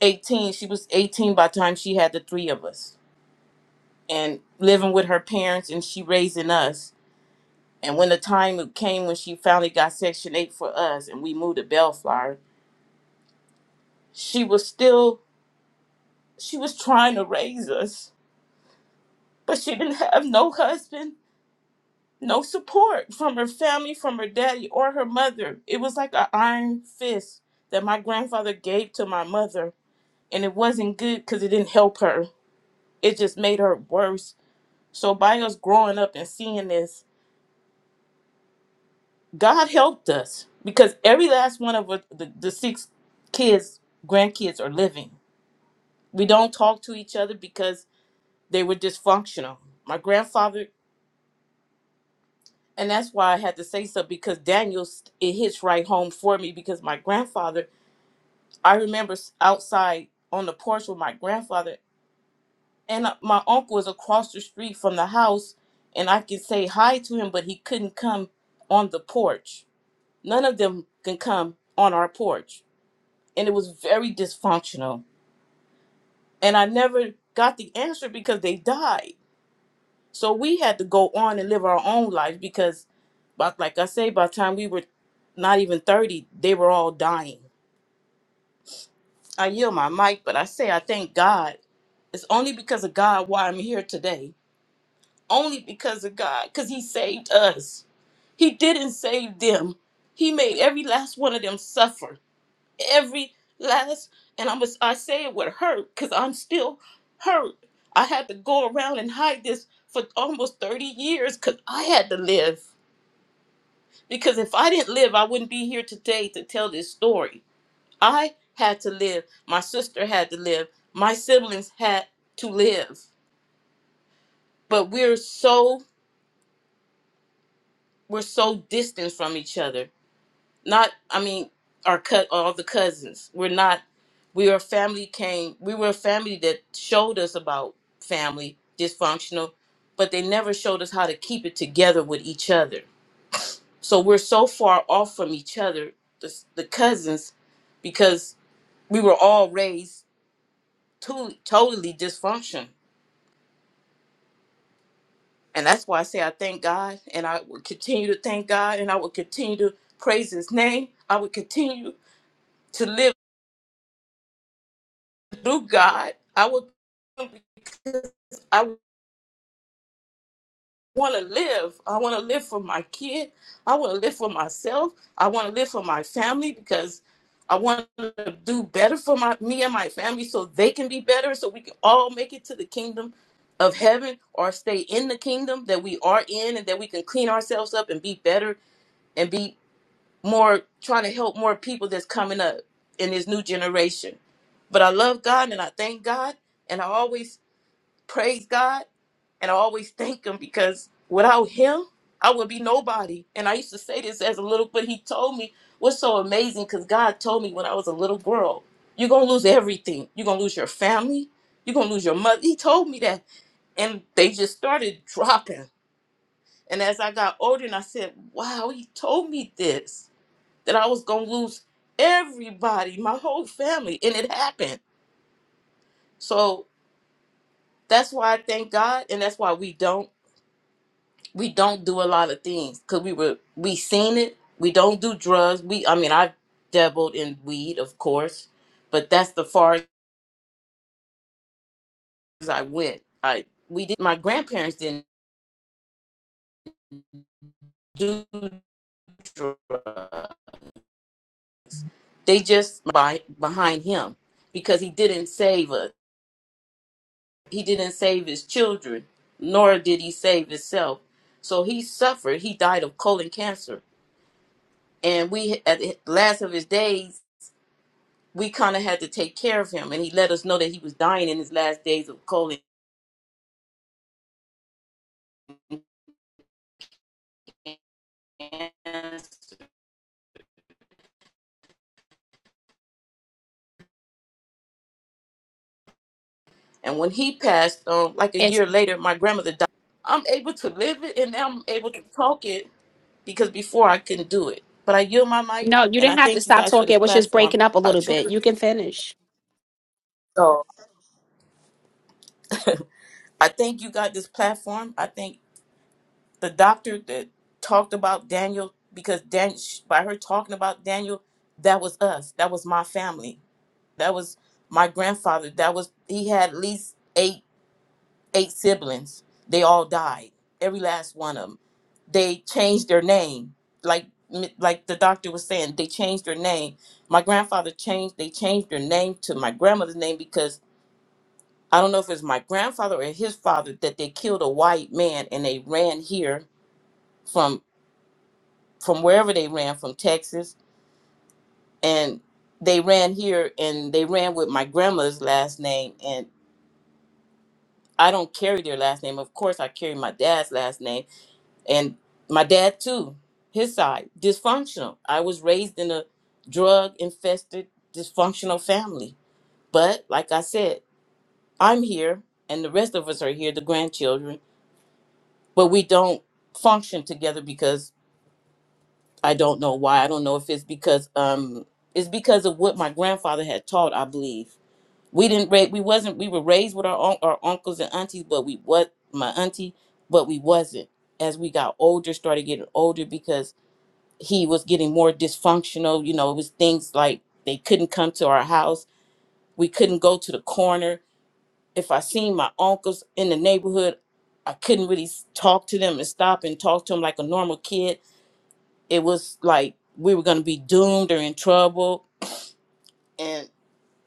18. She was 18 by the time she had the three of us and living with her parents and she raising us. And when the time came when she finally got Section 8 for us and we moved to Bellflower, she was still, she was trying to raise us, but she didn't have no husband No support from her family, from her daddy, or her mother. It was like an iron fist that my grandfather gave to my mother, and it wasn't good because it didn't help her. It just made her worse. So, by us growing up and seeing this, God helped us because every last one of us- the, the six kids, grandkids, are living. We don't talk to each other because they were dysfunctional. My grandfather and that's why I had to say so because Daniel, it hits right home for me because my grandfather I remember s- outside on the porch with my grandfather, and uh, my uncle was across the street from the house, and I could say hi to him, but he couldn't come on the porch. None of them can come on our porch, and it was very dysfunctional. And I never got the answer because they died. So we had to go on and live our own lives because, but like I say, by the time we were not even thirty, they were all dying I yield my mic, but I say I thank God. It's only because of God why I'm here today. Only because of God, because He saved us. He didn't save them. He made every last one of them suffer. Every last, and I'm, I say it with hurt because I'm still hurt. I had to go around and hide this for almost 30 years because I had to live. Because if I didn't live, I wouldn't be here today to tell this story. I had to live. My sister had to live. My siblings had to live. But we're so we're so distant from each other. Not I mean our cut all the cousins. We're not we are family came we were a family that showed us about family dysfunctional, but they never showed us how to keep it together with each other. So we're so far off from each other, the, the cousins, because we were all raised to, totally dysfunction And that's why I say I thank God and I will continue to thank God and I will continue to praise his name. I will continue to live through God. I will because I want to live. I want to live for my kid. I want to live for myself. I want to live for my family because I want to do better for my me and my family so they can be better so we can all make it to the kingdom of heaven or stay in the kingdom that we are in and that we can clean ourselves up and be better and be. more trying to help more people that's coming up in this new generation. But I love God and I thank God and I always praise God and I always thank him because without him I would be nobody. And I used to say this as a little but he told me what's so amazing cuz God told me when I was a little girl, you're going to lose everything. You're going to lose your family, you're going to lose your mother. He told me that and they just started dropping. And as I got older and I said, "Wow, he told me this." that I was gonna lose everybody, my whole family, and it happened. So that's why I thank God, and that's why we don't we don't do a lot of things because we were we seen it. We don't do drugs. We I mean I dabbled in weed, of course, but that's the far as I went. I we did my grandparents didn't do drugs. They just by behind him because he didn't save us he didn't save his children, nor did he save himself. So he suffered. He died of colon cancer. And we, at the last of his days, we kind of had to take care of him. And he let us know that he was dying in his last days of colon cancer. And when he passed, um, like a It's year later, my grandmother died. I'm able to live it and now I'm able to talk it because before I couldn't do it. But I yield my mic no, you and didn't I have to thank you stop guys for talking. this It was just platform. breaking up a I little bit. truly, You can finish. so I thank you got this platform. I think the doctor that talked about Daniel because Dan by her talking about Daniel, that was us. That was my family. That was my grandfather. That was he had at least eight eight siblings. They all died. Every last one of them. They changed their name. Like m- like the doctor was saying, they changed their name. My grandfather changed. They changed their name to my grandmother's name because I don't know if it's my grandfather or his father that they killed a white man and they ran here from wherever they ran from Texas and they ran here and they ran with my grandma's last name and I don't carry their last name. Of course I carry my dad's last name and my dad too, his side, dysfunctional. I was raised in a drug infested dysfunctional family. But like I said, I'm here and the rest of us are here, the grandchildren, but we don't function together I don't know why. I don't know if it's because um it's because of what my grandfather had taught, I believe. We didn't ra- we wasn't we were raised with our un- our uncles and aunties, but we what my auntie, but we wasn't. As we got older, started getting older because he was getting more dysfunctional, you know, it was things like they couldn't come to our house. We couldn't go to the corner. If I seen my uncles in the neighborhood, I couldn't really s- talk to them and stop and talk to them like a normal kid it was like we were going to be doomed or in trouble and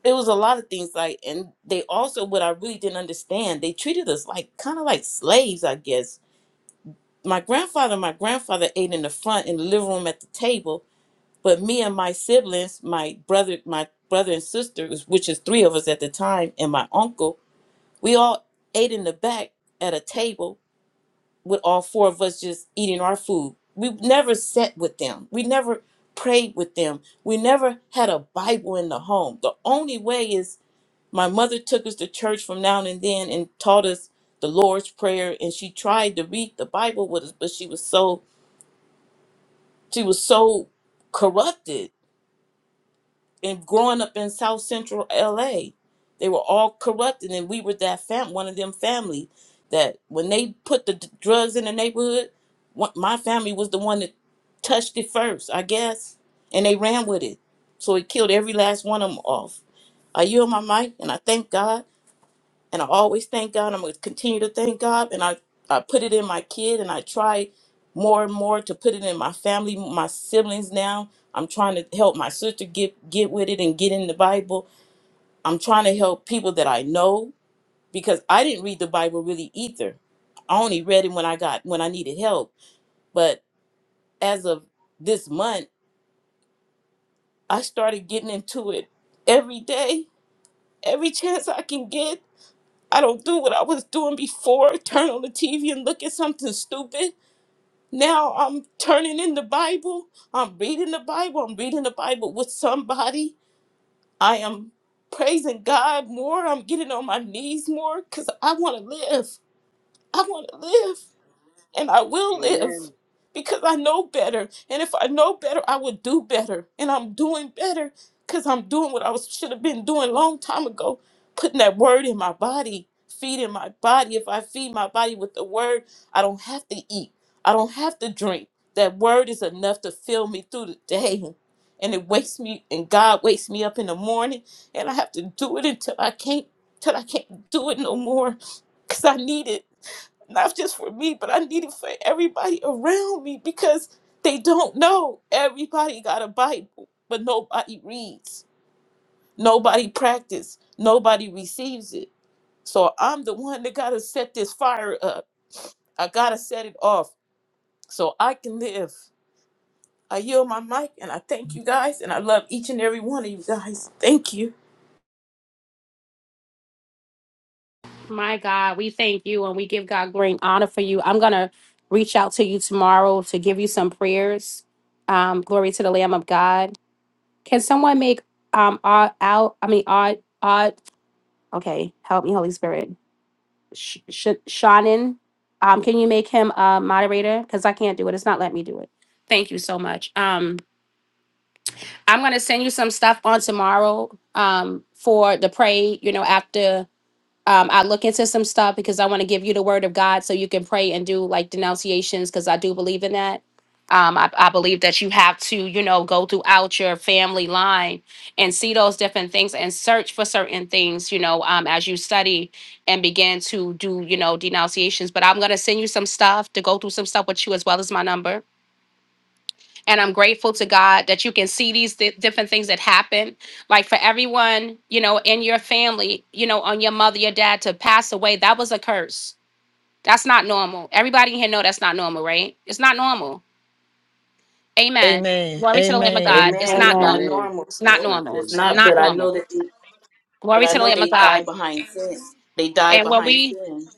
it was a lot of things like and they also what i really didn't understand they treated us like kind of like slaves i guess my grandfather my grandfather ate in the front in the living room at the table but me and my siblings my brother my brother and sisters which is three of us at the time and my uncle we all ate in the back at a table with all four of us just eating our food. We never sat with them. We never prayed with them. We never had a Bible in the home. The only way is my mother took us to church from now and then and taught us the Lord's Prayer and she tried to read the Bible with us, but she was so she was so corrupted and growing up in South Central LA, they were all corrupt, and then we were that fam, one of them family that when they put the d- drugs in the neighborhood, one, my family was the one that touched it first, I guess, and they ran with it, so it killed every last one of them off. Are you on my mic? And I thank God and I always thank God. I'm going to continue to thank God, and I I put it in my kid, and I try more and more to put it in my family, my siblings. Now I'm trying to help my sister get get with it and get in the Bible. I'm trying to help people that I know because I didn't read the Bible really either. I only read it when I got when I needed help. But as of this month, I started getting into it every day, every [laughs] chance I can get I don't do what I was doing before, turn on the TV and look at something stupid. Now I'm turning in the Bible. I'm reading the Bible. I'm reading the Bible with somebody. I am praising God more. I'm getting on my knees more because I want to live. I want to live and I will live Amen, because I know better. And if I know better, I will do better. And I'm doing better because I'm doing what I was, should have been doing a long time ago, putting that word in my body, feeding my body. If I feed my body with the word, I don't have to eat. I don't have to drink. That word is enough to fill me through the day. And it wakes me and God wakes me up in the morning and I have to do it until I can't till I can't do it no more. Cause I need it not just for me, but I need it for everybody around me because they don't know. Everybody got a Bible, but nobody reads, nobody practice, nobody receives it. So I'm the one that got to set this fire up. I got to set it off so I can live. I yield my mic and I thank you guys and I love each and every one of you guys. Thank you. My God, we thank you and we give God great honor for you. I'm going to reach out to you tomorrow to give you some prayers. Um, glory to the Lamb of God. Can someone make um odd out? I mean odd odd. Okay, help me, Holy Spirit. Sh- Sh- Shannon, um, can you make him a moderator? Because I can't do it. It's not letting me do it. Thank you so much. Um, I'm gonna send you some stuff on tomorrow. Um, for the pray. You know after. um, I look into some stuff because I want to give you the word of God so you can pray and do like denunciations because I do believe in that. Um, I, I believe that you have to, you know, go throughout your family line and see those different things and search for certain things, you know, um, as you study and begin to do, you know, denunciations. But I'm going to send you some stuff to go through some stuff with you as well as my number and I'm grateful to God that you can see these di- different things that happen. Like for everyone, you know, in your family, you know, on your mother, your dad to pass away, that was a curse. That's not normal. Everybody in here know that's not normal, right? It's not normal. Amen. Amen. Glory to the Lamb of God. Amen. It's Amen. not It's not Amen. normal. amen. normal. It's not That's No, not normal. it's It's moving. not. not But I know normal. that. They, but Glory I to the know Lamb of they die God. behind sin. They die And when behind we sin.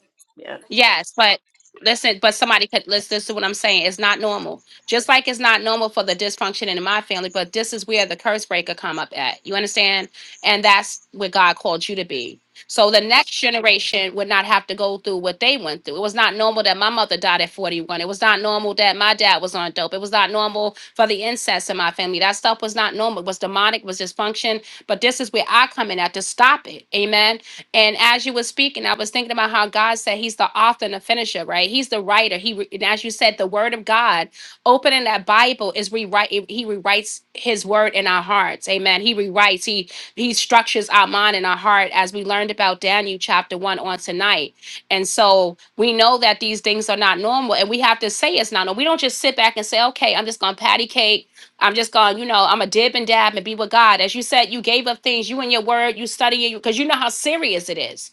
Yes, but listen, but somebody could listen. This is what I'm saying. It's not normal. Just like it's not normal for the dysfunction in my family, but this is where the curse breaker come up at. You understand? And that's what God called you to be. So the next generation would not have to go through what they went through. It was not normal that my mother died at 41. It was not normal that my dad was on dope. It was not normal for the incest in my family. That stuff was not normal. It was demonic, it was dysfunction. But this is where I come in at to stop it. Amen and as you were speaking, I was thinking about how God said He's the author and the finisher, right? He's the writer. He, re- and as you said, the Word of God, opening that Bible is rewrite. it- He rewrites His Word in our hearts. Amen. He rewrites. He He structures our mind and our heart, as we learned about Daniel chapter one on tonight. And so we know that these things are not normal, and we have to say it's not normal. We don't just sit back and say, "Okay, I'm just going to patty cake." I'm just going, you know, I'm a dib and dab and be with God. As you said, you gave up things, you and your word, you study it, because you know how serious it is.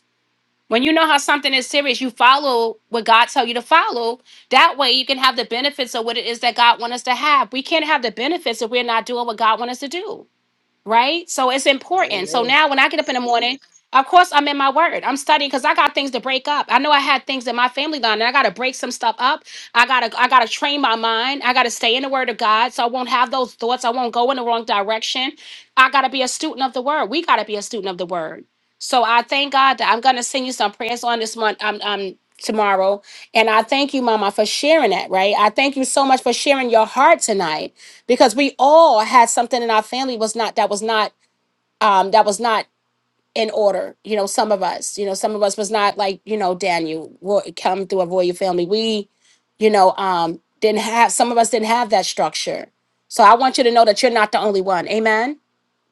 When you know how something is serious, you follow what God tell you to follow. That way you can have the benefits of what it is that God want us to have. We can't have the benefits if we're not doing what God want us to do right? So it's important. So Amen. now when I get up in the morning, of course I'm in my word. I'm studying because I got things to break up. I know I had things in my family line and I gotta break some stuff up. I gotta I gotta train my mind. I gotta stay in the word of God so I won't have those thoughts. I won't go in the wrong direction. I gotta be a student of the word. We gotta be a student of the word. So I thank God that I'm gonna send you some prayers on this month. Um, um tomorrow. And I thank you, Mama, for sharing that, right? I thank you so much for sharing your heart tonight because we all had something in our family was not that was not um that was not in order you know some of us you know some of us was not like you know daniel ro- come through a royal family we you know um didn't have some of us didn't have that structure so i want you to know that you're not the only one amen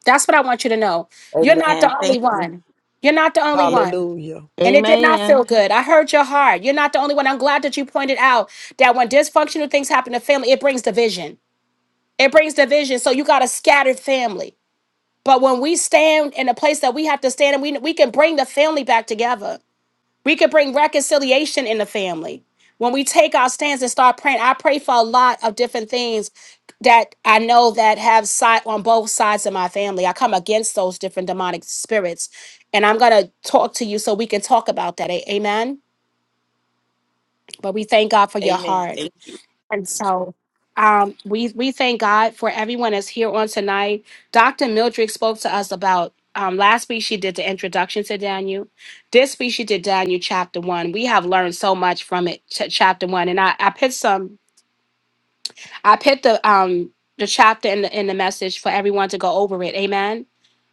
that's what i want you to know you're not Amen. the only Thank you, one you're not the only man. one Hallelujah. and it did not feel Amen. good. I heard your heart. You're not the only one. I'm glad that you pointed out that when dysfunctional things happen to family, it brings division it brings division. So you got a scattered family. But when we stand in the place that we have to stand, and we we can bring the family back together. We can bring reconciliation in the family. When we take our stands and start praying, I pray for a lot of different things that I know that have side on both sides of my family. I come against those different demonic spirits. And I'm gonna talk to you so we can talk about that. A- Amen. But we thank God for your Amen. heart. Thank you. And so um, we we thank God for everyone that's here on tonight. Dr. Mildred spoke to us about um, last week. She did the introduction to Daniel. This week she did Daniel chapter one. We have learned so much from it, ch- chapter one. And I I put some I put the um the chapter in the in the message for everyone to go over it. Amen.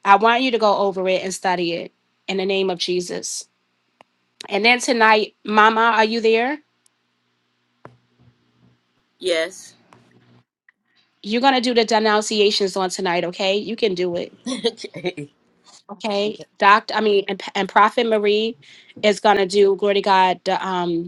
I want you to go over it and study it in the name of Jesus. And then tonight, Mama, are you there? Yes. You're gonna do the denunciations on tonight, okay? You can do it [laughs] okay. Okay, Okay. Doctor, I mean, and, and Prophet Marie is gonna do glory to God. The um,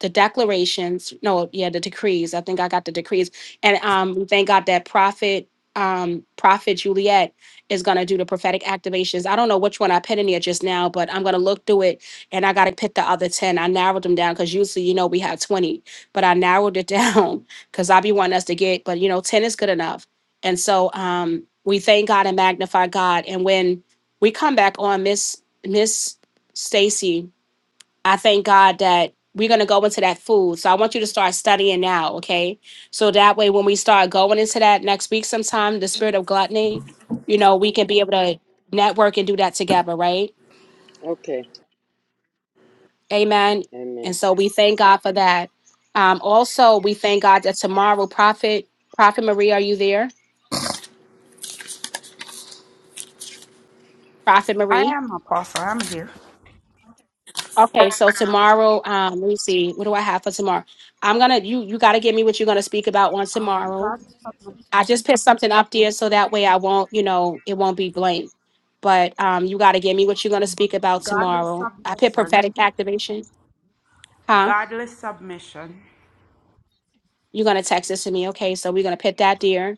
the declarations, no, yeah, the decrees. I think I got the decrees. And um we thank God that prophet um prophet Juliet is gonna do the prophetic activations. I don't know which one I put in here just now, but I'm gonna look through it and I gotta pick the other 10. I narrowed them down because usually you know we have 20, but I narrowed it [laughs] down because I be wanting us to get, but you know, 10 is good enough. And so um we thank God and magnify God. And when we come back on Miss Miss Stacy I thank God that we're going to go into that food. So I want you to start studying now, okay? So that way, when we start going into that next week sometime, the spirit of gluttony, you know, we can be able to network and do that together, right? Okay. Amen. And Amen. so we thank God for that. Um, also, we thank God that tomorrow, Prophet, Prophet Marie, are you there? Prophet I Marie. am apostle. I'm here. Okay, so tomorrow, um, let me see, what do I have for tomorrow? I'm gonna you you gotta give me what you're gonna speak about on Um, tomorrow. godly, sub- I just put something up there so that way I won't, you know, it won't be blank. But um, you got to give me what you're going to speak about godly tomorrow. I put submission. prophetic activation. Huh? Godly submission. You're going to text this to me. Okay. So we're going to put that there.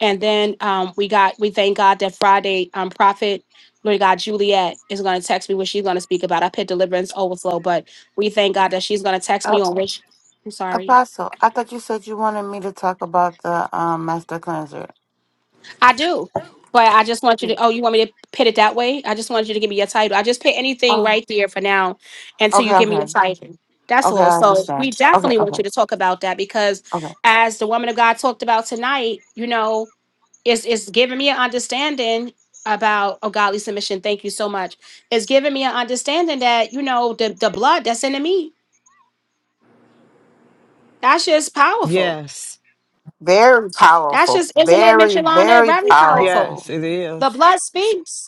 And then um, we got, we thank God that Friday, um, Prophet, Lord God, Juliet is going to text me what she's going to speak about. I put deliverance overflow, but we thank God that she's going to text Oh, me on which, I'm sorry. Apostle, I thought you said you wanted me to talk about the um master cleanser. I do. But I just want you to, Mm. oh, you want me to put it that way? I just wanted you to give me your title. I just put anything Oh, right there for now until you okay, give me your okay, title. That's okay. all. I So understand. we Okay, definitely want okay, you to talk about that because okay. as the woman of God talked about tonight, you know, it's it's giving me an understanding about oh godly submission. Thank you so much. It's giving me an understanding that, you know, the the blood that's in the meat, that's just powerful. Yes. Very That's powerful. just, isn't it, Miss Very, Yolanda? very Very powerful. Yes, powerful. it The is. blood speaks.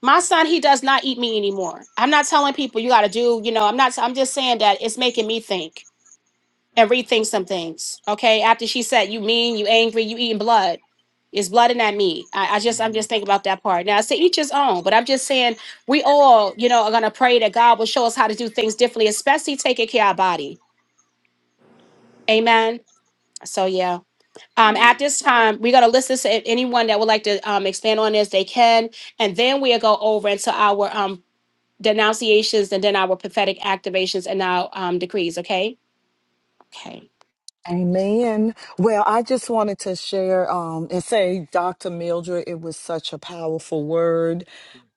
My son, he does not eat meat anymore. I'm not telling people you got to do, you know, I'm not, I'm just saying that it's making me think and rethink some things. Okay. After she said, you mean, you angry, you eating blood. It's blood in that meat. I, I just, I'm Amen. just thinking about that part. Now, I say each his own, but I'm just saying we all, you know, are going to pray that God will show us how to do things differently, especially taking care of our body. Amen. So, yeah. Um, at Amen. this time, we're going to listen to anyone that would like to um, expand on this. They can and then we'll go over into our um denunciations and then our prophetic activations and our um, decrees. Okay. Okay. Amen. Well, I just wanted to share um, and say, Dr. Mildred, it was such a powerful word.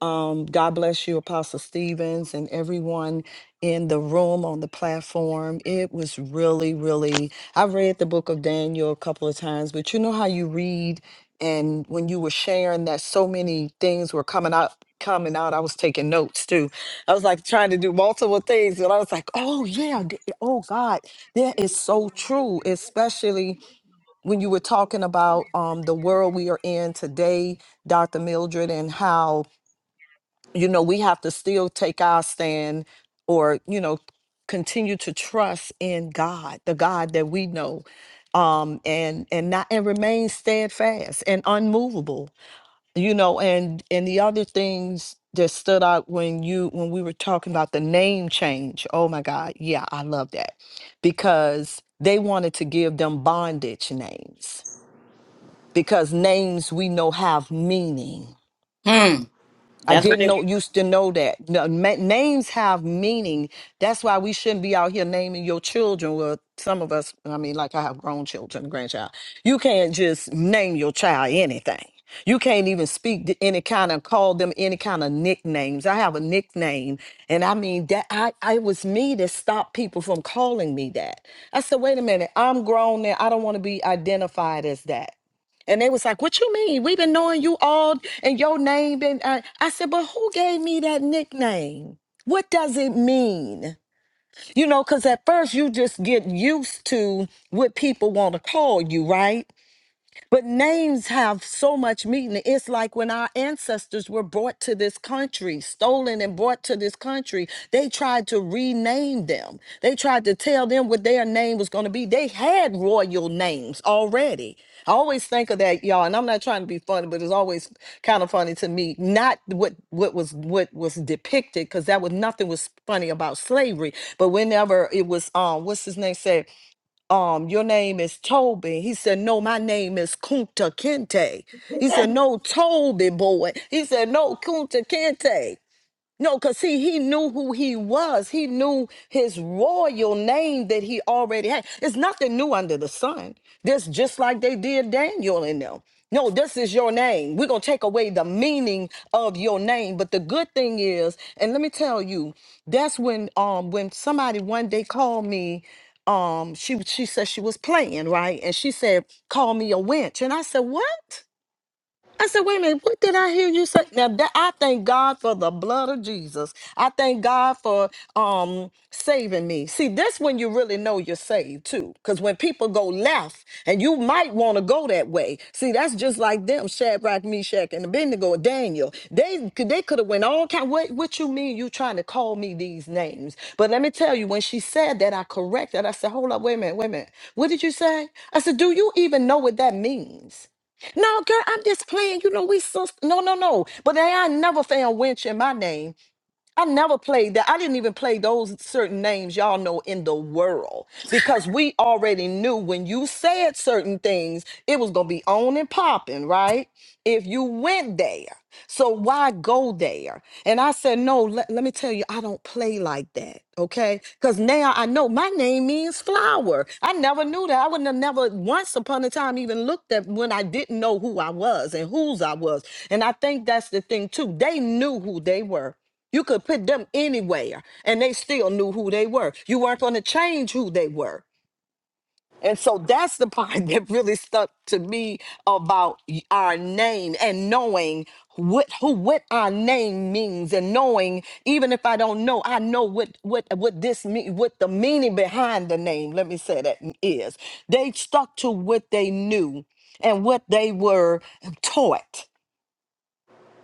Um, God bless you, Apostle Stevens, and everyone in the room on the platform. It was really, really. I read the book of Daniel a couple of times, but you know how you read, and when you were sharing that, so many things were coming out. Coming out, I was taking notes too. I was like trying to do multiple things, and I was like, "Oh yeah, d- oh God, that is so true, especially when you were talking about um, the world we are in today, Dr. Mildred, and how, you know, we have to still take our stand or, you know, continue to trust in God, the God that we know, um, and and not and remain steadfast and unmovable you know and and the other things that stood out when you when we were talking about the name change oh my god yeah i love that because they wanted to give them bondage names because names we know have meaning Hmm. I That's what didn't they know want. used to know that No, ma- names have meaning. That's why we shouldn't be out here naming your children. Well, some of us, I mean, like I have grown children, grandchild. You can't just name your child anything. You can't even speak to any kind of call them any kind of nicknames. I have a nickname, and I mean that I, I it was me that stopped people from calling me that. I said, wait a minute, I'm grown now. I don't want to be identified as that. And they was like, "What you mean? We've been knowing you all, and your name been." Uh, I said, "But who gave me that nickname? What does it mean? You know, because at first you just get used to what people want to call you, right? But names have so much meaning. It's like when our ancestors were brought to this country, stolen and brought to this country, they tried to rename them. They tried to tell them what their name was going to be. They had royal names already. I always think of that, y'all, and I'm not trying to be funny, but it's always kind of funny to me. Not what what was what was depicted, because that was nothing was funny about slavery. But whenever it was, um, what's his name said? um, your name is Toby. He said, no, my name is Kunta Kinte. He said, no, Toby boy. He said, no, Kunta Kinte. No, because see, he knew who he was. He knew his royal name that he already had. It's nothing new under the sun. This just like they did Daniel in them. No, this is your name. We're gonna take away the meaning of your name. But the good thing is, and let me tell you, that's when um when somebody one day called me, um, she she said she was playing, right? And she said, call me a wench. And I said, What? I said, wait a minute, what did I hear you say? Now that I thank God for the blood of Jesus. I thank God for um saving me. See, that's when you really know you're saved too. Because when people go left, and you might want to go that way. See, that's just like them, Shadrach, Meshach, and Abednego, and Daniel. They could they could have went all kind. What what you mean you trying to call me these names? But let me tell you, when she said that, I corrected. I said, hold up, wait a minute, wait a minute. What did you say? I said, do you even know what that means? No, girl, I'm just playing. You know, we so no, no, no. But they I never found winch in my name. I never played that. I didn't even play those certain names y'all know in the world because we already knew when you said certain things, it was going to be on and popping, right? If you went there. So why go there? And I said, no, let, let me tell you, I don't play like that, okay? Because now I know my name means flower. I never knew that. I wouldn't have never once upon a time even looked at when I didn't know who I was and whose I was. And I think that's the thing too. They knew who they were. You could put them anywhere and they still knew who they were. You weren't going to change who they were. And so that's the part [laughs] that really stuck to me about y- our name and knowing what who what our name means and knowing even if I don't know, I know what what what this mean what the meaning behind the name, let me say that is. They stuck to what they knew and what they were taught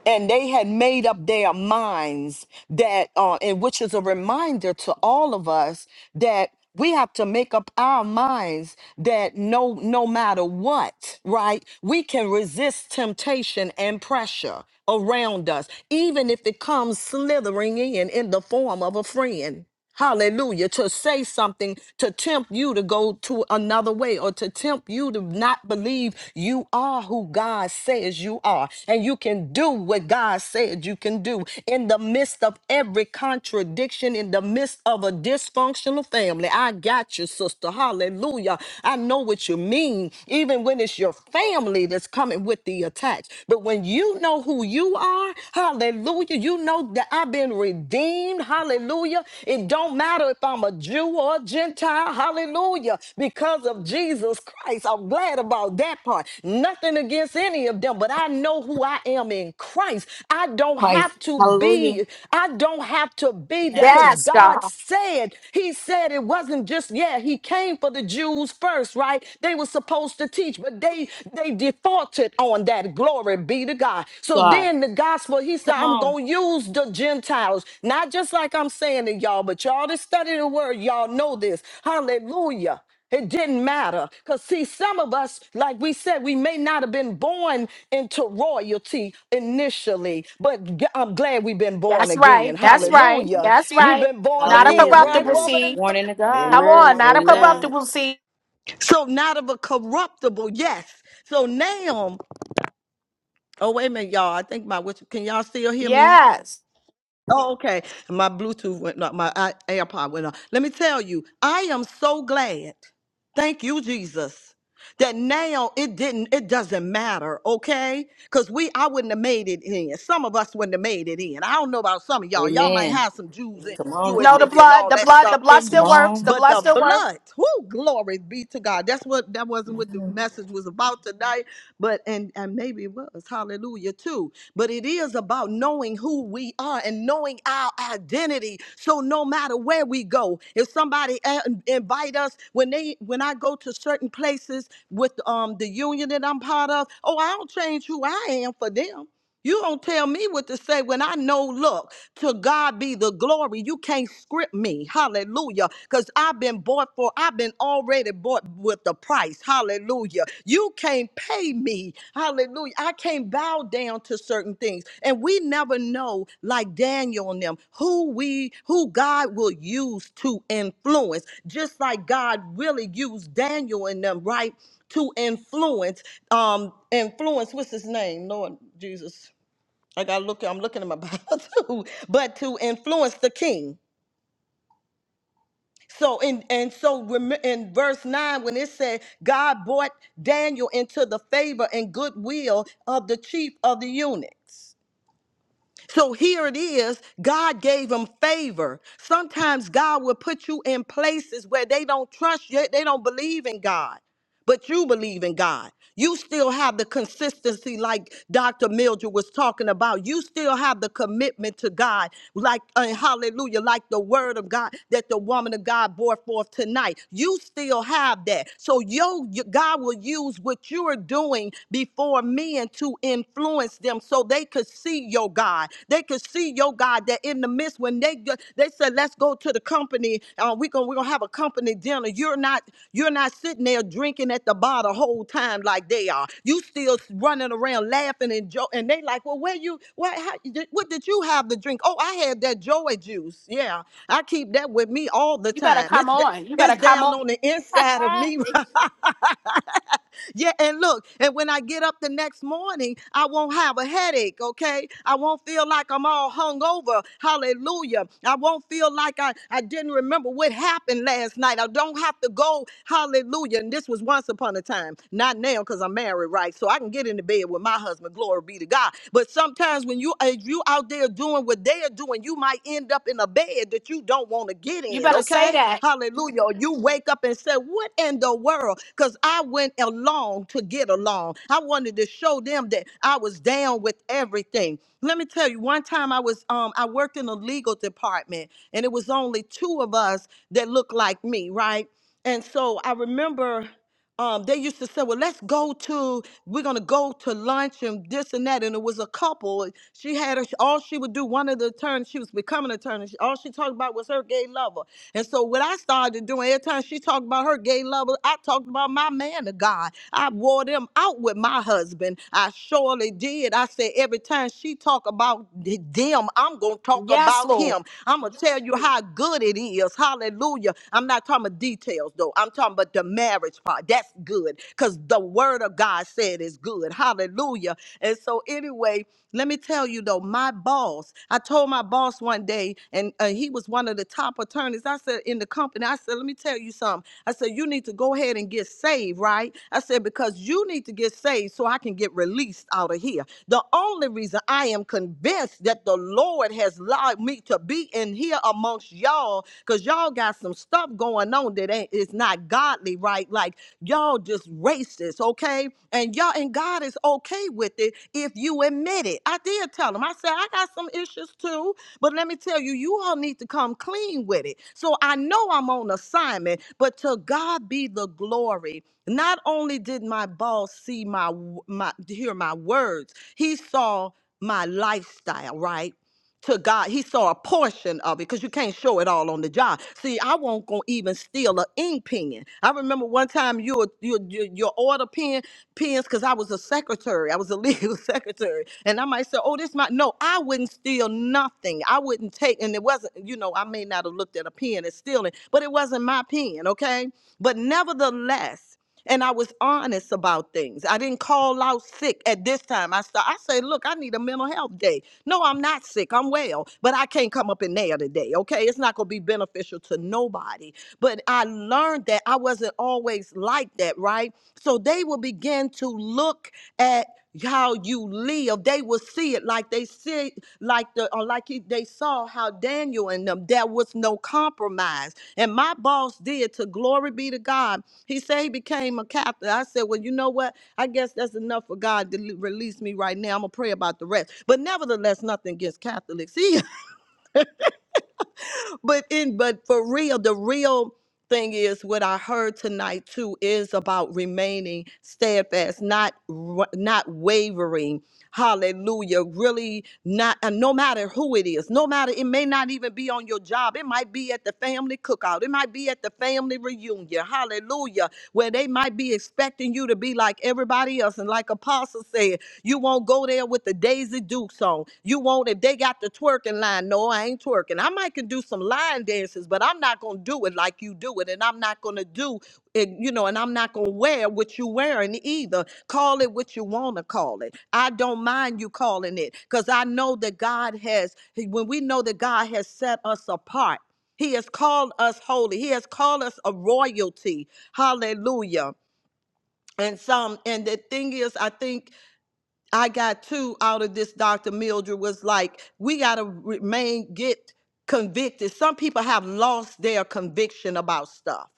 and they had made up their minds that uh, and which is a reminder to all of us that we have to make up our minds that no no matter what right we can resist temptation and pressure around us even if it comes slithering in in the form of a friend Hallelujah. To say something to tempt you to go to another way or to tempt you to not believe you are who God says you are. And you can do what God said you can do in the midst of every contradiction, in the midst of a dysfunctional family. I got you, sister. Hallelujah. I know what you mean, even when it's your family that's coming with the attacks. But when you know who you are, are. Hallelujah. You know that I've been redeemed. Hallelujah. It don't matter if I'm a Jew or a Gentile. Hallelujah. Because of Jesus Christ. I'm glad about that part. Nothing against any of them, but I know who I am in Christ. I don't have Christ. to Hallelujah. be, I don't have to be there Have because to Yes, God God. said, He said it wasn't just, yeah, He came for the Jews first, right? They were supposed to teach preach, but they they defaulted on that. Glory be to God. So God. then the gospel, he said, Come I'm on. gonna use the Gentiles, not just like I'm saying to y'all, but y'all that study the word, y'all know this. Hallelujah. It didn't matter. Because, see, some of us, like we said, we may not have been born into royalty initially, but g- I'm glad we've been born That's again. right. That's sis. right. Hallelujah. That's We've right. been born Not a again, Hallelujah. right, corruptible Amen. woman? seed. Born into God. Come on, Amen. Born not a into God. Amen. corruptible seed. So, not of a corruptible, yes. So now Oh, wait a minute, y'all. I think my whisper. Can y'all still hear me? Yes. Oh, okay. My Bluetooth went up. My i- AirPod went up. Let me tell you, I am so glad. Thank you, Jesus. That now it didn't, it doesn't matter, okay? Because we, I wouldn't have made it in. Some of us wouldn't have made it in. I don't know about some of y'all. Y'all might Amen. have some Jews and Come on No, Jewish now. the in you and blood, all the that blood, the stuff blood in Come still you. works. The on. But blood the still works. blood, whoo, glory be to God. That's what, that wasn't what the message was about tonight. But, and, and maybe it was, hallelujah, too. But it is about knowing who we we are and knowing our identity. So no matter where we go, if somebody uh, invite us when they when I go to certain places with um the union that I'm part of, oh, I don't change who I am for them. You don't tell me what to say when I know, look, to God be the glory. You can't script me. Hallelujah. Because I've been bought for, I've been already already bought with the price. Hallelujah. You can't pay me. Hallelujah. I can't bow down to certain things. And we never know, like Daniel and them, who we who God will use to influence, just like God really used Daniel and them, right? To influence, um, influence, what's his name? Lord Jesus. I gotta look, I'm looking at my [laughs] Bible too, but to influence the king. So in and so rem- in verse nine, when it said God brought Daniel into the favor and goodwill of the chief of the eunuchs. So here it is. God gave them favor. Sometimes God will put you in places where they don't trust you, they don't believe in God, but you believe in God. You still have the consistency, like Dr. Mildred was talking about. You still have the commitment to God, like, uh, hallelujah, like the word of God that the woman of God bore forth tonight. You still have that. So, yo, you- God will use what you're doing before for men to influence them so they could see your God. They could see your God that in the midst when they go- they said, let's go to the company. Uh, we gonna, we're gonna have a company dinner. You're not you're not sitting there drinking at the bar the whole time like they are. You still running around laughing and joke and they like, well, where you what how, did- what did you have to drink? Oh, I had that joy juice. Yeah. I keep that with me all the You better time. come It's the- on. You better it's come down on. on the inside of Ah, me. [laughs] thank you. Yeah, and look, and when I get up the next morning, I won't have a headache, okay? I won't feel like I'm all hungover. Hallelujah. I won't feel like I, I didn't remember what happened last night. I don't have to go, hallelujah. And this was once upon a time, not now because I'm married, right? So I can get into bed with my husband, glory be to God. But sometimes when you if you out there doing what they are doing, you might end up in a bed that you don't want to get You in, better okay? say okay? that. Hallelujah. Or you wake up and say, What in the world? Because I went along to get along. I wanted to show them that I was down with everything. Let me tell you, one time I was um I worked in the legal department and it was only two of us that looked like me, right? And so I remember um, they used to say, "Well, let's go to we're gonna go to lunch and this and that." And it was a couple. She had a, all she would do. One of the attorneys, she was becoming an attorney. She, all she talked about was her gay lover. And so what I started doing every time she talked about her gay lover, I talked about my man of God. I wore them out with my husband. I surely did. I said every time she talk about th- them, I'm gonna talk Yes, about him. I'm gonna tell you how good it is. Hallelujah. I'm not talking about details though. I'm talking about the marriage part. That's good because the word of God said is good. Hallelujah. And so, anyway, let me tell you though, my boss, I told my boss one day, and uh, he was one of the top attorneys. I said, in the company, I said, let me tell you something. I said, you need to go ahead and get saved, right? I said, because you need to get saved so I can get released out of here. The only reason I am convinced that the Lord has allowed me to be in here among amongst y'all because y'all got some stuff going on that ain't is not godly, right? Like y'all just racist, okay? And y'all and God is okay with it if you admit it. I did tell him. I said I got some issues too, but let me tell you, you all need to come clean with it. So I know I'm on assignment, but to God be the glory. Not only did my boss see my my hear my words, he saw my lifestyle, right? to God. He saw a portion of it because you can't show it all on the job. See, I won't go even steal a ink pen. I remember one time you would- you you, you order pen pens because I was a secretary. I was a [laughs] legal secretary, and I might say, "Oh, this might no." I wouldn't steal nothing. I wouldn't take, and it wasn't. You know, I may not have looked at a pen as stealing, but it wasn't my pen. Okay, but nevertheless and I was honest about things. I didn't call out sick at this time. I sta- I say, look, I need a mental health day. No, I'm not sick. I'm well, but I can't come up in there today. Okay, it's not gonna be beneficial to nobody. But I learned that I wasn't always like that, right? So they will begin to look at how you live they will see it like they see like the or like he- they saw how daniel and them there was no compromise and my boss did to glory be to god he said he became a captain i said well you know what i guess that's enough for god to le- release me right now i'm gonna pray about the rest but nevertheless nothing against catholics [laughs] but in but for real, the real thing is what I heard tonight too is about remaining steadfast, not wa- not wavering. Hallelujah. Really not and no matter who it is, no matter it may not even be on your job. It might be at the family cookout. It might be at the family reunion. Hallelujah. Where they might be expecting you to be like everybody else. And like Apostle said, you won't go there with the Daisy Duke song. You won't if they got the twerking line. No, I ain't twerking. I might can do some line dances, but I'm not gonna do it like you do it, and I'm not gonna do it, you know, and I'm not gonna wear what you wearing either. Call it what you wanna call it. I don't mind you calling it, cause I know that God has. When we know that God has set us apart, He has called us holy. He has called us a royalty. Hallelujah. And some, and the thing is, I think I got two out of this Dr. Mildred was like, we got to remain, get convicted. Some people have lost their conviction about stuff.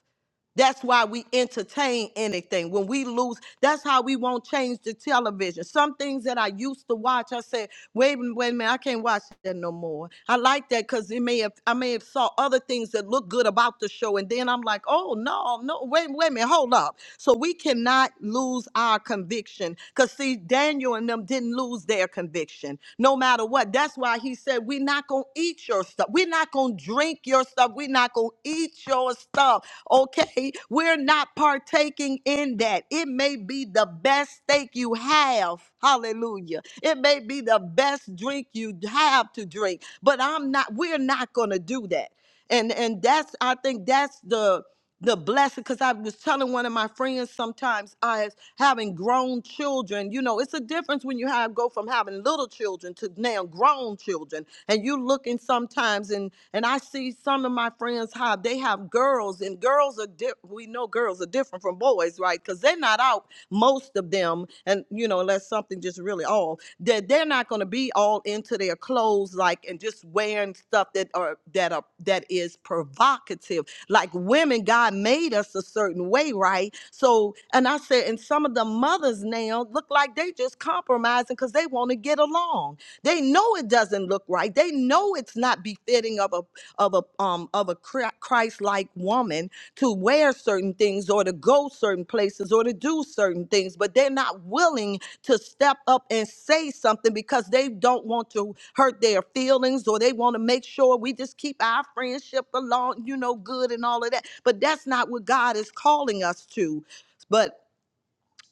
That's why we entertain anything. When we lose, that's how we won't change the television. Some things that I used to watch, I said, wait, a- wait a minute, I can't watch that no more. I like that because it may have I may have saw other things that look good about the show. And then I'm like, oh no, no, wait, wait a minute, hold up. So we cannot lose our conviction. Cause see, Daniel and them didn't lose their conviction, no matter what. That's why he said, We're not going to eat your stuff. We're not going to drink your stuff. We're not going to eat your stuff. Okay? We're not partaking in that. It may be the best steak you have. Hallelujah. It may be the best drink you have to drink, but I'm not, we're not going to do that. And, and that's, I think that's the, the blessing because i was telling one of my friends sometimes as having grown children you know it's a difference when you have go from having little children to now grown children and you looking sometimes and and i see some of my friends how they have girls and girls are di- we know girls are different from boys right because they're not out most of them and you know unless something just really all that they're not going to be all into their clothes like and just wearing stuff that are that are that is provocative like women, God made us a certain way, right? So, and I said, and some of the mothers now look like they just compromising because they want to get along. They know it doesn't look right. They know it's not befitting of a of a um of a Christ like woman to wear certain things or to go certain places or to do certain things, but they're not willing to step up and say something because they don't want to hurt their feelings or they want to make sure we just keep our friendship along, you know, good and all of that. But that's not what God is calling us to. But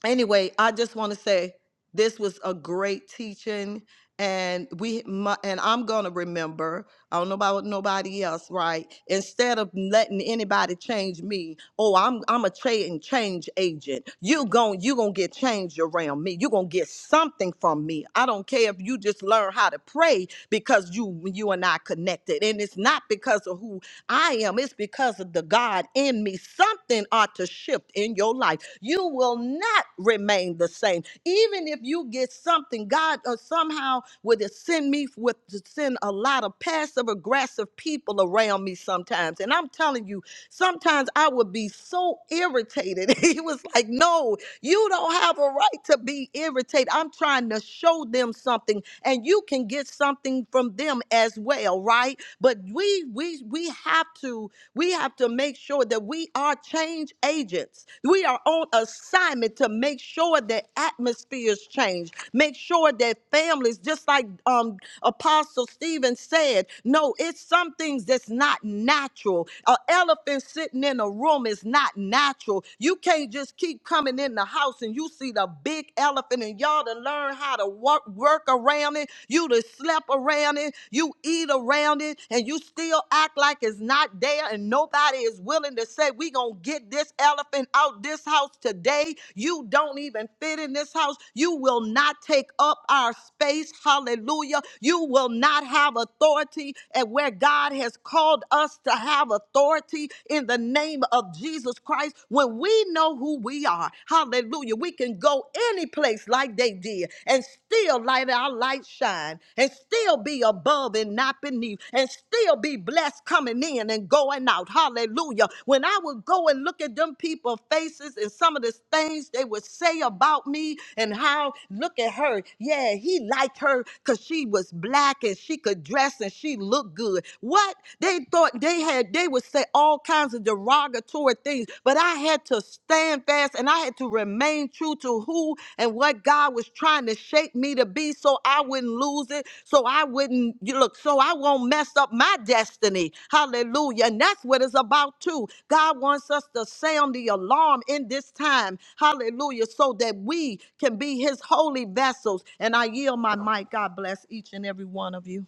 anyway, I just want to say this was a great teaching, and we my, and I'm gonna remember. I don't know about nobody else, right? Instead of letting anybody change me, oh, I'm I'm a change change agent. You gon' you gonna get changed around me. You gonna get something from me. I don't care if you just learn how to pray because you you and I connected, and it's not because of who I am. It's because of the God in me. Something ought to shift in your life. You will not remain the same. Even if you get something, God uh, somehow would send me with to send a lot of passive aggressive people around me sometimes. And I'm telling you, sometimes I would be so irritated. [laughs] he was like, No, you don't have a right to be irritated. I'm trying to show them something, and you can get something from them as well, right? But we we we have to we have to make sure that we are change agents. We are on assignment to make sure that atmospheres change. Make sure that families, just like um Apostle Stephen said, no, it's some things that's not natural. An elephant sitting in a room is not natural. You can't just keep coming in the house and you see the big elephant and y'all to learn how to walk work around it, you to slept around it, you eat around it, and you still act like it's not there, and nobody is willing to say, We gonna get this elephant out this house today. You don't even fit in this house, you will not take up our space. Hallelujah. You will not have authority and where God has called us to have authority in the name of Jesus Christ when we know who we are God. Hallelujah. We can go any place like they did and still light our light shine and still be above and not beneath and still be blessed coming in and going out. Hallelujah. When I would go and look at them people's faces and some of the things they would say about me and how, look at her. Yeah, he liked her because she was black and she could dress and she looked good. What? They thought they had, they would say, all kinds of derogatory things, but I had to stand fast and I had to remain true to who and what God was trying to shape me to be so I wouldn't lose it, so I wouldn't you look, so I won't mess up my destiny. Hallelujah. And that's what it's about too. God wants us to sound the alarm in this time. Hallelujah. So that we can be his holy vessels. And I yield my mic. God bless each and every one of you.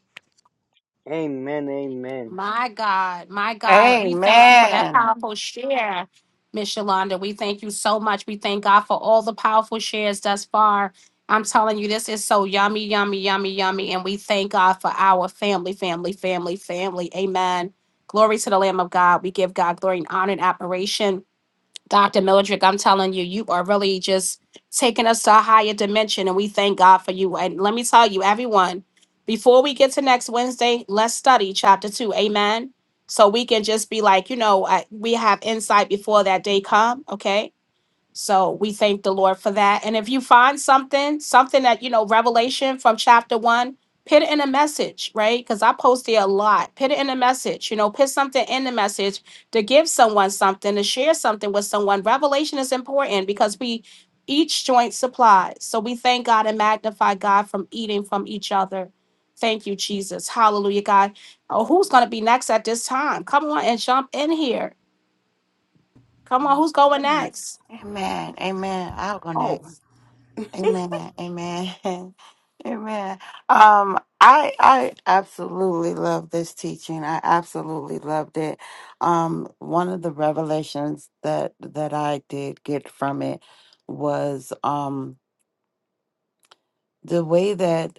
Amen. Amen. My God, my God, we thank you for that Amen. powerful share, Miss Yolanda. We thank you so much. We thank God for all the powerful shares thus far. I'm telling you, this is so yummy, yummy, yummy, yummy. And we thank God for our family, family, family, family. Amen. Glory to the Lamb of God. We give God glory and honor and admiration. Dr. Mildred, I'm telling you, you are really just taking us to a higher dimension, and we thank God for you. And let me tell you, everyone, before we get to next Wednesday, let's study chapter two. Amen. So we can just be like, you know, I, we have insight before that day come. Okay so we thank the Lord for that. And if you find something, something that, you know, revelation from chapter one, put it in a message, right? Because I post it a lot. Put it in a message, you know, put something in the message to give someone something, to share something with someone. Revelation is important because we each joint supplies. So we thank God and magnify God from eating from each other. Thank you, Jesus. Hallelujah, God. Oh, who's going to be next at this time? Come on and jump in here. Come on, who's going next? Goodness. Amen. Amen. I'll go Oh, next. Amen. Amen. [laughs] Amen. Um, I I absolutely love this teaching. I absolutely loved it. Um, one of the revelations that that I did get from it was um the way that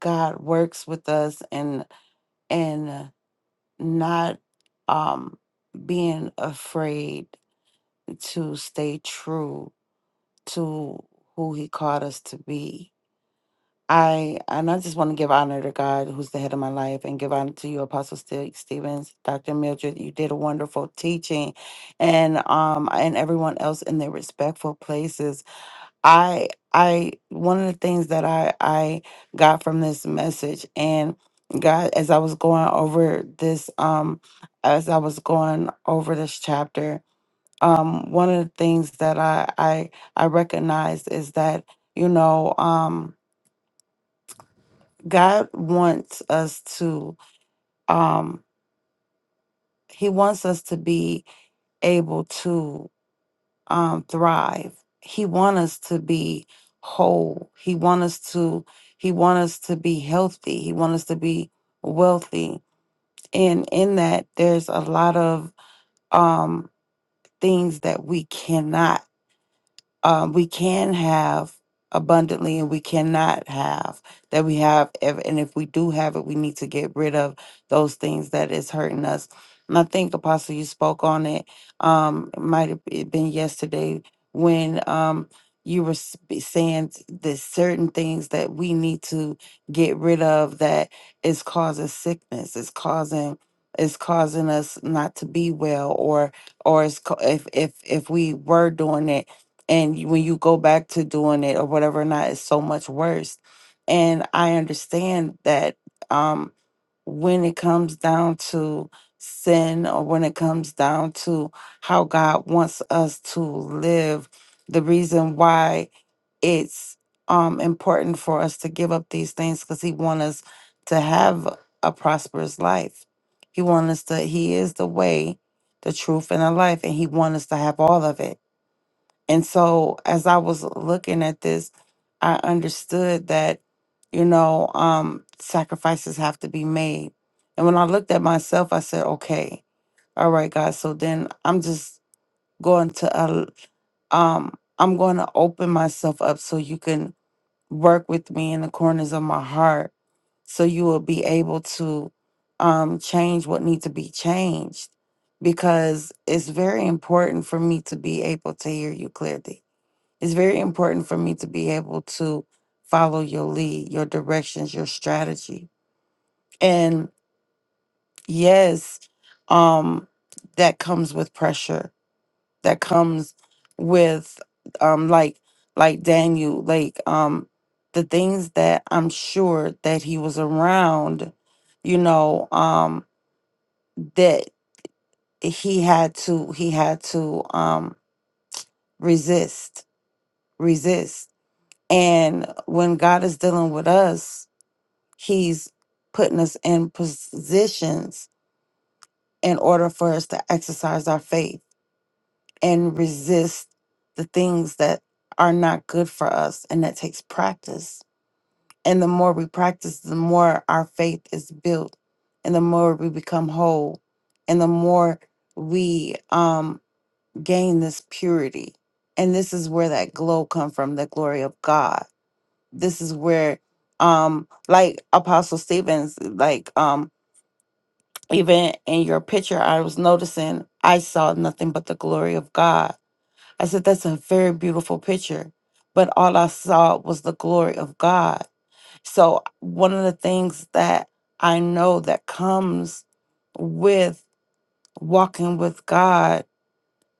God works with us and and not um being afraid to stay true to who he called us to be I and I just want to give honor to God, who's the head of my life, and give honor to you, Apostle Ste- Stevens, Doctor Mildred. You did a wonderful teaching, and um and everyone else in their respectful places. I I one of the things that I I got from this message, and God, as I was going over this um as I was going over this chapter, um one of the things that I I I recognized is that you know um God wants us to um he wants us to be able to um thrive. He wants us to be whole. He wants us to he wants us to be healthy. He wants us to be wealthy. And in that there's a lot of um things that we cannot um, we can have abundantly and we cannot have that we have ev- and if we do have it we need to get rid of those things that is hurting us and i think apostle you spoke on it um it might have be- been yesterday when um you were s- be saying t- there's certain things that we need to get rid of that is causing sickness it's causing it's causing us not to be well or or it's, co- if if if we were doing it and you- when you go back to doing it or whatever or not it's so much worse and i understand that um when it comes down to sin or when it comes down to how god wants us to live the reason why it's um important for us to give up these things because he wants us to have a prosperous life he wants us to he is the way the truth and the life and he wants us to have all of it and so as I was looking at this, I understood that, you know, um, sacrifices have to be made. And when I looked at myself, I said, okay, all right, God. So then I'm just going to, uh, um, I'm going to open myself up so you can work with me in the corners of my heart. So you will be able to um, change what needs to be changed because it's very important for me to be able to hear you clearly it's very important for me to be able to follow your lead, your directions, your strategy. And yes, um, that comes with pressure. That comes with um like like Daniel, like um the things that I'm sure that he was around, you know, um that he had to he had to um resist, resist. And when God is dealing with us, He's putting us in positions in order for us to exercise our faith and resist the things that are not good for us. And that takes practice. And the more we practice, the more our faith is built and the more we become whole and the more we um, gain this purity. And this is where that glow come from, the glory of God. This is where um like apostle stevens like um even in your picture, I was noticing I saw nothing but the glory of God. I said, That's a very beautiful picture. But all I saw was the glory of God. So, one of the things that I know that comes with walking with God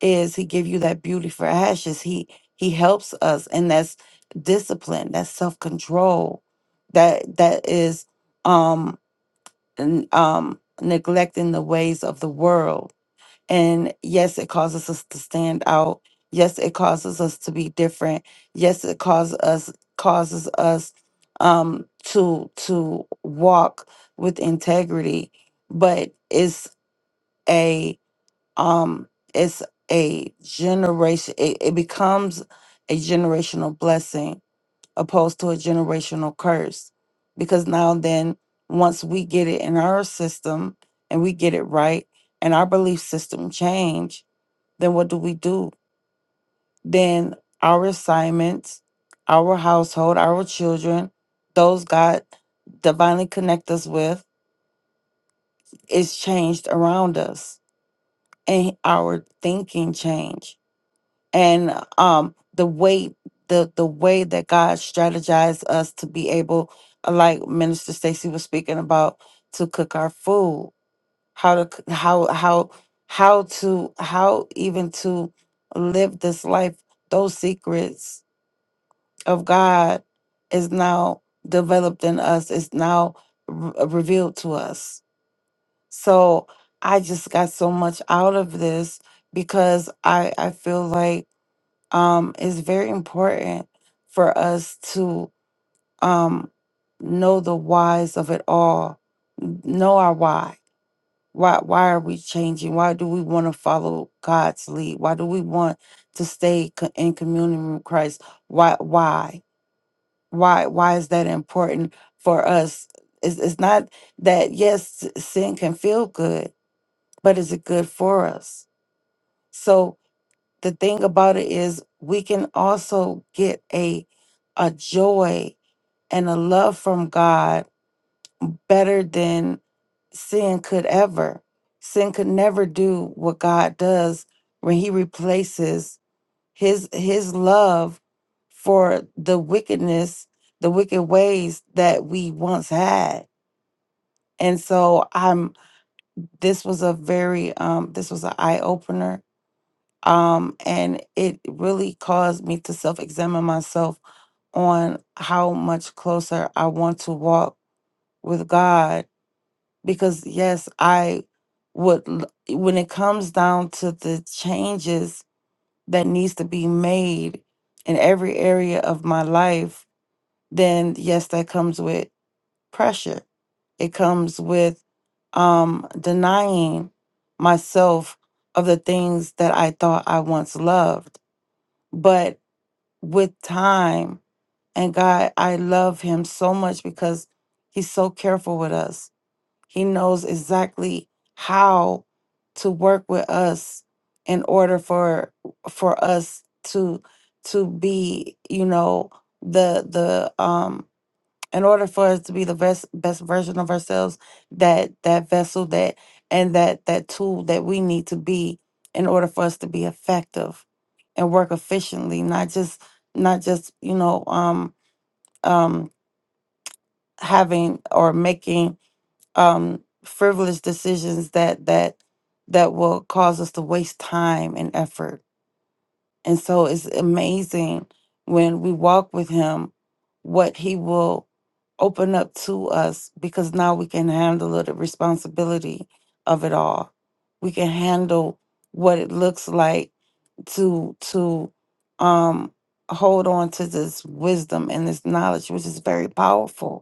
is He give you that beauty for ashes. He He helps us, and that's discipline, that's self control, that that is um n- um neglecting the ways of the world and yes, it causes us to stand out. Yes, it causes us to be different. Yes, it causes us causes us um to to walk with integrity, but it's a um it's a generation it, it becomes a generational blessing opposed to a generational curse because now then once we get it in our system and we get it right and our belief system change then what do we do? Then our assignments, our household, our children, those God divinely connect us with, is changed around us, and our thinking change, and um the way the the way that God strategized us to be able, uh, like Minister Stacy was speaking about, to cook our food, how to c- how how how to how even to live this life, those secrets of God is now developed in us, is now re- revealed to us. So I just got so much out of this because I, I feel like um, it's very important for us to um, know the whys of it all, n- know our why. Why, why are we changing? Why do we want to follow God's lead? Why do we want to stay co- in communion with Christ? Why? Why? why why is that important for us it's, it's not that yes sin can feel good but is it good for us so the thing about it is we can also get a a joy and a love from god better than sin could ever sin could never do what god does when he replaces his his love for the wickedness the wicked ways that we once had and so i'm this was a very um this was an eye-opener um and it really caused me to self-examine myself on how much closer i want to walk with god because yes i would l- when it comes down to the changes that needs to be made in every area of my life then yes, that comes with pressure. It comes with um, denying myself of the things that I thought I once loved. But with time and God, I love Him so much because He's so careful with us. He knows exactly how to work with us in order for for us to to be, you know, the the um in order for us to be the best best version of ourselves that that vessel that and that that tool that we need to be in order for us to be effective and work efficiently not just not just you know um um having or making um frivolous decisions that that that will cause us to waste time and effort and so it's amazing when we walk with him what he will open up to us because now we can handle the responsibility of it all. We can handle what it looks like to to um hold on to this wisdom and this knowledge which is very powerful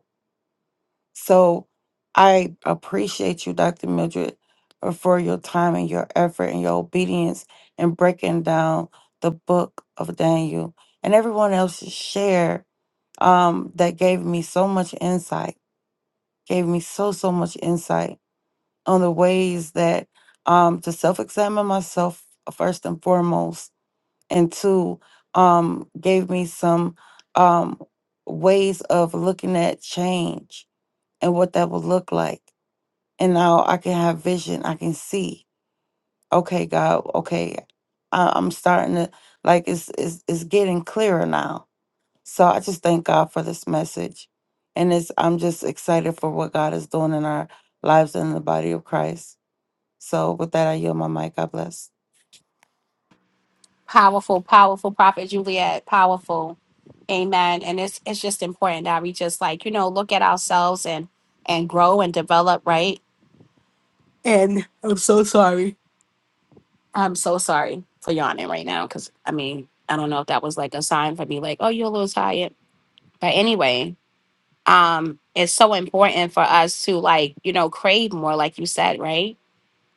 so I appreciate you, Dr. Mildred, uh, for your time and your effort and your obedience in breaking down the book of Daniel and everyone else's share um, that gave me so much insight, gave me so, so much insight on the ways that um, to self examine myself uh, first and foremost, and two, um, gave me some um, ways of looking at change and what that would look like and now I can have vision. I can see. Okay, God. Okay, I, I'm starting to like it's it's it's getting clearer now. So I just thank God for this message, and it's I'm just excited for what God is doing in our lives and in the body of Christ. So with that, I yield my mic. God bless. Powerful, powerful prophet Juliet, powerful. Amen. And it's it's just important that we just like, you know, look at ourselves and and grow and develop, right? I'm so sorry for yawning right now cuz I mean, I don't know if that was like a sign for me like, oh, you're a little tired. But anyway, um it's so important for us to like, you know, crave more like you said, right?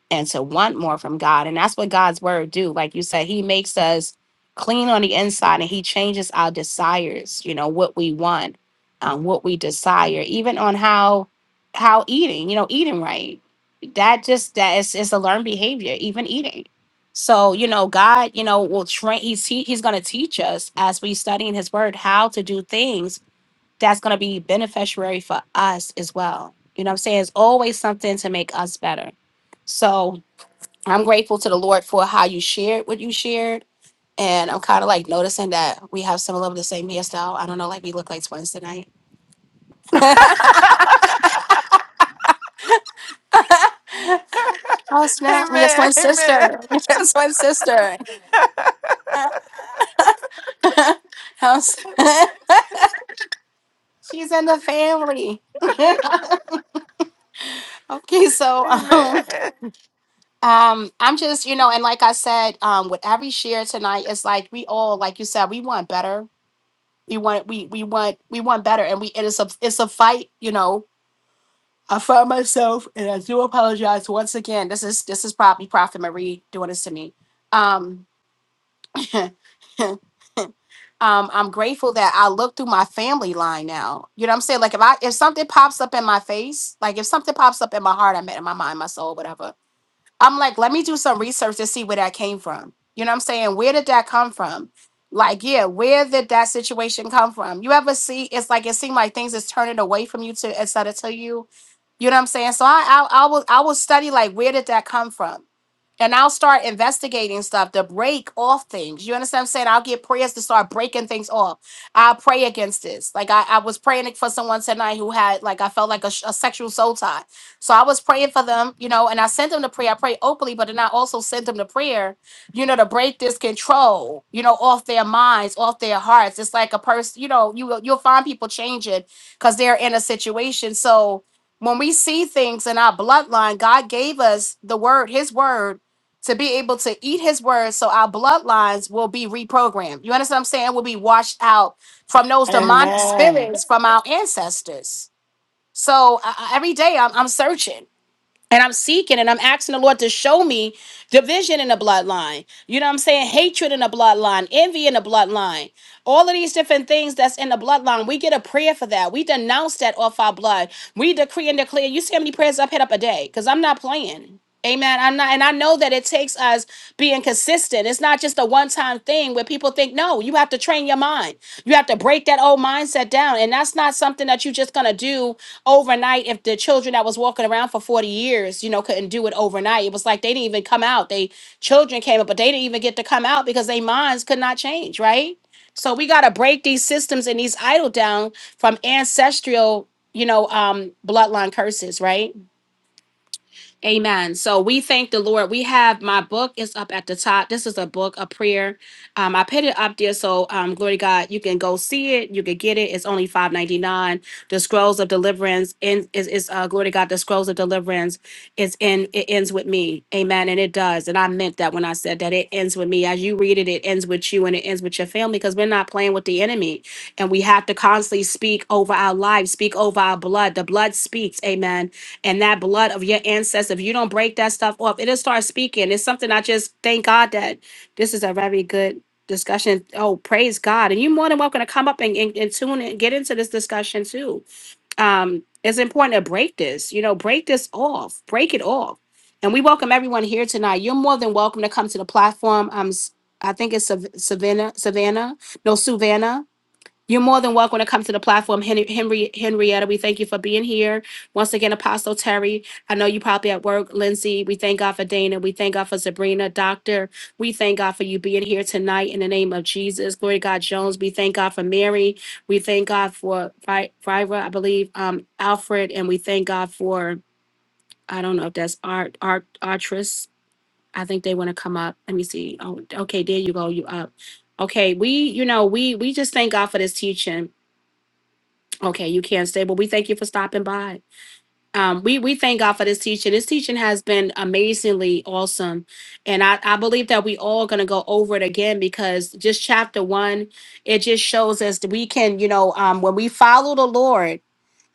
and to want more from God. And that's what God's word do. Like you said, he makes us clean on the inside and he changes our desires, you know, what we want, um, what we desire, even on how how eating, you know, eating right. That just that is it's a learned behavior, even eating. So, you know, God, you know, will train he's he, he's gonna teach us as we study in his word how to do things that's gonna be beneficiary for us as well. You know what I'm saying? It's always something to make us better. So I'm grateful to the Lord for how you shared what you shared. And I'm kind of like noticing that we have some of the same hairstyle. I don't know, like we look like twins tonight. [laughs] oh snap! I'm your Amen. twin Amen. sister. [laughs] [laughs] Your twin sister. [laughs] How's [laughs] She's in the family. [laughs] okay, so um, Amen. um, I'm just you know, and like I said, um, with every share tonight, it's like we all, like you said, we want better. We want we we want we want better, and we and it's a it's a fight, you know I found myself, and I do apologize once again. This is this is probably Prophet Marie doing this to me. Um, [laughs] um, I'm grateful that I look through my family line now. You know what I'm saying? Like if I if something pops up in my face, like if something pops up in my heart, I meant in my mind, my soul, whatever. I'm like, let me do some research to see where that came from. You know what I'm saying? Where did that come from? Like, yeah, where did that situation come from? You ever see it's like it seemed like things is turning away from you to instead of to you. You know what I'm saying? So I I, I will I will study like where did that come from? and I'll start investigating stuff to break off things. You understand what I'm saying? I'll get prayers to start breaking things off. I'll pray against this. Like I, I was praying for someone tonight who had like I felt like a, sh- a sexual soul tie. So I was praying for them, you know, and I sent them to prayer. I pray openly, but then I also sent them to prayer, you know, to break this control, you know, off their minds, off their hearts. It's like a person, you know, you will- you'll find people changing because they're in a situation. So when we see things in our bloodline, God gave us the word, his word to be able to eat his word so our bloodlines will be reprogrammed. You understand what I'm saying? We'll be washed out from those demonic Amen. spirits from our ancestors. So I, I- every day I'm, I'm searching and I'm seeking and I'm asking the Lord to show me division in the bloodline. You know what I'm saying? Hatred in the bloodline, envy in the bloodline. All of these different things that's in the bloodline, we get a prayer for that. We denounce that off our blood. We decree and declare. You see how many prayers I've hit up a day? Because I'm not playing. Amen. I'm not, and I know that it takes us being consistent. It's not just a one time thing where people think, no, you have to train your mind. You have to break that old mindset down. And that's not something that you're just going to do overnight. If the children that was walking around for 40 years, you know, couldn't do it overnight, it was like they didn't even come out. They children came up, but they didn't even get to come out because their minds could not change, right? So we got to break these systems and these idol down from ancestral, you know, um, bloodline curses, right? Amen. So we thank the Lord. We have my book is up at the top. This is a book, a prayer. Um, I put it up there so um, glory to God, you can go see it. You can get it. It's only five ninety nine. The scrolls of deliverance in is is uh, glory to God. The scrolls of deliverance is in. It ends with me. Amen. And it does. And I meant that when I said that it ends with me. As you read it, it ends with you and it ends with your family because we're not playing with the enemy. And we have to constantly speak over our lives, speak over our blood. The blood speaks. Amen and that blood of your ancestors, if you don't break that stuff off, it'll start speaking. It's something I just thank God that this is a very good discussion. Oh, praise God. And you're more than welcome to come up and, and, and tune and get into this discussion too. Um, it's important to break this, you know, break this off, break it off. And we welcome everyone here tonight. You're more than welcome to come to the platform. I'm, s- i si think it's Sav- Savannah, Savannah, no, Savannah. You're more than welcome to come to the platform, Hen- Henry Henrietta. We thank you for being here once again, Apostle Terry. I know you probably at work, Lindsay. We thank God for Dana. We thank God for Sabrina, Doctor. We thank God for you being here tonight in the name of Jesus. Glory to God, Jones. We thank God for Mary. We thank God for Fri- Friva, I believe, um, Alfred, and we thank God for I don't know if that's Art Art Artris. I think they want to come up. Let me see. Oh, okay, there you go. You up? Okay, we you know we we just thank God for this teaching Okay, you can stay, but we thank you for stopping by. Um, we we thank God for this teaching. This teaching has been amazingly awesome, and I I believe that we all gonna go over it again because just chapter one, it just shows us that we can you know um when we follow the Lord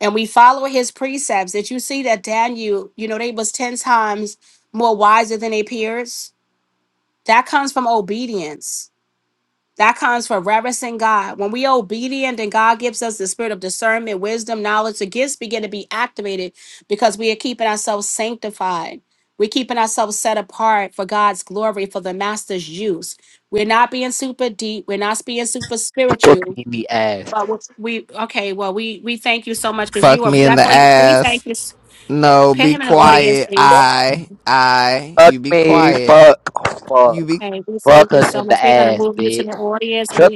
and we follow His precepts. That you see that Daniel, you know, they was ten times more wiser than their peers. That comes from obedience that comes from reverencing God. When we obedient and God gives us the spirit of discernment, wisdom, knowledge, the gifts begin to be activated because we are keeping ourselves sanctified. We're keeping ourselves set apart for God's glory, for the master's use. We're not being super deep. We're not being super Fuck spiritual. me in the ass. But we, we- okay, well, we we thank you so much because Fuck you are me in the definitely, we ass. thank you. No, Put be him in the audience, quiet. please. I, I, Fuck you be me, quiet. fuck, You fuck, be Okay, we thank fuck you us so in much. the We're going to ass, move you to bitch. the audience. and Shut we.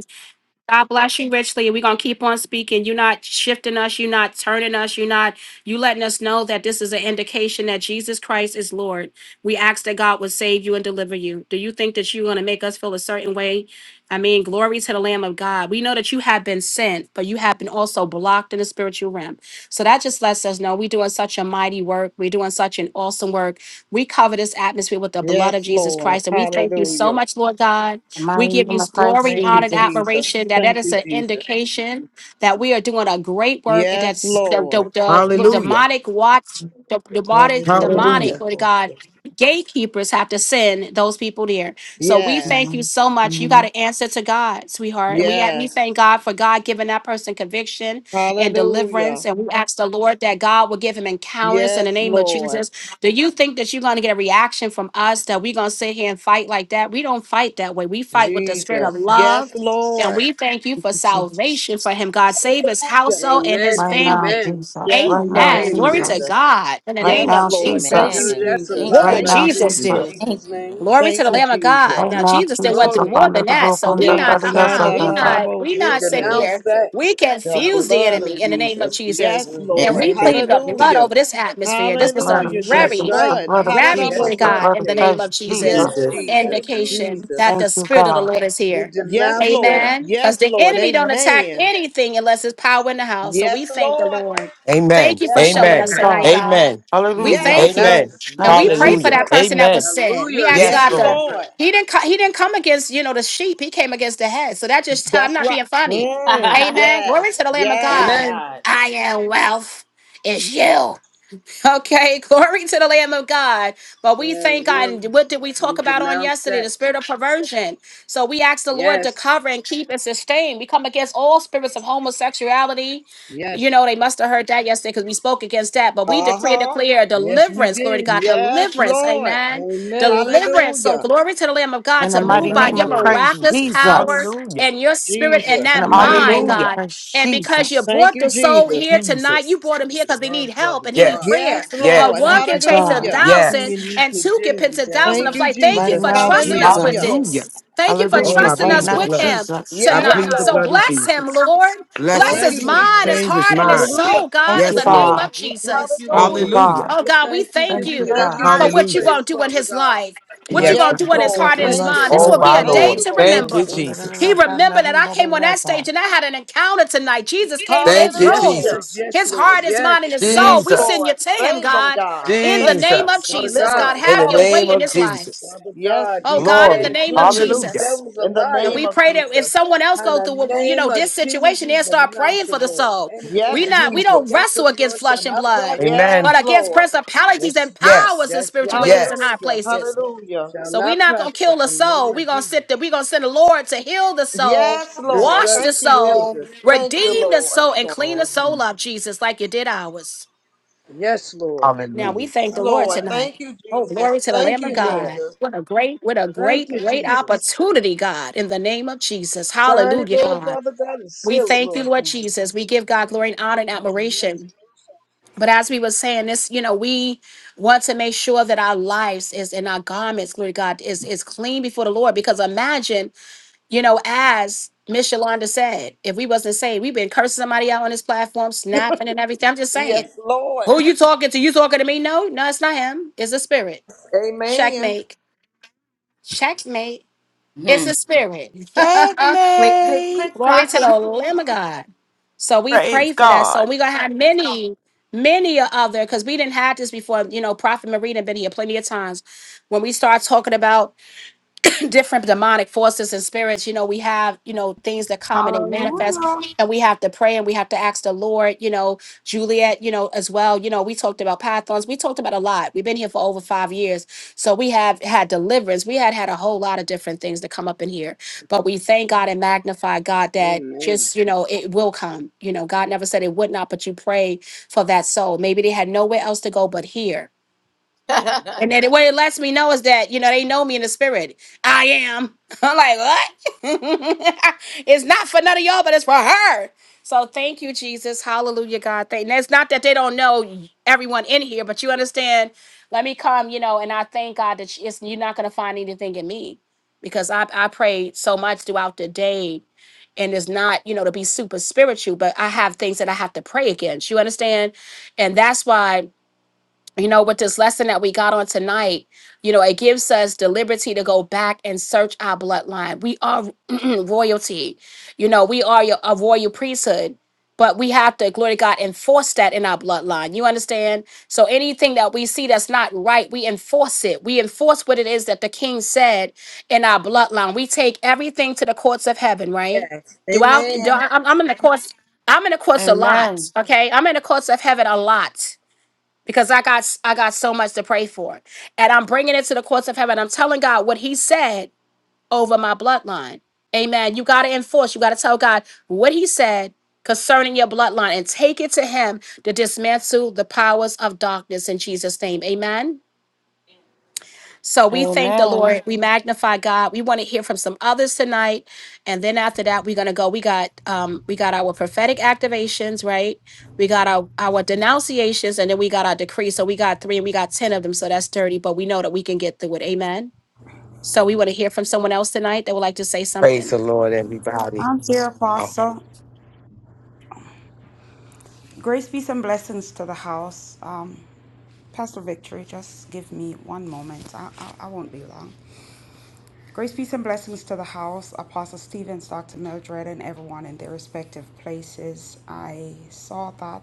God bless you richly. We're gonna keep on speaking. You're not shifting us, you're not turning us, you're not you letting us know that this is an indication that Jesus Christ is Lord. We ask that God would save you and deliver you. Do you think that you're gonna make us feel a certain way? I mean, glory to the Lamb of God. We know that you have been sent, but you have been also blocked in the spiritual realm. So that just lets us know we're doing such a mighty work. We're doing such an awesome work. We cover this atmosphere with the blood of Yes, Jesus Lord. Christ. And we thank you so Hallelujah. much, Lord God. My We give you name of Christ glory, Thank honor, you, and Jesus. admiration. Jesus. That that Thank is you, an Jesus. indication that we are doing a great work, and Yes, that's the, Lord. the, the Hallelujah. demonic watch, the demonic, demonic, Hallelujah. Hallelujah. Lord God, gatekeepers have to send those people there. So we thank Yes, you Mhm. so much. You got Mhm. an answer to God, sweetheart, and we we yes. thank God for God giving that person conviction and deliverance, Hallelujah. and we ask the Lord that God will give him encounters in the Yes, name of Jesus Lord. do you think that you're going to get a reaction from us that we're going to sit here and fight like that? We don't fight that way. We fight with the spirit of Jesus. Yes, love. And Lord. we thank you Thank for you, Jesus. salvation for him. God save his Hallelujah. household and his Right now, family. Amen. Amen. Jesus. Yes, Right now, Lord Amen. Glory Amen. to Jesus. Jesus. God in the Right name Yes, of now, Lord. Thank Jesus. Tell you, Jesus. you Amen. that's a Jesus. Thank What lie Right you. would Thank right you, now, Thank there Jesus you. in Jesus. do? Jesus. Jesus' Thank you. name. Glory to Thank the you, Lamb of God. Right Jesus. Now now, Jesus then went Jesus. through Glory. more Upon the than that. door, So come, we on not, the Yes. yes, uh-uh, I we got that. not, we He not sit Ha-da-da-da-bo-shake. denounced here. that. We The confuse the blood Hallelujah. of enemy in the name of Jesus. Jesus. Yes, Mm. And And Lord. we plead Amen. the blood Hallelujah. over this atmosphere. The This was blood a of Hallelujah. The That's very, Jesus. right. The blood. blood of very glory Yes, Jesus. to The sir. God blood in of the Hallelujah. name Christ of [laughs] Jesus. Yes, Yeah, Jesus. Jesus. the blood of Jesus. Jesus. Indication that Thank Jesus. the you, spirit of the God. Lord is He here. Yes, denounced that. Lord. Amen. Because Yes, the Lord. enemy don't attack Amen. anything unless there's power in the house. So Yes, we thank the Lord. Lord. Thank Amen. you for Yes, showing Yes, Thank Lord. Amen. us you, Lord. tonight, God. God. Amen. We Hallelujah. thank Yes. you. Amen. Denounce. And Thank we you, pray Denounce for Hallelujah. Jesus. that that. person that was Amen. sin. We Hallelujah in ask Yes, God Yes, Jesus' to Lord. Lord. name. He didn't co- He didn't come against, you know, the sheep. He came against the head. So that just I'm That's not right. being funny. [laughs] Mm, God. Amen. Glory yes. to the Lamb of Yes. Amen. God. I am wealth. It's you. Okay, [laughs] glory to the Lamb of God. But we Yeah, thank God. we'll, And what did we we talk about on denounce yesterday? that. The spirit of perversion. So we ask the Lord to Yes, cover and keep and sustain. We come against all spirits of homosexuality. yes, You know, they must have heard that yesterday because we spoke against that. But we Uh decree and huh. declare yes, we deliverance. Glory to did. God. Yes, Deliverance. Lord. Amen. Amen. Deliverance. So Hallelujah. glory to the Lamb of God In the to In the mighty move by mighty name your of name of Christ miraculous Jesus. power Jesus. Hallelujah. and your spirit and Jesus. In that the mighty mind, name Jesus. of Hallelujah. God. Christ And because you Jesus. Thank brought you, the soul Jesus. here tonight, you Jesus. brought him here because they Oh, need help Father and he need God. Yes. prayer. Yes, But Lord. Yes. one Thank can you, chase a We God. Hallelujah. decree thousand Yes. and we and two can declare we pinch a thousand Thank download. of you, like, thank you Right Jesus. for now, trusting Hallelujah. us with Hallelujah. Jesus. Hallelujah. this. Thank you for Thank Oh, Hallelujah. you, I trusting Right plead us the Jesus. now, with blood. him Jesus. I Yes, plead tonight. the So Lord. blood of bless him, Jesus. Lord. Bless Bless Thank him. his you, Bless him, Lord. mind, Jesus. his Change his heart, and his mind. Hallelujah. soul, Thank God, in you, the Yes, Yes, name Lord. God. of We Lord. thank Jesus. you, Thank you, Hallelujah. Lord. Hallelujah. God. Oh We God, we thank you, thank Thank giving you, you you the God. Thank you, for highest Jesus. what you're Hallelujah. gonna praise, do in Father his God. life, [laughs] what Yes, you're Like gonna Yes, God. do the in his Lord. heart and Yes, his Thank Buddha, you, mind. Lord. This some Oh, of will the Lord. be my a Thank day Lord. you, to Lord. Thank Mahavira, remember. you, some Oh, of He Jesus. the remembered that Kanarin I came on that stage Babarata. and I had an encounter tonight. Jesus came to Thank his you, Yes, room. Hallelujah. yes, Jesus. yes, His Lord. heart, his Yes, mind, and his Yes, soul. We send Jesus. you Lord. to him, Save them, God, God. in the name of Jesus. Save them. Father Jesus. God. Deliver God, us. In the have your name way in of his Hallelujah. life. Jesus. Father Yes, God, Oh this God, Jesus. in man the Glory. is name of Jesus. crooked. The Hallelujah. Jesus. devil's a In the And liar. name we of pray that if Jesus. someone else In go the through, what- you name know, of this Jesus, situation, we they'll start denounce praying it, for the Lord. soul. Anything We Yes, that not, come we up Jesus. don't against wrestle us, against Lord, shall flesh and not blood, prosper. Yes, Amen. but against Lord. principalities and Yes, Yes. powers and that's spiritual right. wickedness in Yes. high Hallelujah. places. Hallelujah. Shall So we not not gonna prosper kill the in the soul. name of We gonna sit Jesus. there. We gonna send the Lord to heal the soul, Yes, That's Lord. wash right. the Thank you, Spirit. soul, Jesus. Thank you, redeem the Lord. soul, and clean So. the Hmm. soul up, Jesus, like you did ours. Yes, Lord. Now Ooh, we Hallelujah. God Yes, thank the Lord Lord. Almighty. Thank tonight. you, Oh, Jesus. glory to the Thank Thank Lamb of you, you, Lord. God. Jesus. What a great, what a Thank great, you, great Jesus. opportunity, God, in the name of Jesus. Sign it, Hallelujah, Lord, God. Father God, and We seal it, thank you, Lord Lord Jesus. Jesus. We give God glory and honor and Amen. admiration. But as we were saying this, you know, we want to make sure that our lives is in our garments, glory to God, is is clean before the Lord. Because imagine, you know, as Miss Yolanda said, if we wasn't saved, we've been cursing somebody out on this platform, snapping and everything. I'm just saying Yes, Lord. who you talking to? You talking to me? No, no, it's not him. It's a spirit. Amen. Checkmate. Checkmate. It's Hmm. a spirit. Click, click, [laughs] click, Glory clock to it. the Lamb of [laughs] God. So we Praise pray for that. So God. we're gonna have many, many a other because we didn't have this before. You know, Prophet Marina been here plenty of times when we start talking about. [laughs] [clears throat] different demonic forces and spirits. You know, we have, you know, things that come and they manifest, hallelujah. and we have to pray and we have to ask the Lord, you know, Juliet, you know, as well. You know, we talked about pythons, we talked about a lot. We've been here for over five years. So we have had deliverance. We had had a whole lot of different things that come up in here. But we thank God and magnify God that Amen. just, you know, it will come. You know, God never said it would not, but you pray for that soul. Maybe they had nowhere else to go but here and [laughs] then what it lets me know is that, you know, they know me in the spirit. I am. [laughs] I'm like, what? [laughs] it's not for none of y'all, but it's for her. So thank you, Jesus. Hallelujah, God. Thank. And it's not that they don't know everyone in here, but you understand. Let me come, you know, and I thank God that it's, you're not going to find anything in me because I, I prayed so much throughout the day. And it's not, you know, to be super spiritual, but I have things that I have to pray against. You understand? And that's why you know, with this lesson that we got on tonight, you know, it gives us the liberty to go back and search our bloodline. We are [clears throat] royalty, you know, we are your- a royal priesthood, but we have to, glory to God, enforce that in our bloodline. You understand? So anything that we see that's not right, we enforce it. We enforce what it is that the king said in our bloodline. We take everything to the courts of heaven, right? Throughout, do Amen. I, I'm, I'm in the courts. I'm in the courts a lot. Amen. Okay, I'm in the courts of heaven a lot because I got I got so much to pray for. And I'm bringing it to the courts of heaven. I'm telling God what he said over my bloodline. Amen. You got to enforce. You got to tell God what he said concerning your bloodline and take it to him to dismantle the powers of darkness in Jesus name. Amen. So we thank the Amen. Lord. We magnify God. We want to hear from some others tonight, and then after that, we're gonna go. We got um, we got our prophetic activations, right? We got our our denunciations, and then we got our decree. So we got three, and we got ten of them. So that's thirty, but we know that we can get through it. Amen. So we want to hear from someone else tonight that would like to say Praise the something. Lord, everybody. I'm here, Oh, apostle. Grace, peace, and blessings to the house. Um, Pastor Victory, just give me one moment. I, I, I won't be long. Grace, peace, and blessings to the house, Apostle Stevens, Dr. Mildred, and everyone in their respective places. I saw that,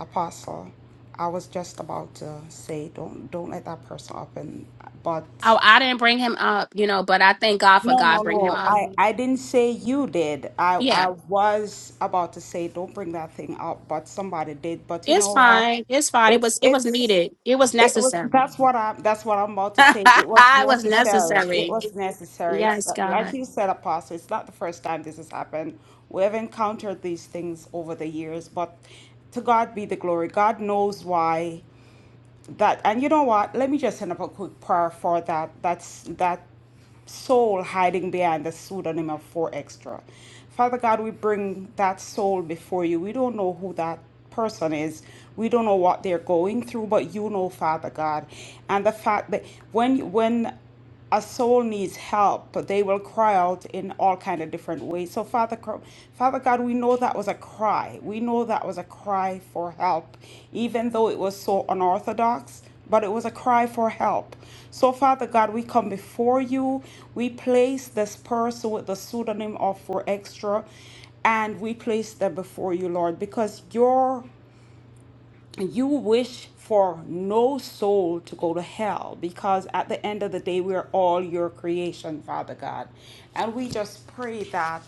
Apostle. I was just about to say, don't don't let that person up, and but Oh, I didn't bring him up, you know, but I thank God for no, no, God bringing him no. up. I, I didn't say you did. I, Yeah, I was about to say don't bring that thing up, but somebody did. But you it's know what? fine. It's fine. It It's was it was it's needed. It was it was necessary. that's what I that's what I'm about [laughs] to say. It was it was necessary. It necessary. was necessary. It's Yes, not- like God. you said, Apostle. It's not the first time this has happened. We have encountered these things over the years, but to God be the glory. God knows why that. And you know what? Let me just send up a quick prayer for that. That's that soul hiding behind the pseudonym of 4Extra. Father God, we bring that soul before you. We don't know who that person is. We don't know what they're going through, but you know, Father God. And the fact that when when a soul needs help, they will cry out in all kind of different ways. So Father, Father God, we know that was a cry. We know that was a cry for help, even though it was so unorthodox, but it was a cry for help. So, Father God, we come before you. We place this person with the pseudonym of For Extra, and we place them before you, Lord, because your you wish for no soul to go to hell because at the end of the day we are all your creation father god and we just pray that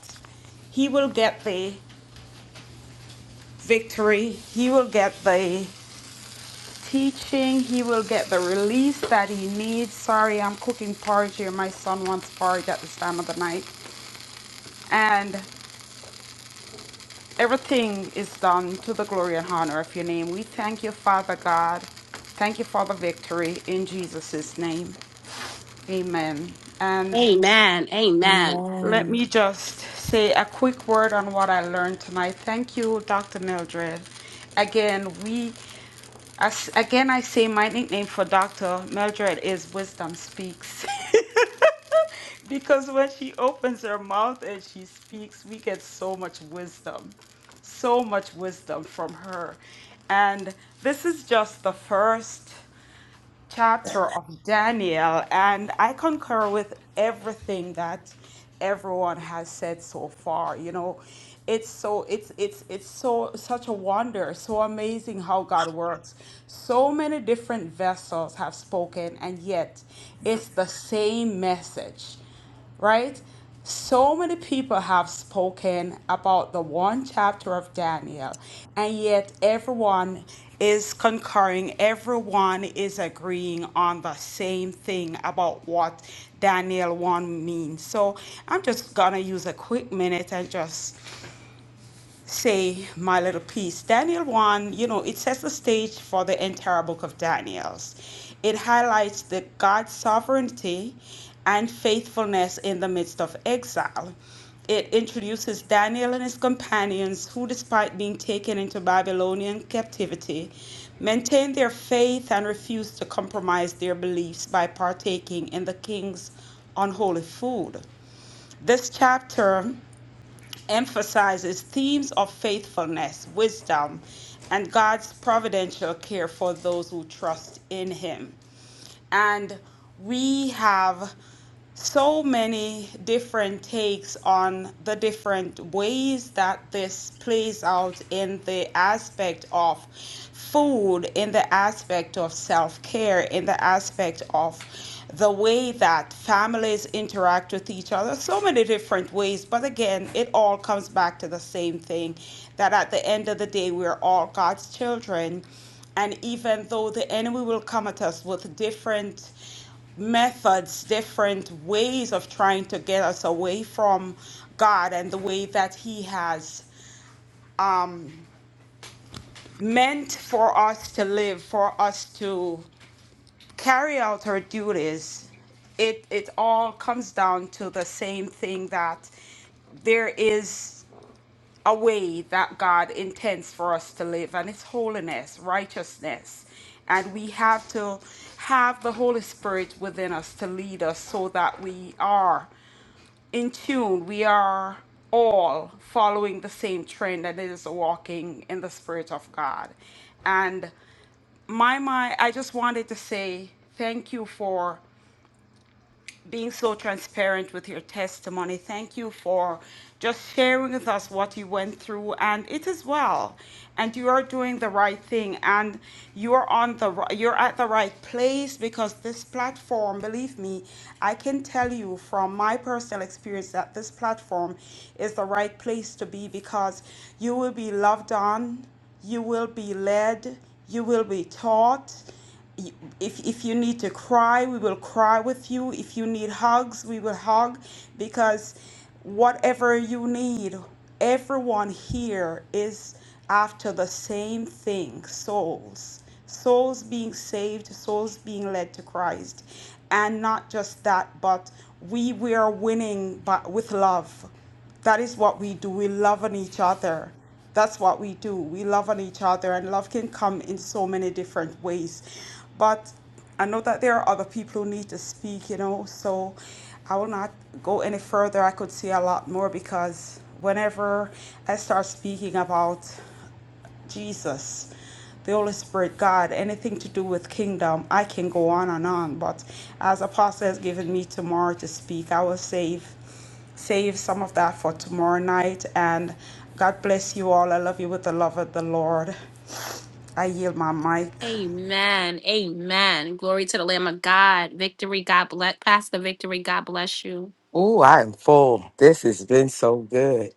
he will get the victory he will get the teaching. He will get the release that he needs. Sorry, I'm cooking porridge here. My son wants porridge at this time of the night. And everything is done to the glory and honor of your name. We thank you, Father God. Thank you for the victory in Jesus' name. Amen. And Amen. Amen. Let Amen. me just say a quick word on what I learned tonight. Thank you, Dr. Mildred. Again, we, as, again, I say my nickname for Dr. Mildred is Wisdom Speaks [laughs] because when she opens her mouth and she speaks, we get so much wisdom, so much wisdom from her. And this is just the first chapter of Daniel, and I concur with everything that everyone has said so far. You know, it's so it's it's it's so such a wonder, so amazing how God works. So many different vessels have spoken, and yet it's the same message right? So many people have spoken about the one chapter of Daniel, and yet everyone is concurring, everyone is agreeing on the same thing about what Daniel 1 means. So I'm just gonna use a quick minute and just say my little piece. Daniel 1, you know, it sets the stage for the entire book of Daniel's. It highlights the God's sovereignty and faithfulness in the midst of exile. It introduces Daniel and his companions who despite being taken into Babylonian captivity, maintained their faith and refused to compromise their beliefs by partaking in the king's unholy food. This chapter emphasizes themes of faithfulness, wisdom, and God's providential care for those who trust in Him. And we have so many different takes on the different ways that this plays out in the aspect of food in the aspect of self care, in the aspect of the way that families interact with each other, so many different ways. But again, it all comes back to the same thing that at the end of the day, we're all God's children. And even though the enemy will come at us with different methods, different ways of trying to get us away from God and the way that He has meant for us to live, for us to carry out her duties, it it all comes down to the same thing that there is a way that God intends for us to live, and it's holiness, righteousness. And we have to have the Holy Spirit within us to lead us so that we are in tune. We are all following the same trend, and it is walking in the Spirit of God. And my my i just wanted to say thank you for being so transparent with your testimony thank you for just sharing with us what you went through and it is well and you are doing the right thing and you're on the ri- you're at the right place because this platform believe me i can tell you from my personal experience that this platform is the right place to be because you will be loved on you will be led you will be taught if if you need to cry, we will cry with you. If you need hugs, we will hug because whatever you need, everyone here is after the same thing, souls. Souls being saved, souls being led to Christ. And not just that, but we we are winning but with love. That is what we do. We love on each other. That's what we do. We love on each other, and love can come in so many different ways. But I know that there are other people who need to speak, you know, so I will not go any further. I could say a lot more because whenever I start speaking about Jesus, the Holy Spirit, God, anything to do with kingdom, I can go on and on. But as Apostle has given me tomorrow to speak, I will save save some of that for tomorrow night. And God bless you all. I love you with the love of the Lord. I yield my mic. Amen. Amen. Glory to the Lamb of God. Victory. God bless. Pastor Victory. God bless you. ooh, I am full. This has been so good.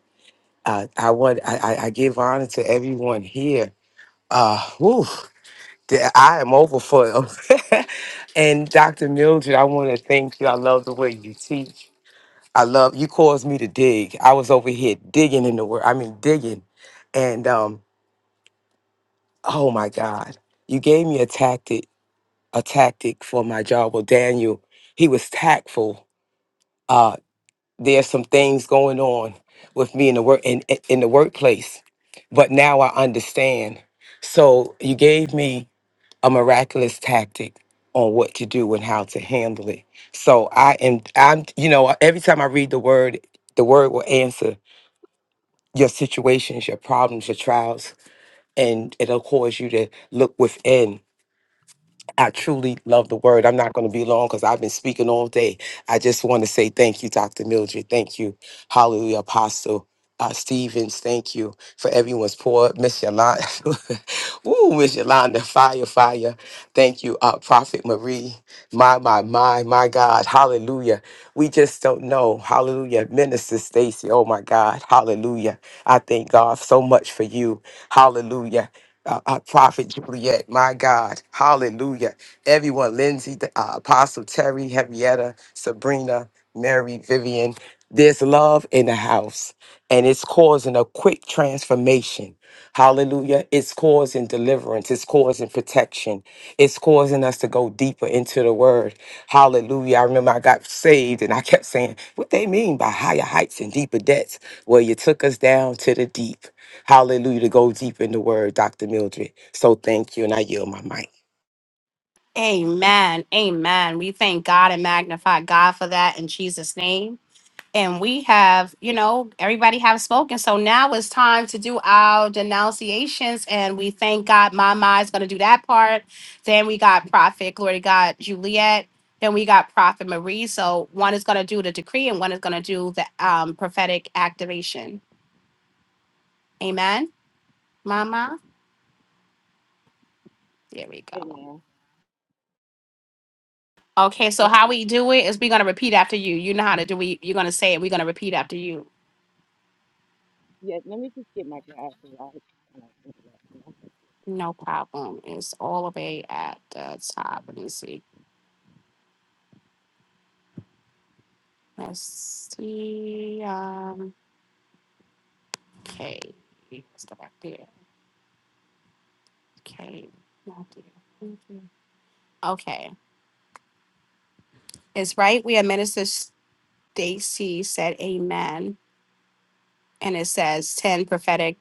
Uh, I want I, I I give honor to everyone here. Uh, whew. that I am overfull. [laughs] and Dr. Mildred, I want to thank you. I love the way you teach. I love you caused me to dig. I was over here digging in the word. I mean digging. And um, oh my God. You gave me a tactic, a tactic for my job. Well, Daniel, he was tactful. Uh there's some things going on with me in the work in in the workplace. But now I understand. So you gave me a miraculous tactic on what to do and how to handle it. So I am I'm you know every time I read the word the word will answer your situations, your problems, your trials and it'll cause you to look within I truly love the word. I'm not going to be long because I've been speaking all day. I just want to say thank you, Dr. Mildred. Thank you, Hallelujah, Apostle. Uh, Stevens, thank you for everyone's pour. Miss Yolanda, [laughs] ooh, Miss Yolanda, fire, fire. Thank you, uh, Prophet Marie. My, my, my, my God, Hallelujah. We just don't know, Hallelujah. Minister Stacy, oh my God, Hallelujah. I thank God so much for you, Hallelujah uh, uh, Prophet Juliet, my God, hallelujah. Everyone, Lindsay, the, uh, Apostle Terry, Henrietta, Sabrina, Mary, Vivian, there's love in the house, and it's causing a quick transformation. Hallelujah. It's causing deliverance. It's causing protection. It's causing us to go deeper into the word. Hallelujah. I remember I got saved and I kept saying, What they mean by higher heights and deeper depths? Well, you took us down to the deep. Hallelujah. To go deep in the word, Dr. Mildred. So thank you. And I yield my mic. Amen. Amen. We thank God and magnify God for that in Jesus' name. and we have, you know, everybody have spoken. So now it's time to do our denunciations, and we thank God. Mama is going to do that part. Then we got Prophet Glory to God Juliet. Then we got Prophet Marie. So one is going to do the decree, and one is going to do the um, prophetic activation. Amen, Mama. There we go. Amen. Okay, so how we do it is we're going to repeat after you. You know how to do it. You're going to say it. We're going to repeat after you. Yeah, let me just get my glasses. I kind of looking at them. No problem. It's all the way at the top. Let me see. Let's see. Um, okay. Let's go back there. Okay. Not there. Thank you. Okay. It's right where Minister Stacy said amen. And it says 10 prophetic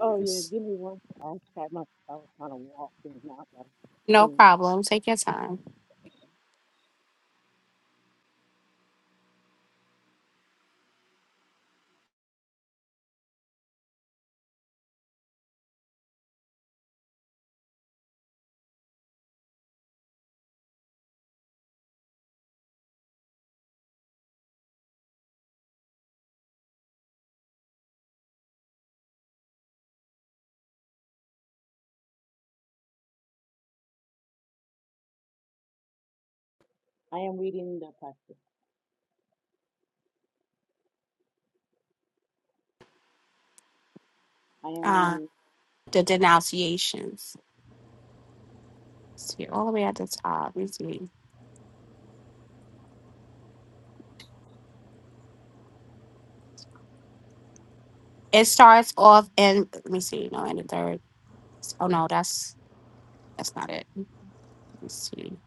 Oh yeah, give me one. sec. I tried my. I was trying to walk things out. But No yeah, problem. Take your time. I am reading the pastor. I am Uh, reading. the denunciations. Let's See, all the way at the top. Let me see. It starts off in, let me see. No, in the third. Oh, no, that's that's not it. Let's see.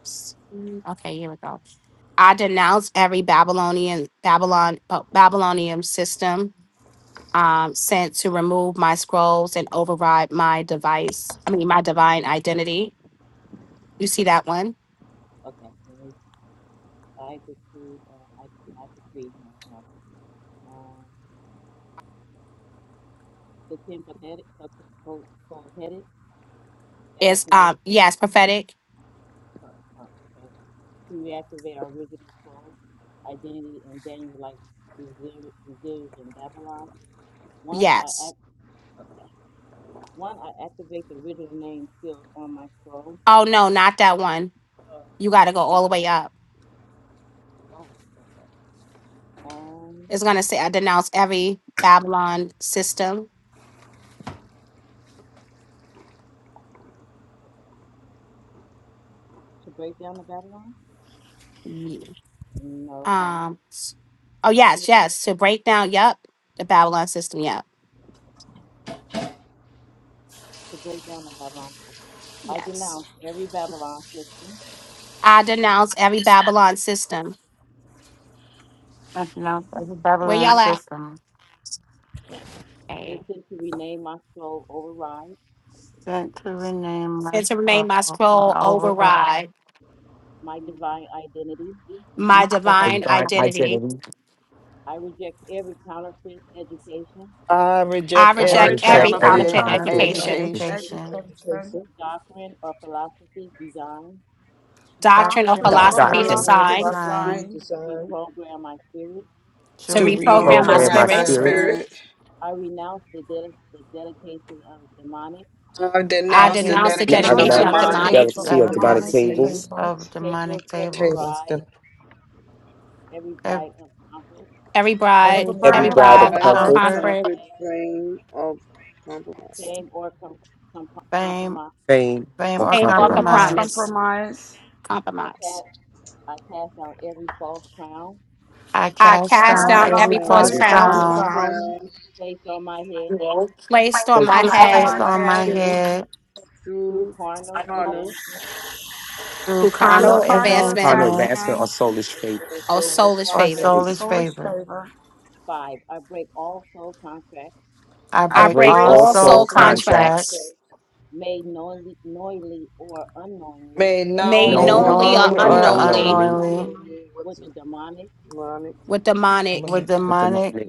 Let's see. Okay, here we go I denounce every Babylonian Babylon Ba- Babylonian system um, sent to remove my scrolls and override my device. I mean, my divine identity. You see that one? Is um yes prophetic? Yes. Oh no, not that one. You got to go all the way up. It's gonna say I denounce every Babylon system. Ye- Um. s- Oh yes, yes. To break down. Yep. The Babylon system. Yep. Yes. I denounce every Babylon system I pronounce every Where Babylon y'all at? system Okay. sent to rename my Center scroll name my and scroll overall. override my My The devotion. divine divine identity. identity, I I reject I I I every reject reject reject reject every And every every because every counterfeit counterfeit kind of every fit, counterfeit counterfeit education, conference education, education, education, education doctrine, or doctrine, doctrine, or is or doctor, philosophy doing distraction, philosophy all philosophy designed philosophy, designed designed design, to to to to reprogram reprogram my reprogram my program my my reprogram Reprogram my my spirit. spirit. spirit. spirit, spirit. spirit. I I I denounce the denounce didn't the Now I I dedication denounce of denounce dedication the renounce of the renounce the demonic demonic, delicacies dedication of of jealousy the of demonic demonic demonic delicacies tables. tables, of chambers, demonic tables, tables de- ev- every There's bribe, every a every bribe every bribe of bride of bribe of Line of of comfort, comfort, comfort, comfort, conflict, frame of compromise. fame, fame, fame or or same author fame or compromise. compromise. promise, Right? compromise. compromise. I I I cast I cast down Cast down cast Yes, down every every down false every false Every every false crown false crown crown. crown placed on my Placed on head on placed my my on my head head through head through carnal through through through carnal carnal carnal advancement carnal advancement advancement or advancement, soulish faith. and or also soulish or favor. restraint, Baby. soulish soulish favor. favor. I I I I break break break break and all all all soul soul soul also contact. contracts contracts, contracts made made known made or knowingly Made knowingly or knowingly ruin knowingly or or and or all unknownly. unknowingly unknowingly, line. unknowingly unknowingly what's demonic with demonic with with demonic demonic.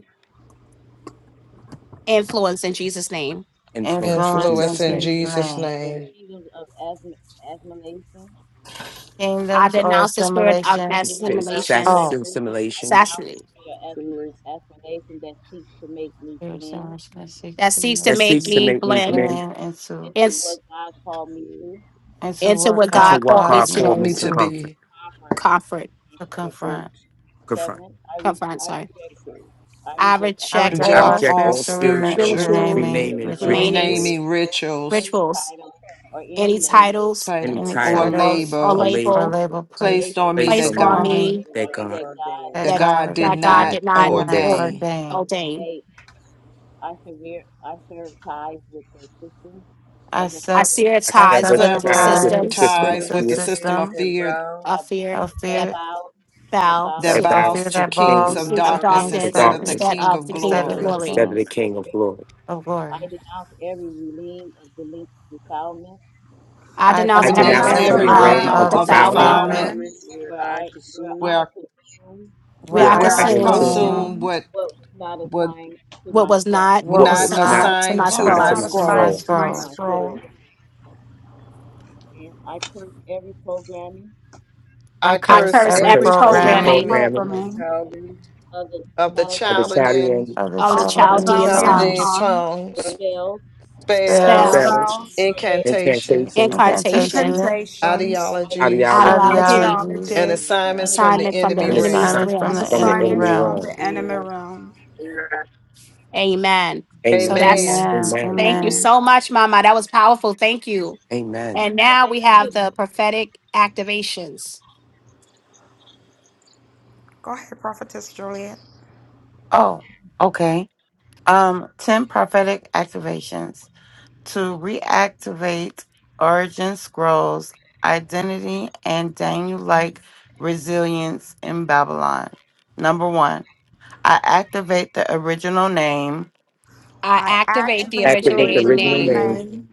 influence in Jesus' name. influence in influence in Influence Jesus' in is name. Jesus' in Jesus' Jesus' name. name. name. I Kingdoms or denounce the spirit The of I assimilation. kingdom despair of assimilation, oh, excessive affirmation, simulation assassinate, There's so much that seeks that to seeks make to that make seeks to me me make me blend blend learn and to in- and to into what what into God God what called me calls God God for me called to me me to to simulation. to comfort, be comfort, to confront, confront. confront. confront. Sorry. confront, I I reject reject I all Jack all reject all all spiritual rema- spiritual spiritual spiritual renaming Holy renaming announce rituals, the remainings, rituals, renaming truth rituals rituals, any titles title any and, any or title or, and, titles or or labor and or label label tell label placed placed on me placed me that placed on that on me on God God me me did that not God ordain. that that that, God God did has that God not not did did not not obey. or- ordain. them. ordain. ordain. I I sever sear its I I ties sever I the sever with sever the ties ties Sever with with ties the the systems system with of system ties the with of the fear system fear of system and fear bow, of fear of that fear bow uh, that to that the of fear bows bows to to the that pin kings king bows of the king of to darkness kings doctrine of of darkness instead instead of of the the darkness darkness instead king of kings of the of king instead of of glory. the glory. glory. instead of the kings king of glory. of glory. I I I I denounce I every denounce renounce I denounce denounce every ram every every every denounce every realm of realm realm realm of of of ground of and defilement defilement defilement defilement defilement defilement, where I consume, where where where I where I where where I I I am consumed soon consume consume consumed what would what was not what what was not was not. not assigned to assigned my what to mind was my to not soul. not assigned my to my scroll. assigned assigned soul. to to my my scroll. scroll. scroll. I I I curse curse curse I every every every curse Curse every every every programming programming program programming programming of programming tithing, of the of the Saturday Chaldean, of the of the of Chaldean tithing, Chaldean tongue, Battalion tongue, Chaldean tongues, tongue, tongue, wealth, spells, spells, spell, spells, inclination, spells, incantations, incantations, incantation, incantations, incantations, ideologies, ideologies, ideology, ideologies, and ideologies, enemies assignments round from the assignment from the and enemy and enemy's realm. assignments from realm. and assignments the from the enemy enemy assignments from realm. realm. the and enemy round. realm. Amen. So Amen. that's Amen. Amen. Amen. thank you Amen. Amen. so much, Mama. That was powerful. Thank you. Amen. And now we have the prophetic activations. Go ahead, Prophetess Juliet. Oh, okay. Um, 10 prophetic activations. to reactivate Origin Scrolls identity and Daniel like resilience in Babylon. Number one, I activate the original name I I activate the activate the Reflect Activate the the originating original original original name name name. name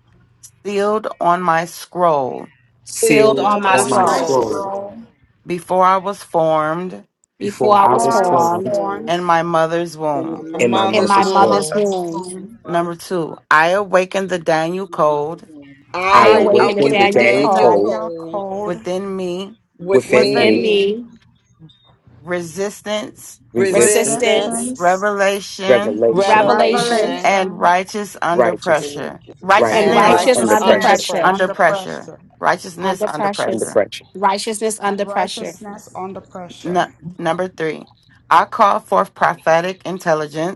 sealed on my scroll Sealed sealed sealed on on sealed my my on on Sealed my on my my scroll. soul scroll, soul scroll. before I was formed Before before I I before was before I was I was was formed formed formed formed in my mother's in my womb. my in mother's my in in mother's womb. my my mother's womb. mother's womb, mother's womb, womb. Number two, I awaken the Daniel code I I I I I awakened awakened awaken awakened a the the Nathaniel awaken brand the Daniel new Daniel Cole told form Daniel code code within me, with within within within within me me. me, me, me. resistance, resistance, resistance, Resistance, resistance, Resistance, revelation, revelation, revelation, revelation, revelation, and revelation, righteous under righteous, and pressure. righteous under and and and Righteousness righteousness pressure. righteous righteous under under under pressure, righteousness pressure. pressure. under under pressure, pressure. righteousness Under under under precious, pressure. pressure. righteousness And under pressure. righteousness under pressure. Nu- number three, I call forth prophetic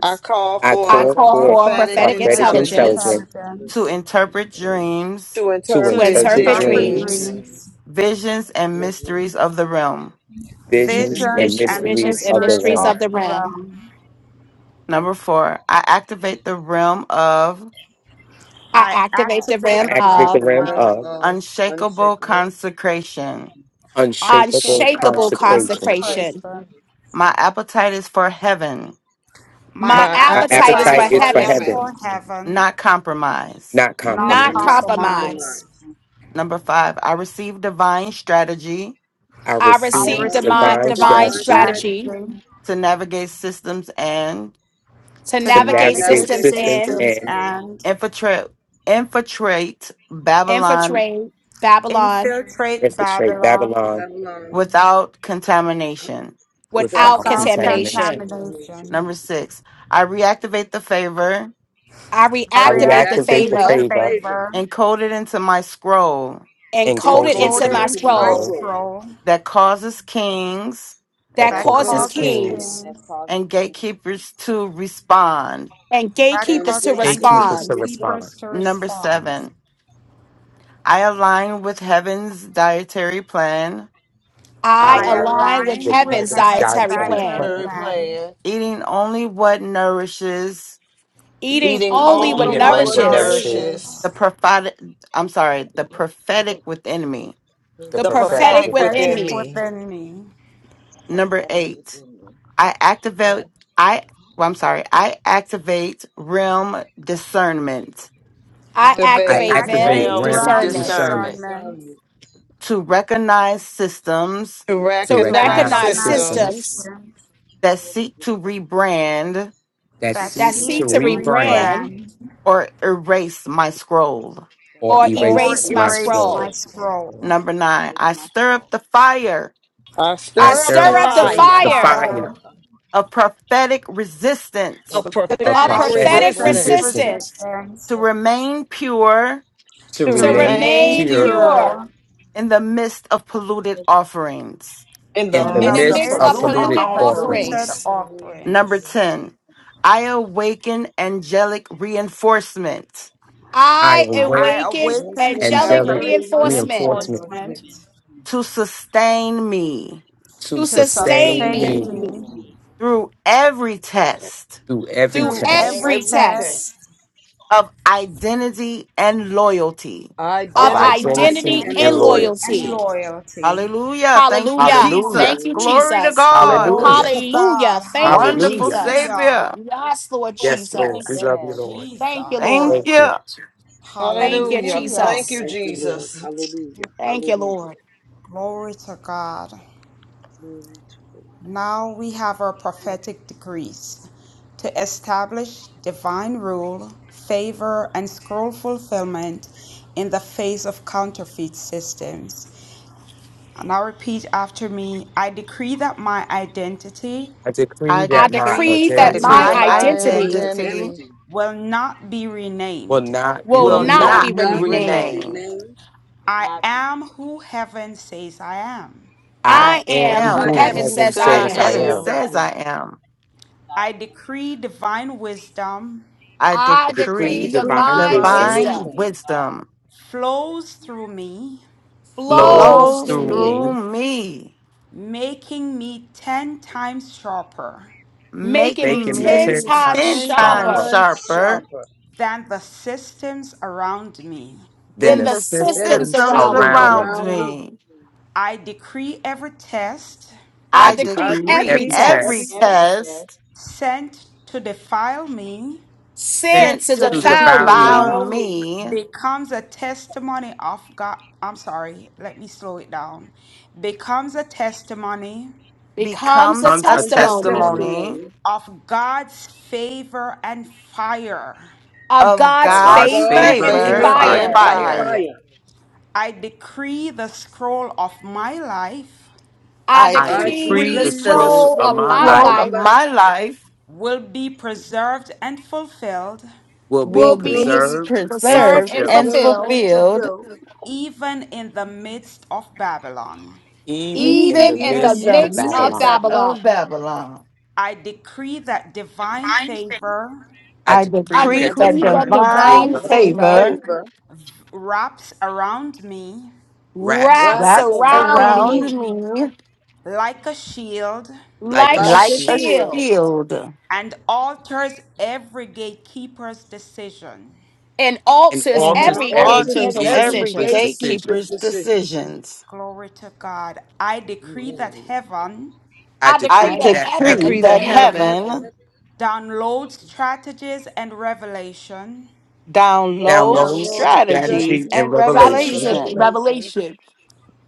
I call I I I I for call call call call for forth for forth prophetic prophetic prophetic prophetic prophetic intelligence intelligence intelligence intelligence to to intelligence interpret interpret dreams, dreams, to to to to interpret interpret interpret interpret interpretive dreams, dreams, dreams. dreams, dreams, visions, and visions, mysteries of the realm. m- visions, visions and visions, vis- and and visions, mysteries and mysteries of the mysteries of the mysteries of realm. of the realm. the realm. realm. Number four, I activate the realm of I I activate the I I activate realm the activate activate the of realm the realm realm of of of unshakable unshakable consecration. unshakable and unshakable unshakable sacred consecration. consecration. consecration. consecration. My appetite is for heaven, My My My My My appetite appetite is is appetite for appetite is for appetite is for for heaven is heaven, heaven. heaven, for heaven, not compromise. not not not and not compromise. compromise. compromise. compromise. Number five, I receive divine strategy I I I receive I receive divine, receive receive divine divine divine divine strategy strategy strategy strategy to navigate systems and to to to and navigate navigate navigate navigate systems systems and systems systems and and and infiltrate infiltrate Babylon infiltrate Babylon infiltrate infiltrate Babylon Babylon Babylon without co- contamination. without without without without conflict contamination. contamination. and nature. contamination. Number six, I reactivate the favor I I I I reactivate the reactivate reactivate the reactivate the favor the favor favor favor and code it into my scroll and and encoded clothing encoded to into folded my my into into my my scroll soul scroll scroll that causes kings that that that that causes causes causes causes kings kings, kings kings, and gatekeepers to respond. and that and gatekeepers cause to gatekeepers gatekeepers to to respond. respond. gatekeepers respond. to Number respond. seven, I align with heaven's dietary plan, I I I I align align align with with align with heaven's with heaven's heaven's heaven's dietary dietary dietary plan dietary Third plan, plan plan, plan, eating only what nourishes eating eating eating Mm, only what only only eating only what only what what what nourishes nourishes matters. nourishes nourishes the prophetic, I'm sorry, the prophetic within me. the the the the prophetic prophetic prophetic with within within prophetic women's. me. me. within me. Number eight, I activate, I, well, I'm sorry, I activate realm discernment. I I I I Activate activate activate them activate realm activate REM realm discernment realm and discernment discernment discernment desire to recognize systems to to to to to recognize recognize recognize recognize recognize systems. systems systems system, systems that seek to rebrand that to that that seek seek seek to seek to to that new rebrand reign rebrand rebrand or erase my scroll. or or and erase or erase my my erase my erase scroll. scroll. my soul. scroll. Number nine, I stir up the fire I I I I stir up the stir stir up The stir up up the the, the third, the fire the fire fire fire fire of prophetic and resistance of pathetic of of prophetic of prophetic prophetic resistance prophetic resistance resistance resistance to resistance remain pure to to to to remain remain remain remain pure pure pure pure in the midst of polluted offerings. in the in in the in are the the midst of midst mix of of midst making polluted of polluted polluted polluted offerings. offerings. offerings. Number offerings. 10, I awaken angelic reinforcement I I await I awaken awaken angelic angelic angelic allocated to reinforcement reinforcement your place reinforcement to sustain me to to to to sustain sustain me me sustain sustain me me through every test through every through through through test. every every every test test test of identity and loyalty. of of of Identity identity identity and and and identity loyalty. and loyalty. loyalty. loyalty. Hallelujah. Thank you, Hallelujah. Hallelujah. Thank Jesus. you, Hallelujah. Glory to Jesus. God. Glory Hallelujah. to God. Hallelujah. Thank you, Wonderful Hallelujah. Jesus. Hallelujah. Savior. Yes, Lord Yes, Lord. Thank We Jesus. you, love you, Lord. Thank you, Thank Lord. Jesus. Thank you. you. Thank you, Hallelujah. Hallelujah. Thank Jesus. you, Thank you, Thank Lord. Jesus. you. Hallelujah. Thank you, Hallelujah. Lord. Glory to God. Glory to God. Now we have our prophetic decrees to establish divine rule, favor, and scroll fulfillment in the face of counterfeit systems. And now repeat after me I decree that my identity I decree I I that my I decree decree I that that decree identity my that my decree that my identity my identity identity identity will not be will renamed. not be will will will not will remained. not be not be be not be renamed. renamed. renamed. renamed. I am who heaven says I am. I I I am am who I am who who am heaven who heaven says I said, I says heaven am. I heaven says am. am I says I am. am. I decree divine wisdom I I I I decree decree decree decree divine divine divine wisdom wisdom divine wisdom wisdom flows through me, flows flows flows through flows through through me, me, me, through me, making me 10 times sharper making me making making me me 10 making 10 me times times 10 ten times sharper sharper times sharper sharper than the systems around me. than than than the the the than the systems systems systems around systems me. around me. around around me. me. I decree every test I I I I decree decree decree every every decree every every test test test test sent to defile me sin sent sent to to sent to to defile devour me defile me defile me me becomes a testimony of God. I'm sorry, let me slow it down. Becomes a testimony becomes a becomes comes a a comes a testimony testimony, testimony testimony of God's favor and fire. of of God's of God's God's favor God's favor and and favor favor favor and and fire. fire. and fire. fire. fire. I decree the scroll of my life I I I I decree decree the the decree decree the the scroll scroll of of my scroll my of scroll life my of life life my life will be preserved and fulfilled will be will will be will be dis- be preserved and preserved preserved and and fulfilled preserved fulfilled, and fulfilled fulfilled even in the midst of Babylon. even in even the even in the even in midst in the of the midst midst of of midst Babylon. Babylon. of Babylon. Babylon. I decree that divine favor I I I decree I decree that that decree that divine decree the divine divine favor divine favor favor favor wraps around me wraps wraps wraps around wraps me around around me me around me like a shield like a like a like like a a shield shield shield shield. and alters every gatekeeper's decision. and and alters and and alters every every alters alters gatekeeper's every every decision. gatekeeper's decision. gatekeeper's gatekeeper's decision. decisions. Glory to God. I decree that Amen. heaven I I I decree decree that that decree heaven Decree heaven that that Through the heaven, heavens, heaven downloads strategies and revelation downloads downloads download strategies strategy and and strategies and strategies revelation of revelation revelations revelation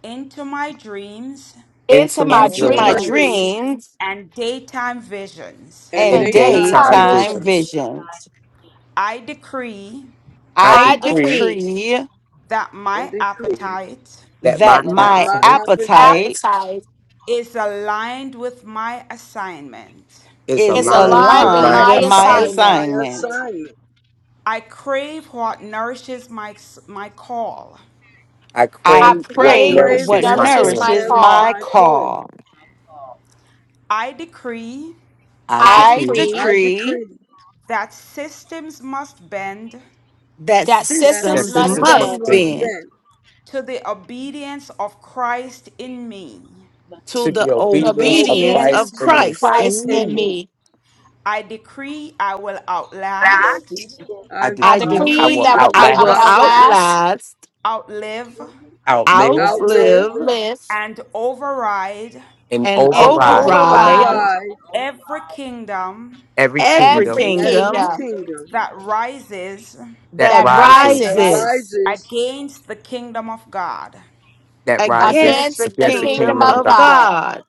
into my dreams into into my my into into my my dreams dreams dreams dreams and daytime visions. and and and and daytime daytime daytime daytime visions. visions. visions. visions. I decree I I I decree decree decree that And my decree appetite that my that that my my appetite appetite appetite appetite is aligned with my assignment is is is is aligned aligned with with aligned my my with aligned my with assignment. assignment. my assignment. assignment. I crave what nourishes my, my call. I I I crave I what pray crave which crave what nourishes that my nourishes what spirit. my nourishes marries call. my my call. call. I decree I I I decree I decree decree decree that systems must bend that that that that systems systems must systems must system bend must was bend bend bent to the obedience of Christ in me. to to the the the to the obedience of obedience obedient of Christ obedience in of me. Christ in Christ Christ in in me. me. me. I decree I will outlast, I I I I decree I decree decree will decree that I I without will I will would outlast, outlast, outlast, outlast, outlive, outlive, outlive, outlive, live, and override and and and override override override override every kingdom every every kingdom every every kingdom kingdom kingdom that rises that that that rises that rises rises rises against the kingdom of God. that rises against against the against the against the the kingdom kingdom kingdom kingdom of of of of God. God. God. God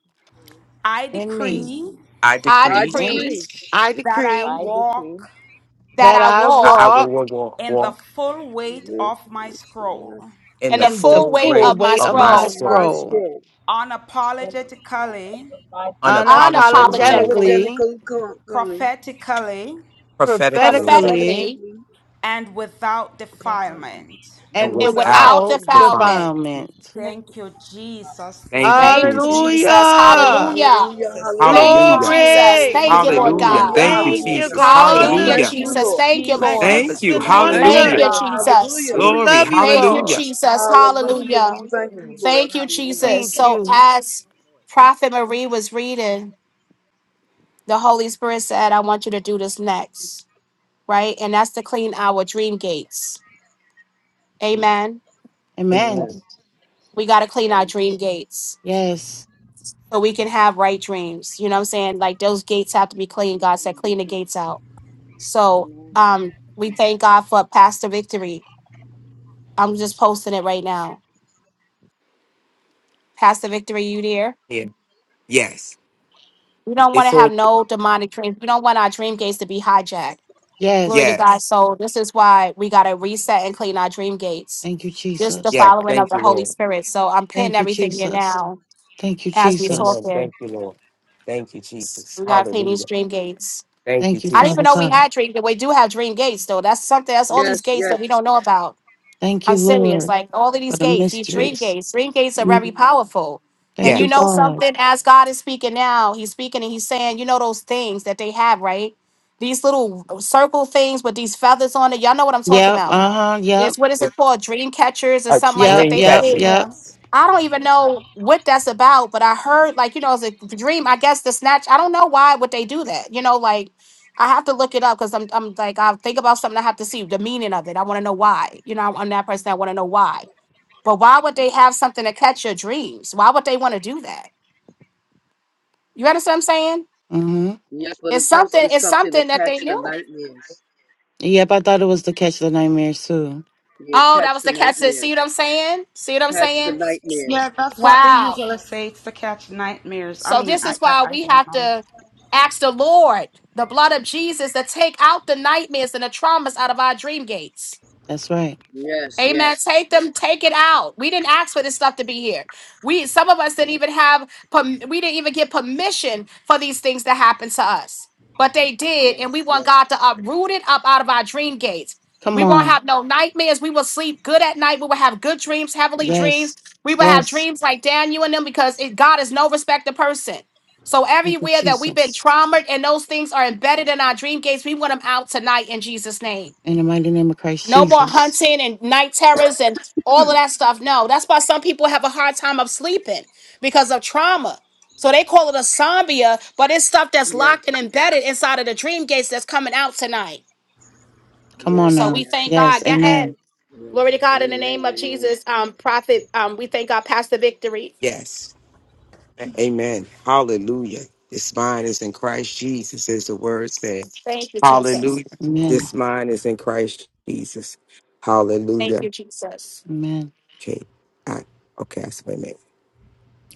I in me. decree I I I decree And decree decree I that I decree walk that that I I I, walk I will walk walk, walk, in the walk full weight root of my scroll. in in the the in the full full weight full of weight my way of of my my of scroll, my soul, scroll, spirit, unapologetically, unapologetically unapologetically, unapologetically, unapologetically co- prophetically, prophetically prophetically, prophetically, pathetically, and without defilement. and and and and without without without without defining. defining. defilement. defilement. Thank you, Jesus. Thank Thank you, Thank you, Thank you, you, Jesus. Jesus. Jesus. Jesus. And Thank Hallelujah. you, Hallelujah. hallelujah, Jesus. Thank hallelujah, you, Hallelujah. Jesus. Glory. Thank you, Lord Hallelujah. God. hallelujah, Thank you, Hallelujah. Thank you, hallelujah. Jesus. We God. Hallelujah, Thank thank Hallelujah. you, you, Jesus. Lord. Thank you, Lord. Thank Jesus. you. Magnificent Glory Thank to you, Thank wonder. Hallelujah. you, Lord. God. Jesus. Hallelujah. We Glory. love you, Thank you, Hallelujah. God. Jesus. Hallelujah. Hallelujah. We thank you, Lord. Thank you, Hallelujah. Jesus. Thank So, you. as Prophet Marie was reading, the Holy Spirit said, I want you to do this next. right? And that's to clean our dream gates. Amen. Amen. Amen. Amen. We got to clean our dream gates Yes. so we can have right dreams. You know what I'm saying? Like those gates have to be clean. God said, clean the gates out. So um, we thank God for Pastor Victory. I'm just posting it right now. Pastor Victory, you there? Yeah. Yes. We don't want It's to have all no demonic dreams. We don't want our dream gates to be hijacked. Glory to Yes. God. yes. So this is why we got to reset and clean our dream gates. Thank you, Just the Jesus. Yeah. following of Thank the you, Holy Lord. Spirit. So I'm pinning Thank you, everything here Jesus. now Thank you, as we so Jesus. Amen. often. Thank you, Lord. Thank you, Jesus. We gotta pay these Hallelujah. dream gates. Thank you, Thank you, I didn't even Father know Jesus. we God. had dream. We do have dream gates though. That's something. That's all these Yes, gates yes. that we don't know about. Thank you, I'm serious. Lord, Like all of for these the gates, these dream mysteries. gates. Dream gates are very Mm. powerful. And Thank you you, know Yes. God. something? As God is speaking now, He's speaking and He's saying, you know those things that they have, right? These little circle things with these feathers on it. Y'all know what I'm talking Yep. about. Uh huh. Yep. It's what is A it called? Dream catchers or a something like Yep. that. dream They put Yep. catcher. it Yep. Yes. I don't even know what that's about, but I heard like you know as a dream. I guess the snatch. I don't know why would they do that. You know, like I have to look it up because I'm I'm like I think about something. I have to see the meaning of it. I want to know why. You know, I'm, I'm that person. I want to know why. But why would they have something to catch your dreams? Why would they want to do that? You understand what I'm saying? Mm hmm. Yes, but It's it's supposed to something. be It's something something to that catch they the knew. nightmares. Yep. I thought it was the catch of the nightmares, too. Yeah, to Oh, that catch was the the catch. See nightmares. what I'm saying? See what I'm That's the saying? nightmares. Yeah, that's what they Wow. usually say. It's to catch nightmares. I So mean, this I, is I, why I we don't have know. to ask the Lord, the blood of Jesus, to take out the nightmares and the traumas out of our dream gates. That's right. Yes, Amen. yes, Take them, take it out. We didn't ask for this stuff to be here. We some of us didn't even have perm- we didn't even get permission for these things to happen to us. But they did, yes, and we want yes, God to uproot it up out of our dream gates. We Come won't on. have no nightmares. We will sleep good at night. We will have good dreams, heavenly dreams. Yes. We will have Yes. dreams like Daniel and them because it, God is no respecter person. So Thank you, everywhere that we've been Jesus. traumatized and those things are embedded in our dream gates, we want them out tonight in Jesus' name. In the mighty name of Christ No more Jesus. hunting and night terrors and all of that stuff. No, that's why some people have a hard time of sleeping because of trauma. So they call it a zombia, but it's stuff that's yes, locked and embedded inside of the dream gates that's coming out tonight. Come on So yes, now. we yes, thank Yes. God. Go ahead. Amen. Glory to yes. God in the Amen, name of amen. Jesus. Um, prophet, um, we thank God past the victory. Yes. A- Amen. Hallelujah. This mind is in Christ Jesus, as the word said. Thank you, Hallelujah. Jesus. Amen. This mind is in Christ Jesus. Thank Hallelujah. you, Jesus. Amen. Okay. I, okay. I said, wait a minute.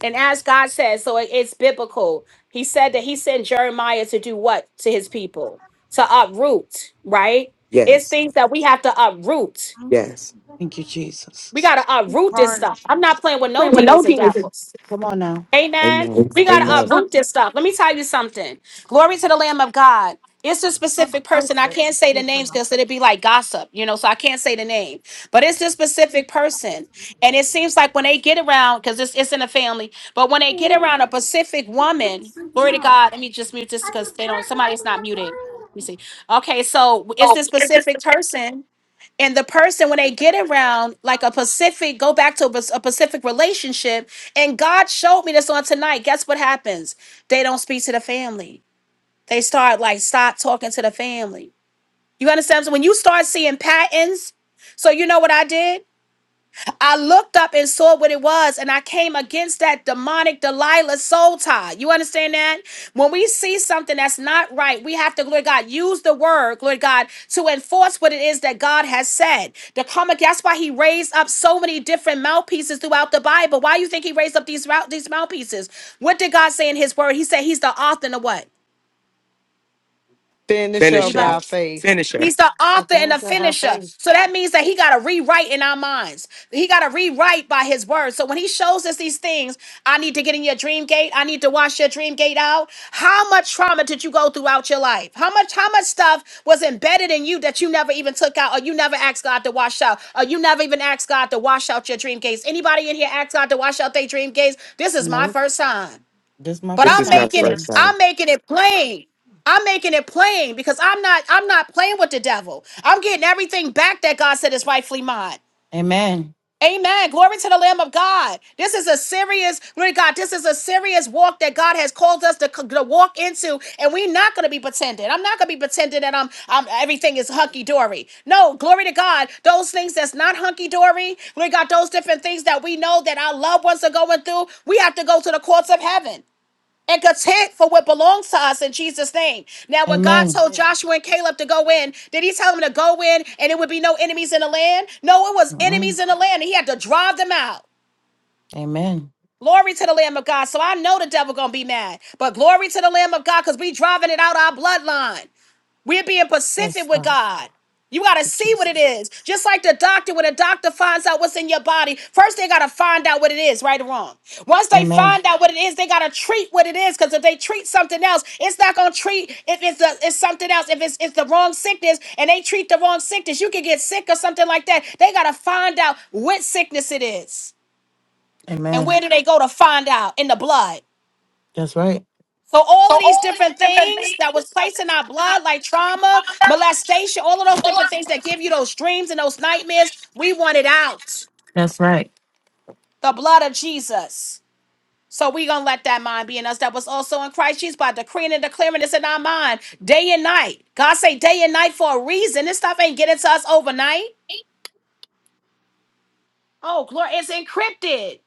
And as God says, so it- it's biblical. He said that he sent Jeremiah to do what to his people? To uproot, right? It's Yes. things that we have to uproot. Yes. Thank you, Jesus. We got to uproot this Hard. stuff. I'm not playing with no demons and devils. Come on now. Amen. Amen. We got to Amen. uproot this stuff. Let me tell you something. Glory to the Lamb of God. It's a Oh, specific person. taste I it. can't It's say the deep names enough. because it'd be like gossip, you know, so I can't say the name. But it's this specific It's person. And it seems like when they get around, because it's, it's in a family, but when they get around a Pacific not woman, sweet glory to enough. God, let me just mute this The because they don't, somebody's not muted. Let me see. Okay, so it's this specific person and the person when they get around like a pacific go back to a, a pacific relationship and god showed me this on tonight guess what happens they don't speak to the family they start like stop talking to the family you understand so when you start seeing patterns so you know what i did I looked up and saw what it was, and I came against that demonic Delilah soul tie. You understand that? When we see something that's not right, we have to, Lord God, use the word, Lord God, to enforce what it is that God has said. To come against, that's why He raised up so many different mouthpieces throughout the Bible. Why you think He raised up these mouth- these mouthpieces? What did God say in His word? He said He's the author of what? finish of Anybody? Finisher. our faith, Finisher. He's the The author and the finisher of our finisher. faith. So that means that he got to rewrite in our minds. He got to rewrite by his word. So when he shows us these things, I need to get in your dream gate. I need to wash your dream gate out. How much trauma did you go throughout your life? How much, how much stuff was embedded in you that you never even took out or you never asked God to wash out or you never even asked God to wash out your dream gates? Anybody in here ask God to wash out their dream gates? This is my Nope. first time. This is my But This first I'm is time my making it, first too. time. I'm making it plain. I'm making it plain because I'm not I'm not playing with the devil. I'm getting everything back that God said is rightfully mine. Amen. Amen. Glory to the Lamb of God. This is a serious, glory to God, this is a serious walk that God has called us to, c- to walk into, and we're not going to be pretending. I'm not going to be pretending that I'm, I'm everything is hunky dory. No, glory to God. Those things that's not hunky dory, glory to God, those different things that we know that our loved ones are going through, we have to go to the courts of heaven and content for what belongs to us in Jesus' name. Now, when God Amen. told Joshua and Caleb to go in, did he tell them to go in and it would be no enemies in the land? No, it was Mhm. enemies in the land, and he had to drive them out. Amen. Glory to the Lamb of God. So I know the devil gonna be mad, but glory to the Lamb of God, because we driving it out our bloodline. We're being Yes, pacific with God. God. You got to Thank you, see what it Jesus. is. Just like the doctor, when a doctor finds out what's in your body, first they got to find out what it is, right or wrong. Once they Amen. find out what it is, they got to treat what it is. Because if they treat something else, it's not going to treat if it's, the it's something else. If it's, it's the wrong sickness and they treat the wrong sickness, you can get sick or something like that. They got to find out what sickness it is. Amen. And where do they go to find out? In the blood. That's right. So all of these different things that was placed in our blood, like trauma, molestation, all of those different things that give you those dreams and those nightmares, we want it out. That's right. The blood of Jesus. So we gonna let that mind be in us that was also in Christ Jesus by decreeing and declaring this in our mind day and night. God say day and night for a reason. This stuff ain't getting to us overnight. Oh, glory, it's encrypted.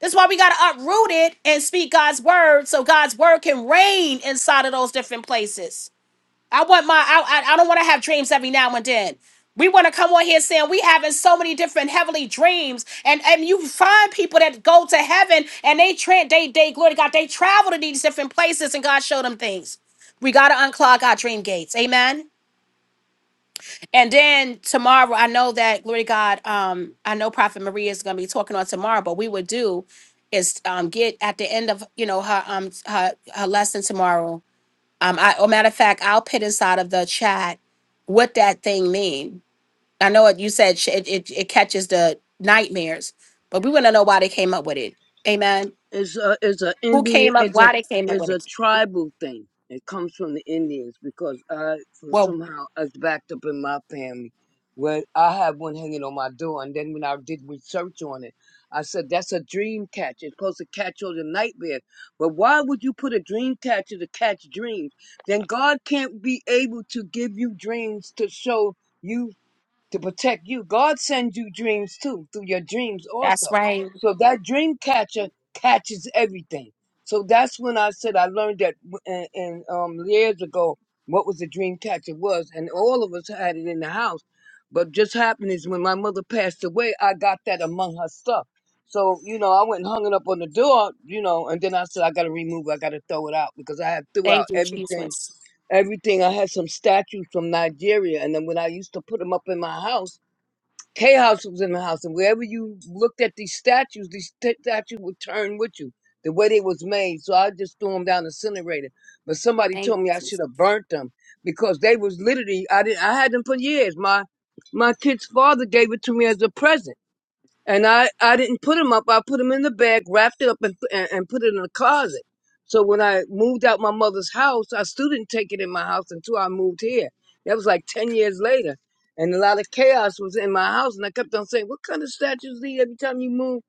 That's why we gotta uproot it and speak God's word so God's word can reign inside of those different places. I want my I I, I don't want to have dreams every now and then. We want to come on here saying we having so many different heavenly dreams, and and you find people that go to heaven and they tra- they they glory to God they travel to these different places and God showed them things. We gotta unclog our dream gates, amen. And then tomorrow, I know that glory to God. Um, I know Prophet Maria is gonna be talking on tomorrow, but we would do is um get at the end of you know her um her her lesson tomorrow um, I, oh, matter of fact, I'll put this out of the chat what that thing mean. I know it, you said sh- it, it, it catches the nightmares, but we want to know why they came up with it. Amen. It's a it's a Who Indian came up? it's a Why they came up it's with a it? tribal thing. It comes from the Indians because I for Well, somehow it's backed up in my family. Where I have one hanging on my door, and then when I did research on it, I said that's a dream catcher. It's supposed to catch all the nightmares. But why would you put a dream catcher to catch dreams? Then God can't be able to give you dreams to show you to protect you. God sends you dreams too, through your dreams also. that's right. So that dream catcher catches everything. So that's when I said I learned that w- and, and um years ago what was a dream catcher was, and all of us had it in the house. But just happened is when my mother passed away, I got that among her stuff. So you know, I went and hung it up on the door, you know, and then I said I got to remove, it, I got to throw it out because I had threw out everything everything. I had some statues from Nigeria, and then when I used to put them up in my house, K House was in the house, and wherever you looked at these statues, these st- statues would turn with you the way they was made. So I just threw them down the incinerator. But somebody told me I should have burnt them because they was literally I didn't I had them for years. My my kid's father gave it to me as a present. And I, I didn't put them up. I put them in the bag, wrapped it up, and, and, and put it in a closet. So when I moved out my mother's house, I still didn't take it in my house until I moved here. That was like 10 years later. And a lot of chaos was in my house. And I kept on saying, What kind of statues these every time you move?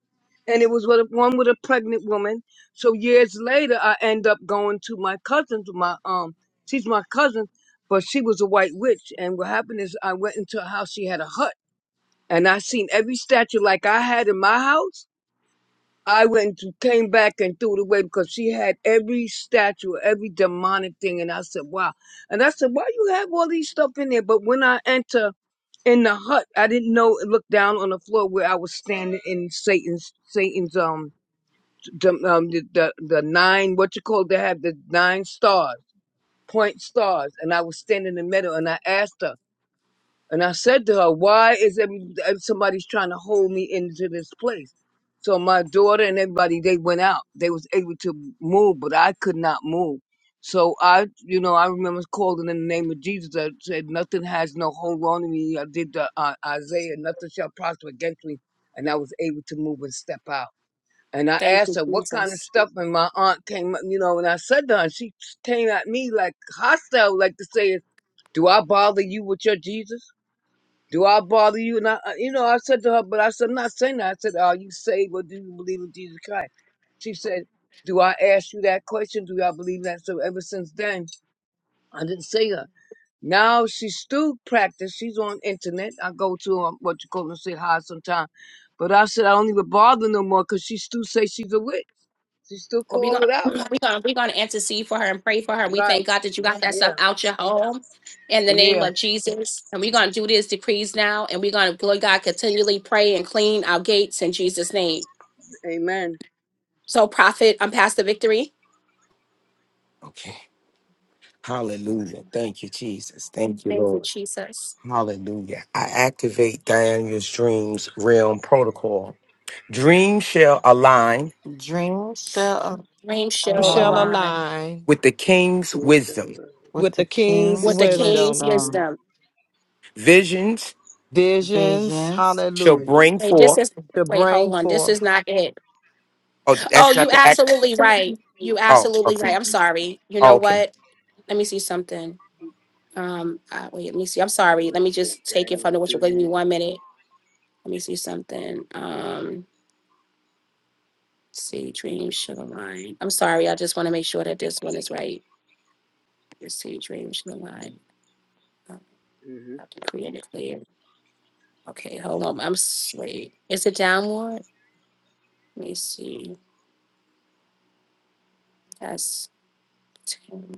And it was with a, one with a pregnant woman. So years later, I end up going to my cousin's, my, um, she's my cousin, but she was a white witch. And what happened is I went into a house. She had a hut and I seen every statue like I had in my house. I went and came back and threw it away because she had every statue, every demonic thing, and I said, "Wow!" And I said, "Why you have all these stuff in there?" But when I enter in the hut, I didn't know. Look down on the floor where I was standing in Satan's Satan's um dem- um um, the the, the nine what you call they have the nine stars point stars, and I was standing in the middle, and I asked her. And I said to her, why is it uh, somebody's trying to hold me into this place? So my daughter and everybody, they went out. They was able to move, but I could not move. So I, you know, I remember calling in the name of Jesus. I said, nothing has no hold on me. I did the uh, Isaiah, nothing shall prosper against me. And I was able to move and step out. And I Thank you. asked her what kind of Well, stuff, and my aunt came, you know, and I said to her, and she came at me like hostile, like to say, do I bother you with your Jesus? Do I bother you? And I, I- you know, I said to her, but I said, I'm not saying that. I said, are you saved or do you believe in Jesus Christ? She said, do I ask you that question? Do I believe that? So ever since then, I didn't see her. Now she's still practice. She's on internet. I go to um, what you call them, say hi sometime. But I said, I don't even bother no more because she still say she's a witch. She still we're call gonna it [clears throat] out. we're gonna we're gonna intercede for her and pray for her. We Right. thank God that you got that stuff Yeah. out your home in the name Yeah. of Jesus. And we're gonna do these decrees now, and we're gonna Lord God continually pray and clean our gates in Jesus' name. Amen. So, prophet, I'm past the victory. Okay. Hallelujah. Thank you, Jesus. Thank you, Thank you, Lord. Jesus. Hallelujah. I activate Daniel's dreams realm protocol. Dreams shall align Dreams shall Dreams shall shall align align align with the king's See, so, wisdom. uh, with with the the With king's the with king's the king's king's wisdom, wisdom, wisdom. Visions visions, visions. shall hallelujah, wisdom. bring Wait, this forth. is, to wait, bring hold on. This forth. is not it. Oh, Oh, that's you not the act. absolutely right. You Oh, absolutely okay. right. I'm sorry. You Oh, know okay. what? Let me see something. Um, uh, wait, let me see. I'm Real sorry. Let me activate just take it from Daniel's the what you're giving me dreams. one minute. Let me see something. Um, and it's right. right. Mm-hmm. Okay. Maybe that's 10.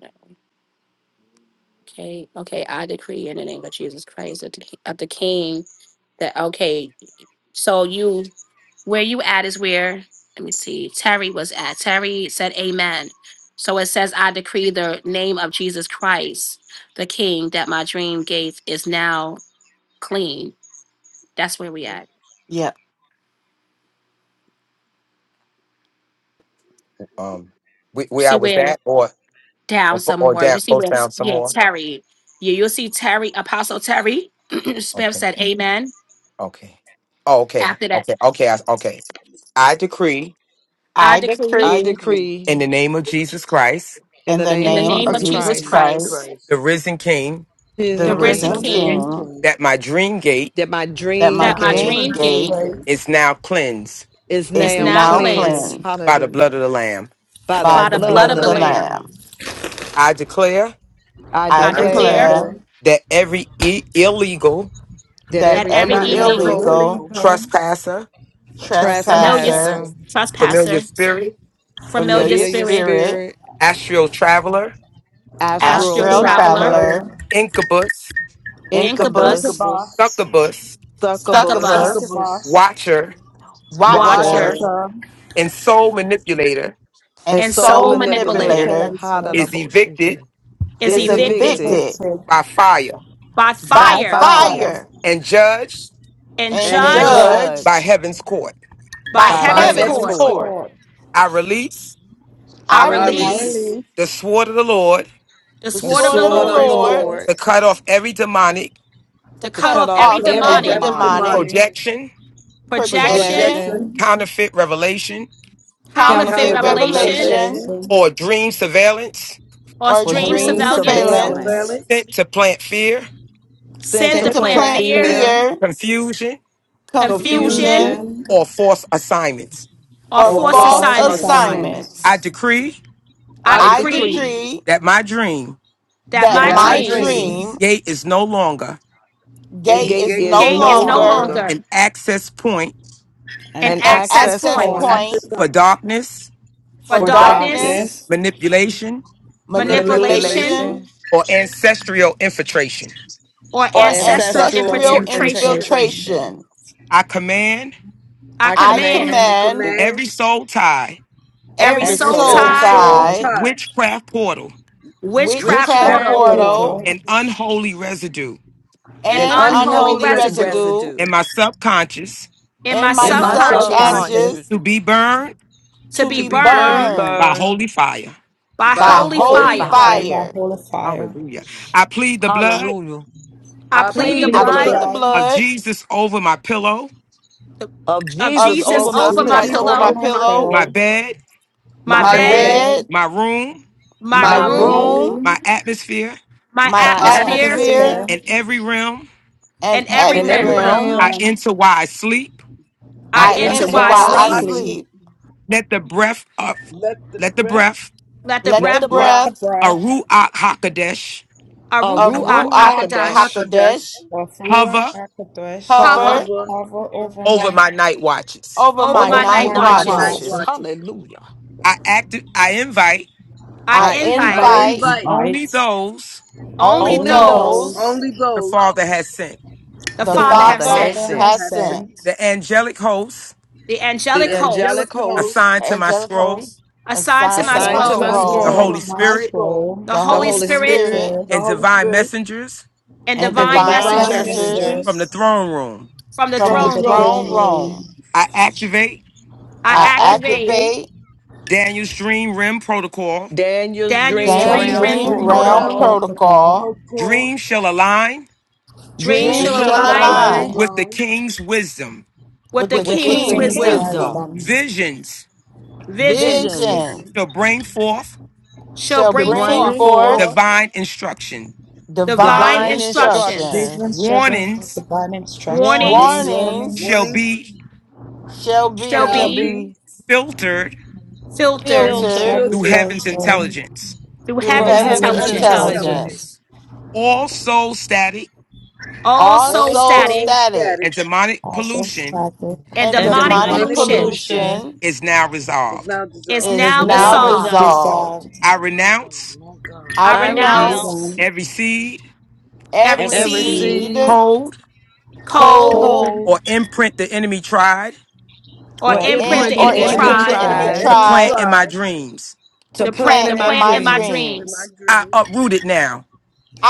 Okay. Okay. I decree in the name of Jesus Christ of the, of the king that, okay. So you Where you at is where, let me see, Terry was at. Terry said, Amen. So it says, I decree the name of Jesus Christ, the King, that my dream gate is now clean. That's where we at. yep. Um, wh- You where I see was where at, or or down or somewhere. You down, see both where, down some yeah, more. Terry. Yeah, you'll see Terry, Apostle Terry [clears throat] Smith Okay. said, Amen. Okay. Oh, okay. After that, Okay. Okay. I, okay. I decree I I decree I I decree decree decree in the name of Jesus Christ, in in the the name in of the in name the name of Jesus of name of Jesus Jesus Christ, Jesus Christ, Christ, the Christ, risen King, his the the and risen the risen risen king, risen King, resumption King, King, that my dream gate that my that my dream that my that my gate dream dream dream gate gate gate is now cleansed is is is now is now now now cleansed, cleansed cleansed cleansed by the blood hallelujah. of the Lamb. by the by by the the by blood the blood blood of of of the the blood the of the Lamb. Lamb. Lamb. Lamb. I declare I I I I declare declare declare declare declare that every e- illegal that that that every that every every that every every illegal illegal, illegal illegal illegal trespasser, familiar trespass, s- trespasser, trespasser, trespasser, familiar trespasser, spirit, familiar familiar familiar spirit, spirit, spirit, astral traveler, astral astral astral astral astral traveler, traveler, traveler, traveler, traveler, incubus, incubus, incubus, incubus, incubus, boss, succubus, succubus, succubus, succubus, succubus, boss, watcher, watcher, watcher, watcher, watcher, watcher, and soul manipulator and and and soul soul soul soul soul manipulator manipulator manipulator manipulator manipulator, is evicted Hadadaboshiki, is is is is is evicted evicted evicted evicted evicted by fire by by by by fire by fire fire fire fire and judged and and and and and judged judged judged by judged judged heaven's court. by by by by by heaven's heaven's heaven's heaven's court. heaven's court. court. cord. court. I release I I I I Now release release release release release the sword of the Lord the the the the sword the of sword the of sword the sword of sword the of of Lord the the Lord Lord Lord Lord to cut off every demonic to to to cut cut cut off to off every to off cut cut off every off every demonic every every demonic demonic demonic demonic projection, projection, projection, projection, projection, projection, counterfeit revelation, counterfeit counterfeit counterfeit counterfeit counterfeit revelation, revelation, revelation, revelation revelation, or dream surveillance or or or or dream from dream dream dream dream surveillance, surveillance surveillance, surveillance surveillance, sent to plant fear, sent sent to sent to sent set to to to plant plant plant plan plant fear, fear, care, fear, fear, confusion, confusion, confusion, confusion, confusion, inclusion, or false assignments. or or or or or forced forced false false false assignments. society. I assignments. assignments. assignments, decree I I I I decree decree decree decree that my dream that that that my that that my my my my dreams dreams dream dreams dream gate is no longer its gate gate gate is gate is is no is gate no no no is no longer longer longer longer an an longer access point an an an an access access access access point point access point point for point darkness, for for for for for darkness, darkness, darkness, darkness, darkness manipulation, manipulation, manipulation, manipulation, manipulation, or ancestral infiltration. or for or or or ancestral ancestral ancestral ancestral sexual infiltration. infiltration. infiltration. infiltration. infiltration. I command I I I command I command command every command soul tie, every every every Every that soul soul soul every soul tie, tie, soul tie, tie, tie, witchcraft portal, witchcraft witchcraft witchcraft witchcraft witchcraft portal, portal, portal, portal, portal and unholy residue and and and and unholy unholy unholy unholy residue residue residue in residue my subconscious in my in my in in in my my my subconscious subconscious, subconscious subconscious subconscious to be burned to to be to be be to be burned burned burned by burned holy fire. by by by by holy holy holy holy fire. fire. burn fire. by fire. holy fire. Hallelujah. I plead the I, blood Hallelujah. I I I I plead the plead plead the I plead the the blood plead the blood. blood blood of blood Jesus over my pillow, of of of Jesus Jesus over Oh, of my Jesus over please, my Jesus Christ Jesus, pillow, over to over my pillow, over my my pillow, pillow, my pillow, bed, my my my my my bed, bed, bed, bed, bed, my room, my my my my room, my room, room, room, my room, atmosphere, my my my my my atmosphere, atmosphere, atmosphere, atmosphere, atmosphere, and every realm and and every and and every every every in rim. round every realm I realm room enter while I sleep. I I I I that I answer enter enter enter enter while while I while I I while wisely. I sleep. sleep. sleep. sleep. Let the breath of, Let the let the breath breath Let the Let the Let breath the Let breath the breath of breath Ruach Hakodesh of of Ruach of of Ruach Ruach Ruach HaKodesh Kakadash HaKodesh Hakodesh of Ruach hover HaKodesh hover cover hover cover hover over over my my night watches. over over my over my over my night night my over my night night night watches. watches. watches. watches. watches. Hallelujah. I act, I invite I I I I invite invite invite invite only Invite those only only only only those those those those only the those Father has sent. the the the whom that Father the the have Father Father Father has sent, Father sent, has sent has have sent. sent. sent, The angelic hosts the The angelic the angelic hosts angelic hosts hosts assigned The to my angelic scroll, hosts assigned to assigned the my to assigned my to angel scroll, my who assigned is the into scroll, sent Holy my, to scroll, my my Spirit, scroll, soul, the the the the Holy Holy Holy Holy Spirit, Spirit Spirit, the and Spirit, Holy divine Spirit messengers and and and and and divine divine divine divine divine messengers messengers from messages messengers, the messengers throne room. from the from from the from the throne the throne room. throne throne room. room. room. I activate I I I activate activate activate Daniel's dream rim protocol. Daniel's Daniel's dream Daniel's dream Daniel's realm Daniel's rim dream dream dreamer in realm realm protocol. protocol. Portugal, protocol. protocol, Dreams shall align Dreams Dreams shall Dreams dreams shall shall Gene still align align alone. align with the Sullivan, king's wisdom. with with the with the the with the with king's the king's king's king's king's wisdom. wisdom, wisdom, vision, wisdom. Visions Visions visions visions vision shall bring forth shall shall to bring to bring bring forth bring forth forth forth divine instruction. divine. divine divine divine instruction. instruction. Vision instructions, shepherd of Warnings divine instructions, Warnings warnings Warnings shall warnings, Warnings be shall shall shall shall be be be be filtered filtered warnings filtered shall filtered be through filtered heaven's filtered intelligence. through through through from heaven's heaven's through heaven's heaven's heaven's intelligence. intelligence, intelligence, intelligence. intelligence. All soul static All All soul All so, soul static soul static static and demonic also pollution static and and and and and demonic demonic demonic demonic demonic pollution pollution wisdom. pollution pollution is now is resolved. now is dissolved. is is The now now now light dissolved. resolved. dissolved. dissolved, I Oh, my renounce God, my God. I I I I renounce renounce renounce renounce mutant, every seed, every every every every every seed, seed, seed, sin, seed, code, code, code, code, cold, code, or imprint the enemy tried or or or imprint and the imprint or infant the enemy the or enemy imprint enemy input the tried that enemy the tries to enemy tries, plant tried in my tried dreams. to to to to print plant the planning plant in my plant in, my in my dreams. dreams. in my dreams. I dreams uproot it now.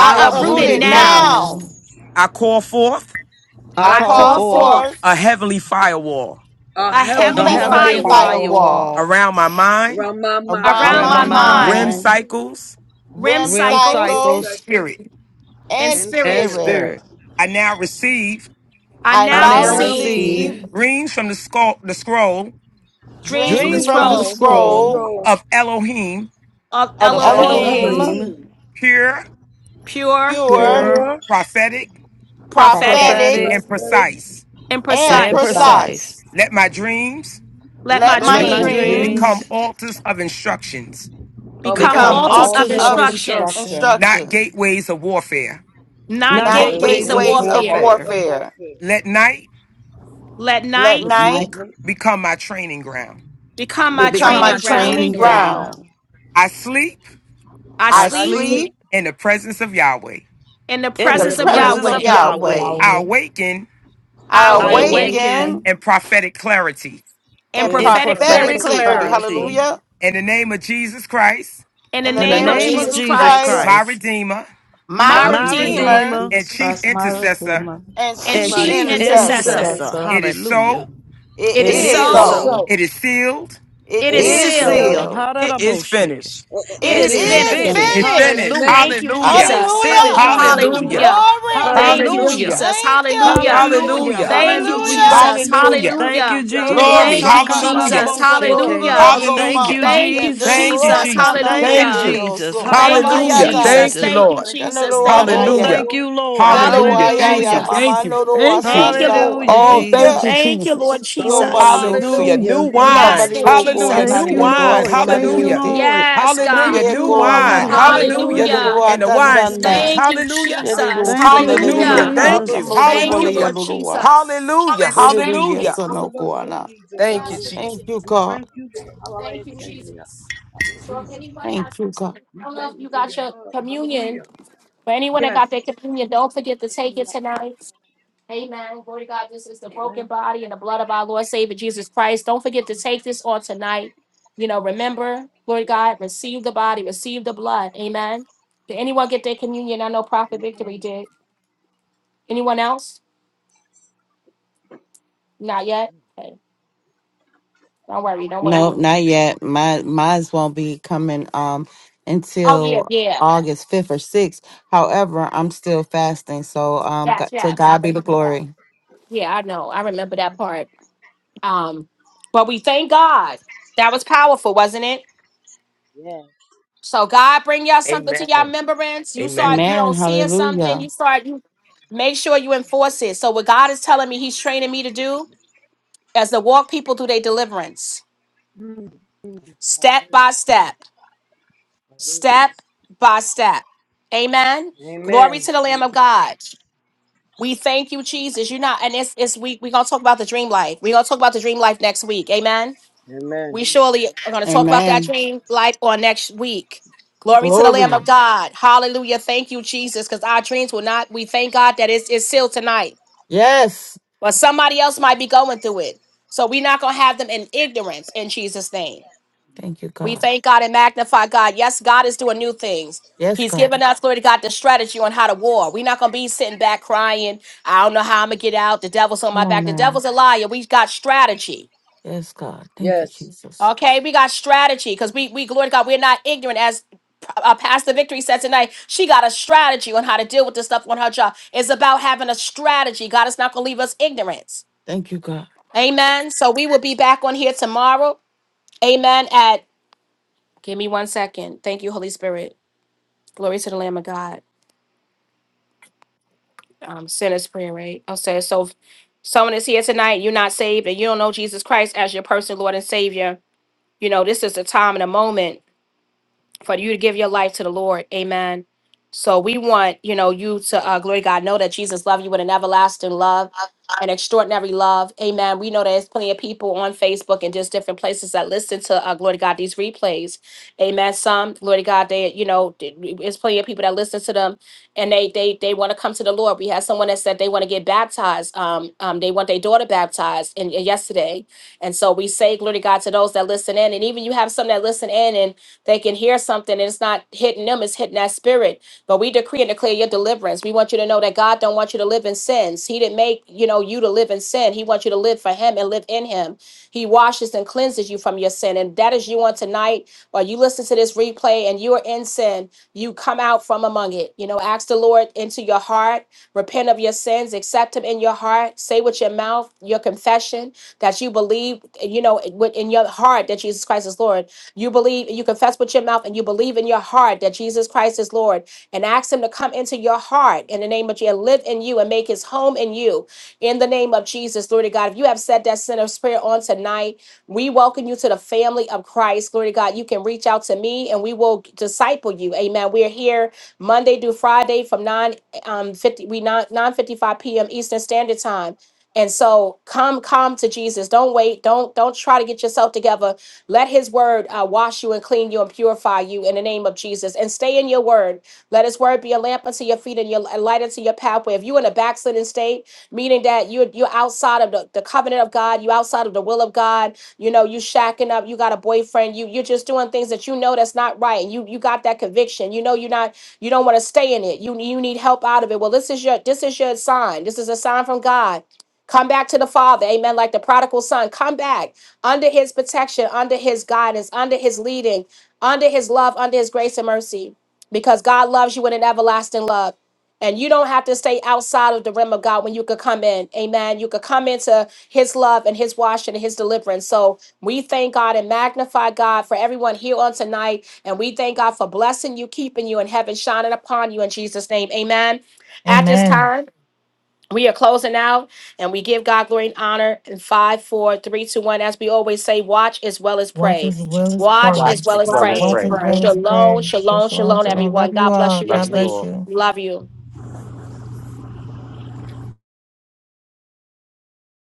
I are I uproot uproot uproot it it it uprooted uprooted now. now. now. now. mine, I call forth I I I I call call call call forth forth forth forth a heavenly firewall a a a I a heavenly heavenly have a heavenly heavenly firewall firewall firewall firewall firewall around my mind, around my mind, around around around my my my around my mind, rim mind, mind, mind, cycles, REM REM rim cycles, and cycles, cycles, perspective, spirit. and and and spirit. and spirit. spirit. spirit, spirit. I now receive I I I I now now and now I now receive receive receive receive receive. reams from the, scroll, the scroll dreams from dreams this dreams These from from the from the the dreams role from the scroll scroll scroll scroll of Elohim, of of of of of Elohim Elohim, Elohim, Elohim, Elohim, pure, pure, pure, pure, pure, pure, prophetic, prophetic, prophetic, prophetic, prophetic, and prophetic, precise. and and and and and precise. precise. precise. precise. precise. Let my dreams Let my Let Let my Let my my My dream dreams dreams dreams become dreams altars of instructions, of become all become become become truth altars of altars of altars this altars of of of instructions, instruction instruction, instruction, not instruction, gateways of warfare. not not not not and gateways gateways not of of gateways gateways of this of warfare. boy warfare. of warfare. warfare. warfare. Let night Let Let At night night night bec- Let become my training ground. become my let light become become Become my my my training become my ground. training training training training ground. ground. ground. ground. I sleep I I I I sleep sleep sleep sleep in the presence of Yahweh. in the in In the I in the presence the of sleep in the presence presence presence of of Yahweh. of presence of Yahweh. Yahweh. Yahweh, I Yahweh. awaken I I I I I awaken awaken awaken awaken awaken in prophetic clarity. in in in in in prophetic prophetic prophetic prophetic prophetic clarity. clarity. clarity. clarity clarity Hallelujah. In the name of Jesus Christ, In the In the in In the name the name of of name name of of Jesus Jesus Jesus Jesus Christ, my Christ, Christ, Christ, Redeemer my my my my in the name Redeemer, Redeemer of Redeemer Redeemer and Jesus Chief Christ, my Intercessor, Redeemer and and and chief my and Chief chief chief chief intercessor. intercessor, Intercessor. intercessor. intercessor. it is Hallelujah. so, It It It is It is is it is so, is so. so, so. so. it is sealed, It it It It is It is is is is sealed, sealed. sealed sealed. sealed. it is Hallelujah. finished. a- a- it It and It is it in is is is finished. the finished. finished. It's finished. finished. Amen. Hallelujah. Thank you, Hallelujah. It is Jesus. Hallelujah. finished. Hallelujah. Hallelujah. Hallelujah. Hallelujah. Glory. Thank you, Hallelujah. Hallelujah. Hallelujah. Jesus. Thank you. Hallelujah. Hallelujah. Hallelujah. Hallelujah. Thank you, We Hallelujah. Hallelujah. thank Jesus. you, Lord. Hallelujah. Thank you, Hallelujah. Hallelujah. Jesus. Glory. Thank Hallelujah. Lororoko you, mata Hallelujah. Jesus. yesa, Glory. Hakadadadaboshake. Hallelujah. Hallelujah. lororoko Thank Hallelujah. you, mama ye, Thank you, Jesus. Thank you, lororoko Jesus. Jesus. tana Thank ye Thank you, ke Hallelujah. you. Jesus. so, Lord, mama Thank ma you, Father ya God, Hallelujah. Hallelujah, I Jesus. thank Thank you, you. Jesus. Thank I you, Lord. thank you for Jesus. these kanoroa Thank you, na Oh, prayers, ye. Hallelujah. Lord. thank Lord. you, Lord. I thank Hallelujah. Hallelujah, you Yadoaya for Thank ya you. these Hallelujah. Jesus. Thank mama you. noro riches, Thank these you. Thank you, wasanda. Lord. announcements, Hallelujah, Oh, Lord. Thank And I you. thank you, Jesus. thank Thank you, you, Lord Jesus. Father Go God, Oh, bani Jesus. Hallelujah. for yosu. New hallelujah. sealing Yes, wine. Mbabari Lord loko Hallelujah. New Jesus. Thank anani you, this ya to wine. Lord. asana Thank seal you, Hallelujah. on this rete. Lord. earth. Yes, Hallelujah. Hallelujah. Thank God. Ye you, New ko Lord. wine. ama. That nothing Hallelujah. Yedo Hallelujah. shall Hallelujah. wa And be the tan broken, tan wineskins. na. Lord. Thank you, Hallelujah. Yedo Jesus. ro Hallelujah. Thank you, sana le Hallelujah. ro Hallelujah. ka. Thank Jesus. you. Hallelujah. Thank you, Namababali ya Hallelujah. Lord ro Hallelujah. wa. Jesus. Hallelujah. We Yedo thank you, Thank ye you. Lord. Hallelujah. Son sana of ko us, for ana. Jesus. Thank you, Yes, Hallelujah. Jesus. Thank you We God. thank you, Lord. thank Hallelujah. you, Hallelujah. Jesus. So if Jesus, we anybody has thank Thank you. you God. I We don't know if thank you you for got your your love. communion, Hallelujah. but anyone that Yes. got their communion, don't forget to take it tonight. Amen. Glory to God. This is the broken body and the blood of our Lord Savior Jesus Christ. Don't forget to take this on tonight. You know, remember, glory to God, receive the body, receive the blood. Amen. Did anyone get their communion? I know Prophet Victory did. Anyone else? Not yet. Okay. Don't worry. Don't No, worry. not yet. My mine won't be coming um Oh yeah, until yeah. August fifth or sixth. However, I'm still fasting, so um, Yes, God, to yes. I God be the remember that. glory. Yeah, I know. I remember that part. Um, but we thank God. That was powerful, wasn't it? So God bring y'all something to Amen. y'all remembrance. You start, Amen. you know, Amen. seeing something, you Hallelujah. start you make sure you enforce it. So what God is telling me He's training me to do as to walk people through their deliverance Amen. step by step, step by step. Amen. Glory Amen. to the Lamb of God. We thank you, Jesus. You're not, and it's it's we we're gonna talk about the dream life. We're gonna talk about the dream life next week. Amen. We Amen. surely are going to talk about that Amen. dream life on next week. Glory to the Glory. Lamb of God. Hallelujah. Thank you, Jesus, because our dreams will not, we thank God that it's, it's sealed tonight. Yes. But somebody else might be going through it. So we're not going to have them in ignorance in Jesus' name. Thank you, We God. thank God and magnify God. Yes, God is doing new things. Yes, He's God. given us, glory to God, the strategy on how to war. We're not going to be sitting back crying. I don't know how I'm going to get out. The devil's on my Come on back. The now. devil's a liar. We've got strategy. Yes, Yes. Jesus. Okay, we got strategy because we we glory to God. We're not ignorant as uh, Pastor Victory said tonight. She got a strategy on how to deal with this stuff on her job. It's about having a strategy. God is not going to leave us ignorance. Thank you, God. Amen. So we will be back on here tomorrow. Amen. At give me one second. Thank you, Holy Spirit. Glory to the Lamb of God. Um, sinner's prayer, right? I'll say it. so. If someone is here tonight, you're not saved, and you don't know Jesus Christ as your personal Lord and Savior. You know this is the time and the moment for you to give your life to the Lord. Amen. So we want, you know, you to uh, glory to God, know that Jesus loved you with an everlasting love, an extraordinary love. Amen. We know there's plenty of people on Facebook and just different places that listen to uh, glory to God these replays. Amen. Some glory to God, they, you know, th- there's plenty of people that listen to them and they they they want to come to the Lord. We had someone that said they want to get baptized. Um, um, they want their daughter baptized and yesterday. And so we say glory to God to those that listen in, and even you have some that listen in and they can hear something and it's not hitting them, it's hitting that spirit. But we decree and declare your deliverance. We want you to know that God don't want you to live in sins. He didn't make, you know, you to live in sin. He wants you to live for him and live in him. He washes and cleanses you from your sin. And that is you on tonight. While you listen to this replay and you are in sin, you come out from among it. You know, ask the Lord into your heart, repent of your sins, accept him in your heart, say with your mouth your confession that you believe, you know, in your heart that Jesus Christ is Lord you believe, you confess with your mouth, and you believe in your heart that Jesus Christ is Lord, and ask Him to come into your heart in the name of Jesus, live in you, and make His home in you. In the name of Jesus, glory to God. If you have said that sinner's prayer on tonight, we welcome you to the family of Christ. Glory to God. You can reach out to me, and we will disciple you. Amen. We are here Monday through Friday from nine um fifty we nine nine fifty five p.m. Eastern Standard Time. And so come come to Jesus. Don't wait. Don't don't try to get yourself together let his word uh, wash you and clean you and purify you in the name of Jesus. And stay in your word. Let his word be a lamp unto your feet and your a light unto your pathway. If you're in a backslidden state, meaning that you're you're outside of the, the covenant of God, you outside of the will of God, you know, you shacking up, you got a boyfriend, you you're just doing things that you know that's not right, and you you got that conviction. You know you're not you don't want to stay in it. You you need help out of it. Well, this is your this is your sign. This is a sign from God. Come back to the Father. Amen. Like the prodigal son, come back under his protection, under his guidance, under his leading, under his love, under his grace and mercy, because God loves you with an everlasting love. And you don't have to stay outside of the realm of God when you could come in. Amen. You could come into his love and his washing and his deliverance. So we thank God and magnify God for everyone here on tonight. And we thank God for blessing you, keeping you, and heaven shining upon you in Jesus' name. Amen. At this Amen. time, we are closing out and we give God glory and honor in five, four, three, two, one. As we always say, watch as well as Watch pray. as well as pray. it. Watch as Watch well as as Let well as us pray. Watch pray. as well pray. as pray. Shalom, shalom, Shalom, shalom, shalom. Shalom. everyone. Love you God bless all. you Love God you richly. bless all. you. Love you.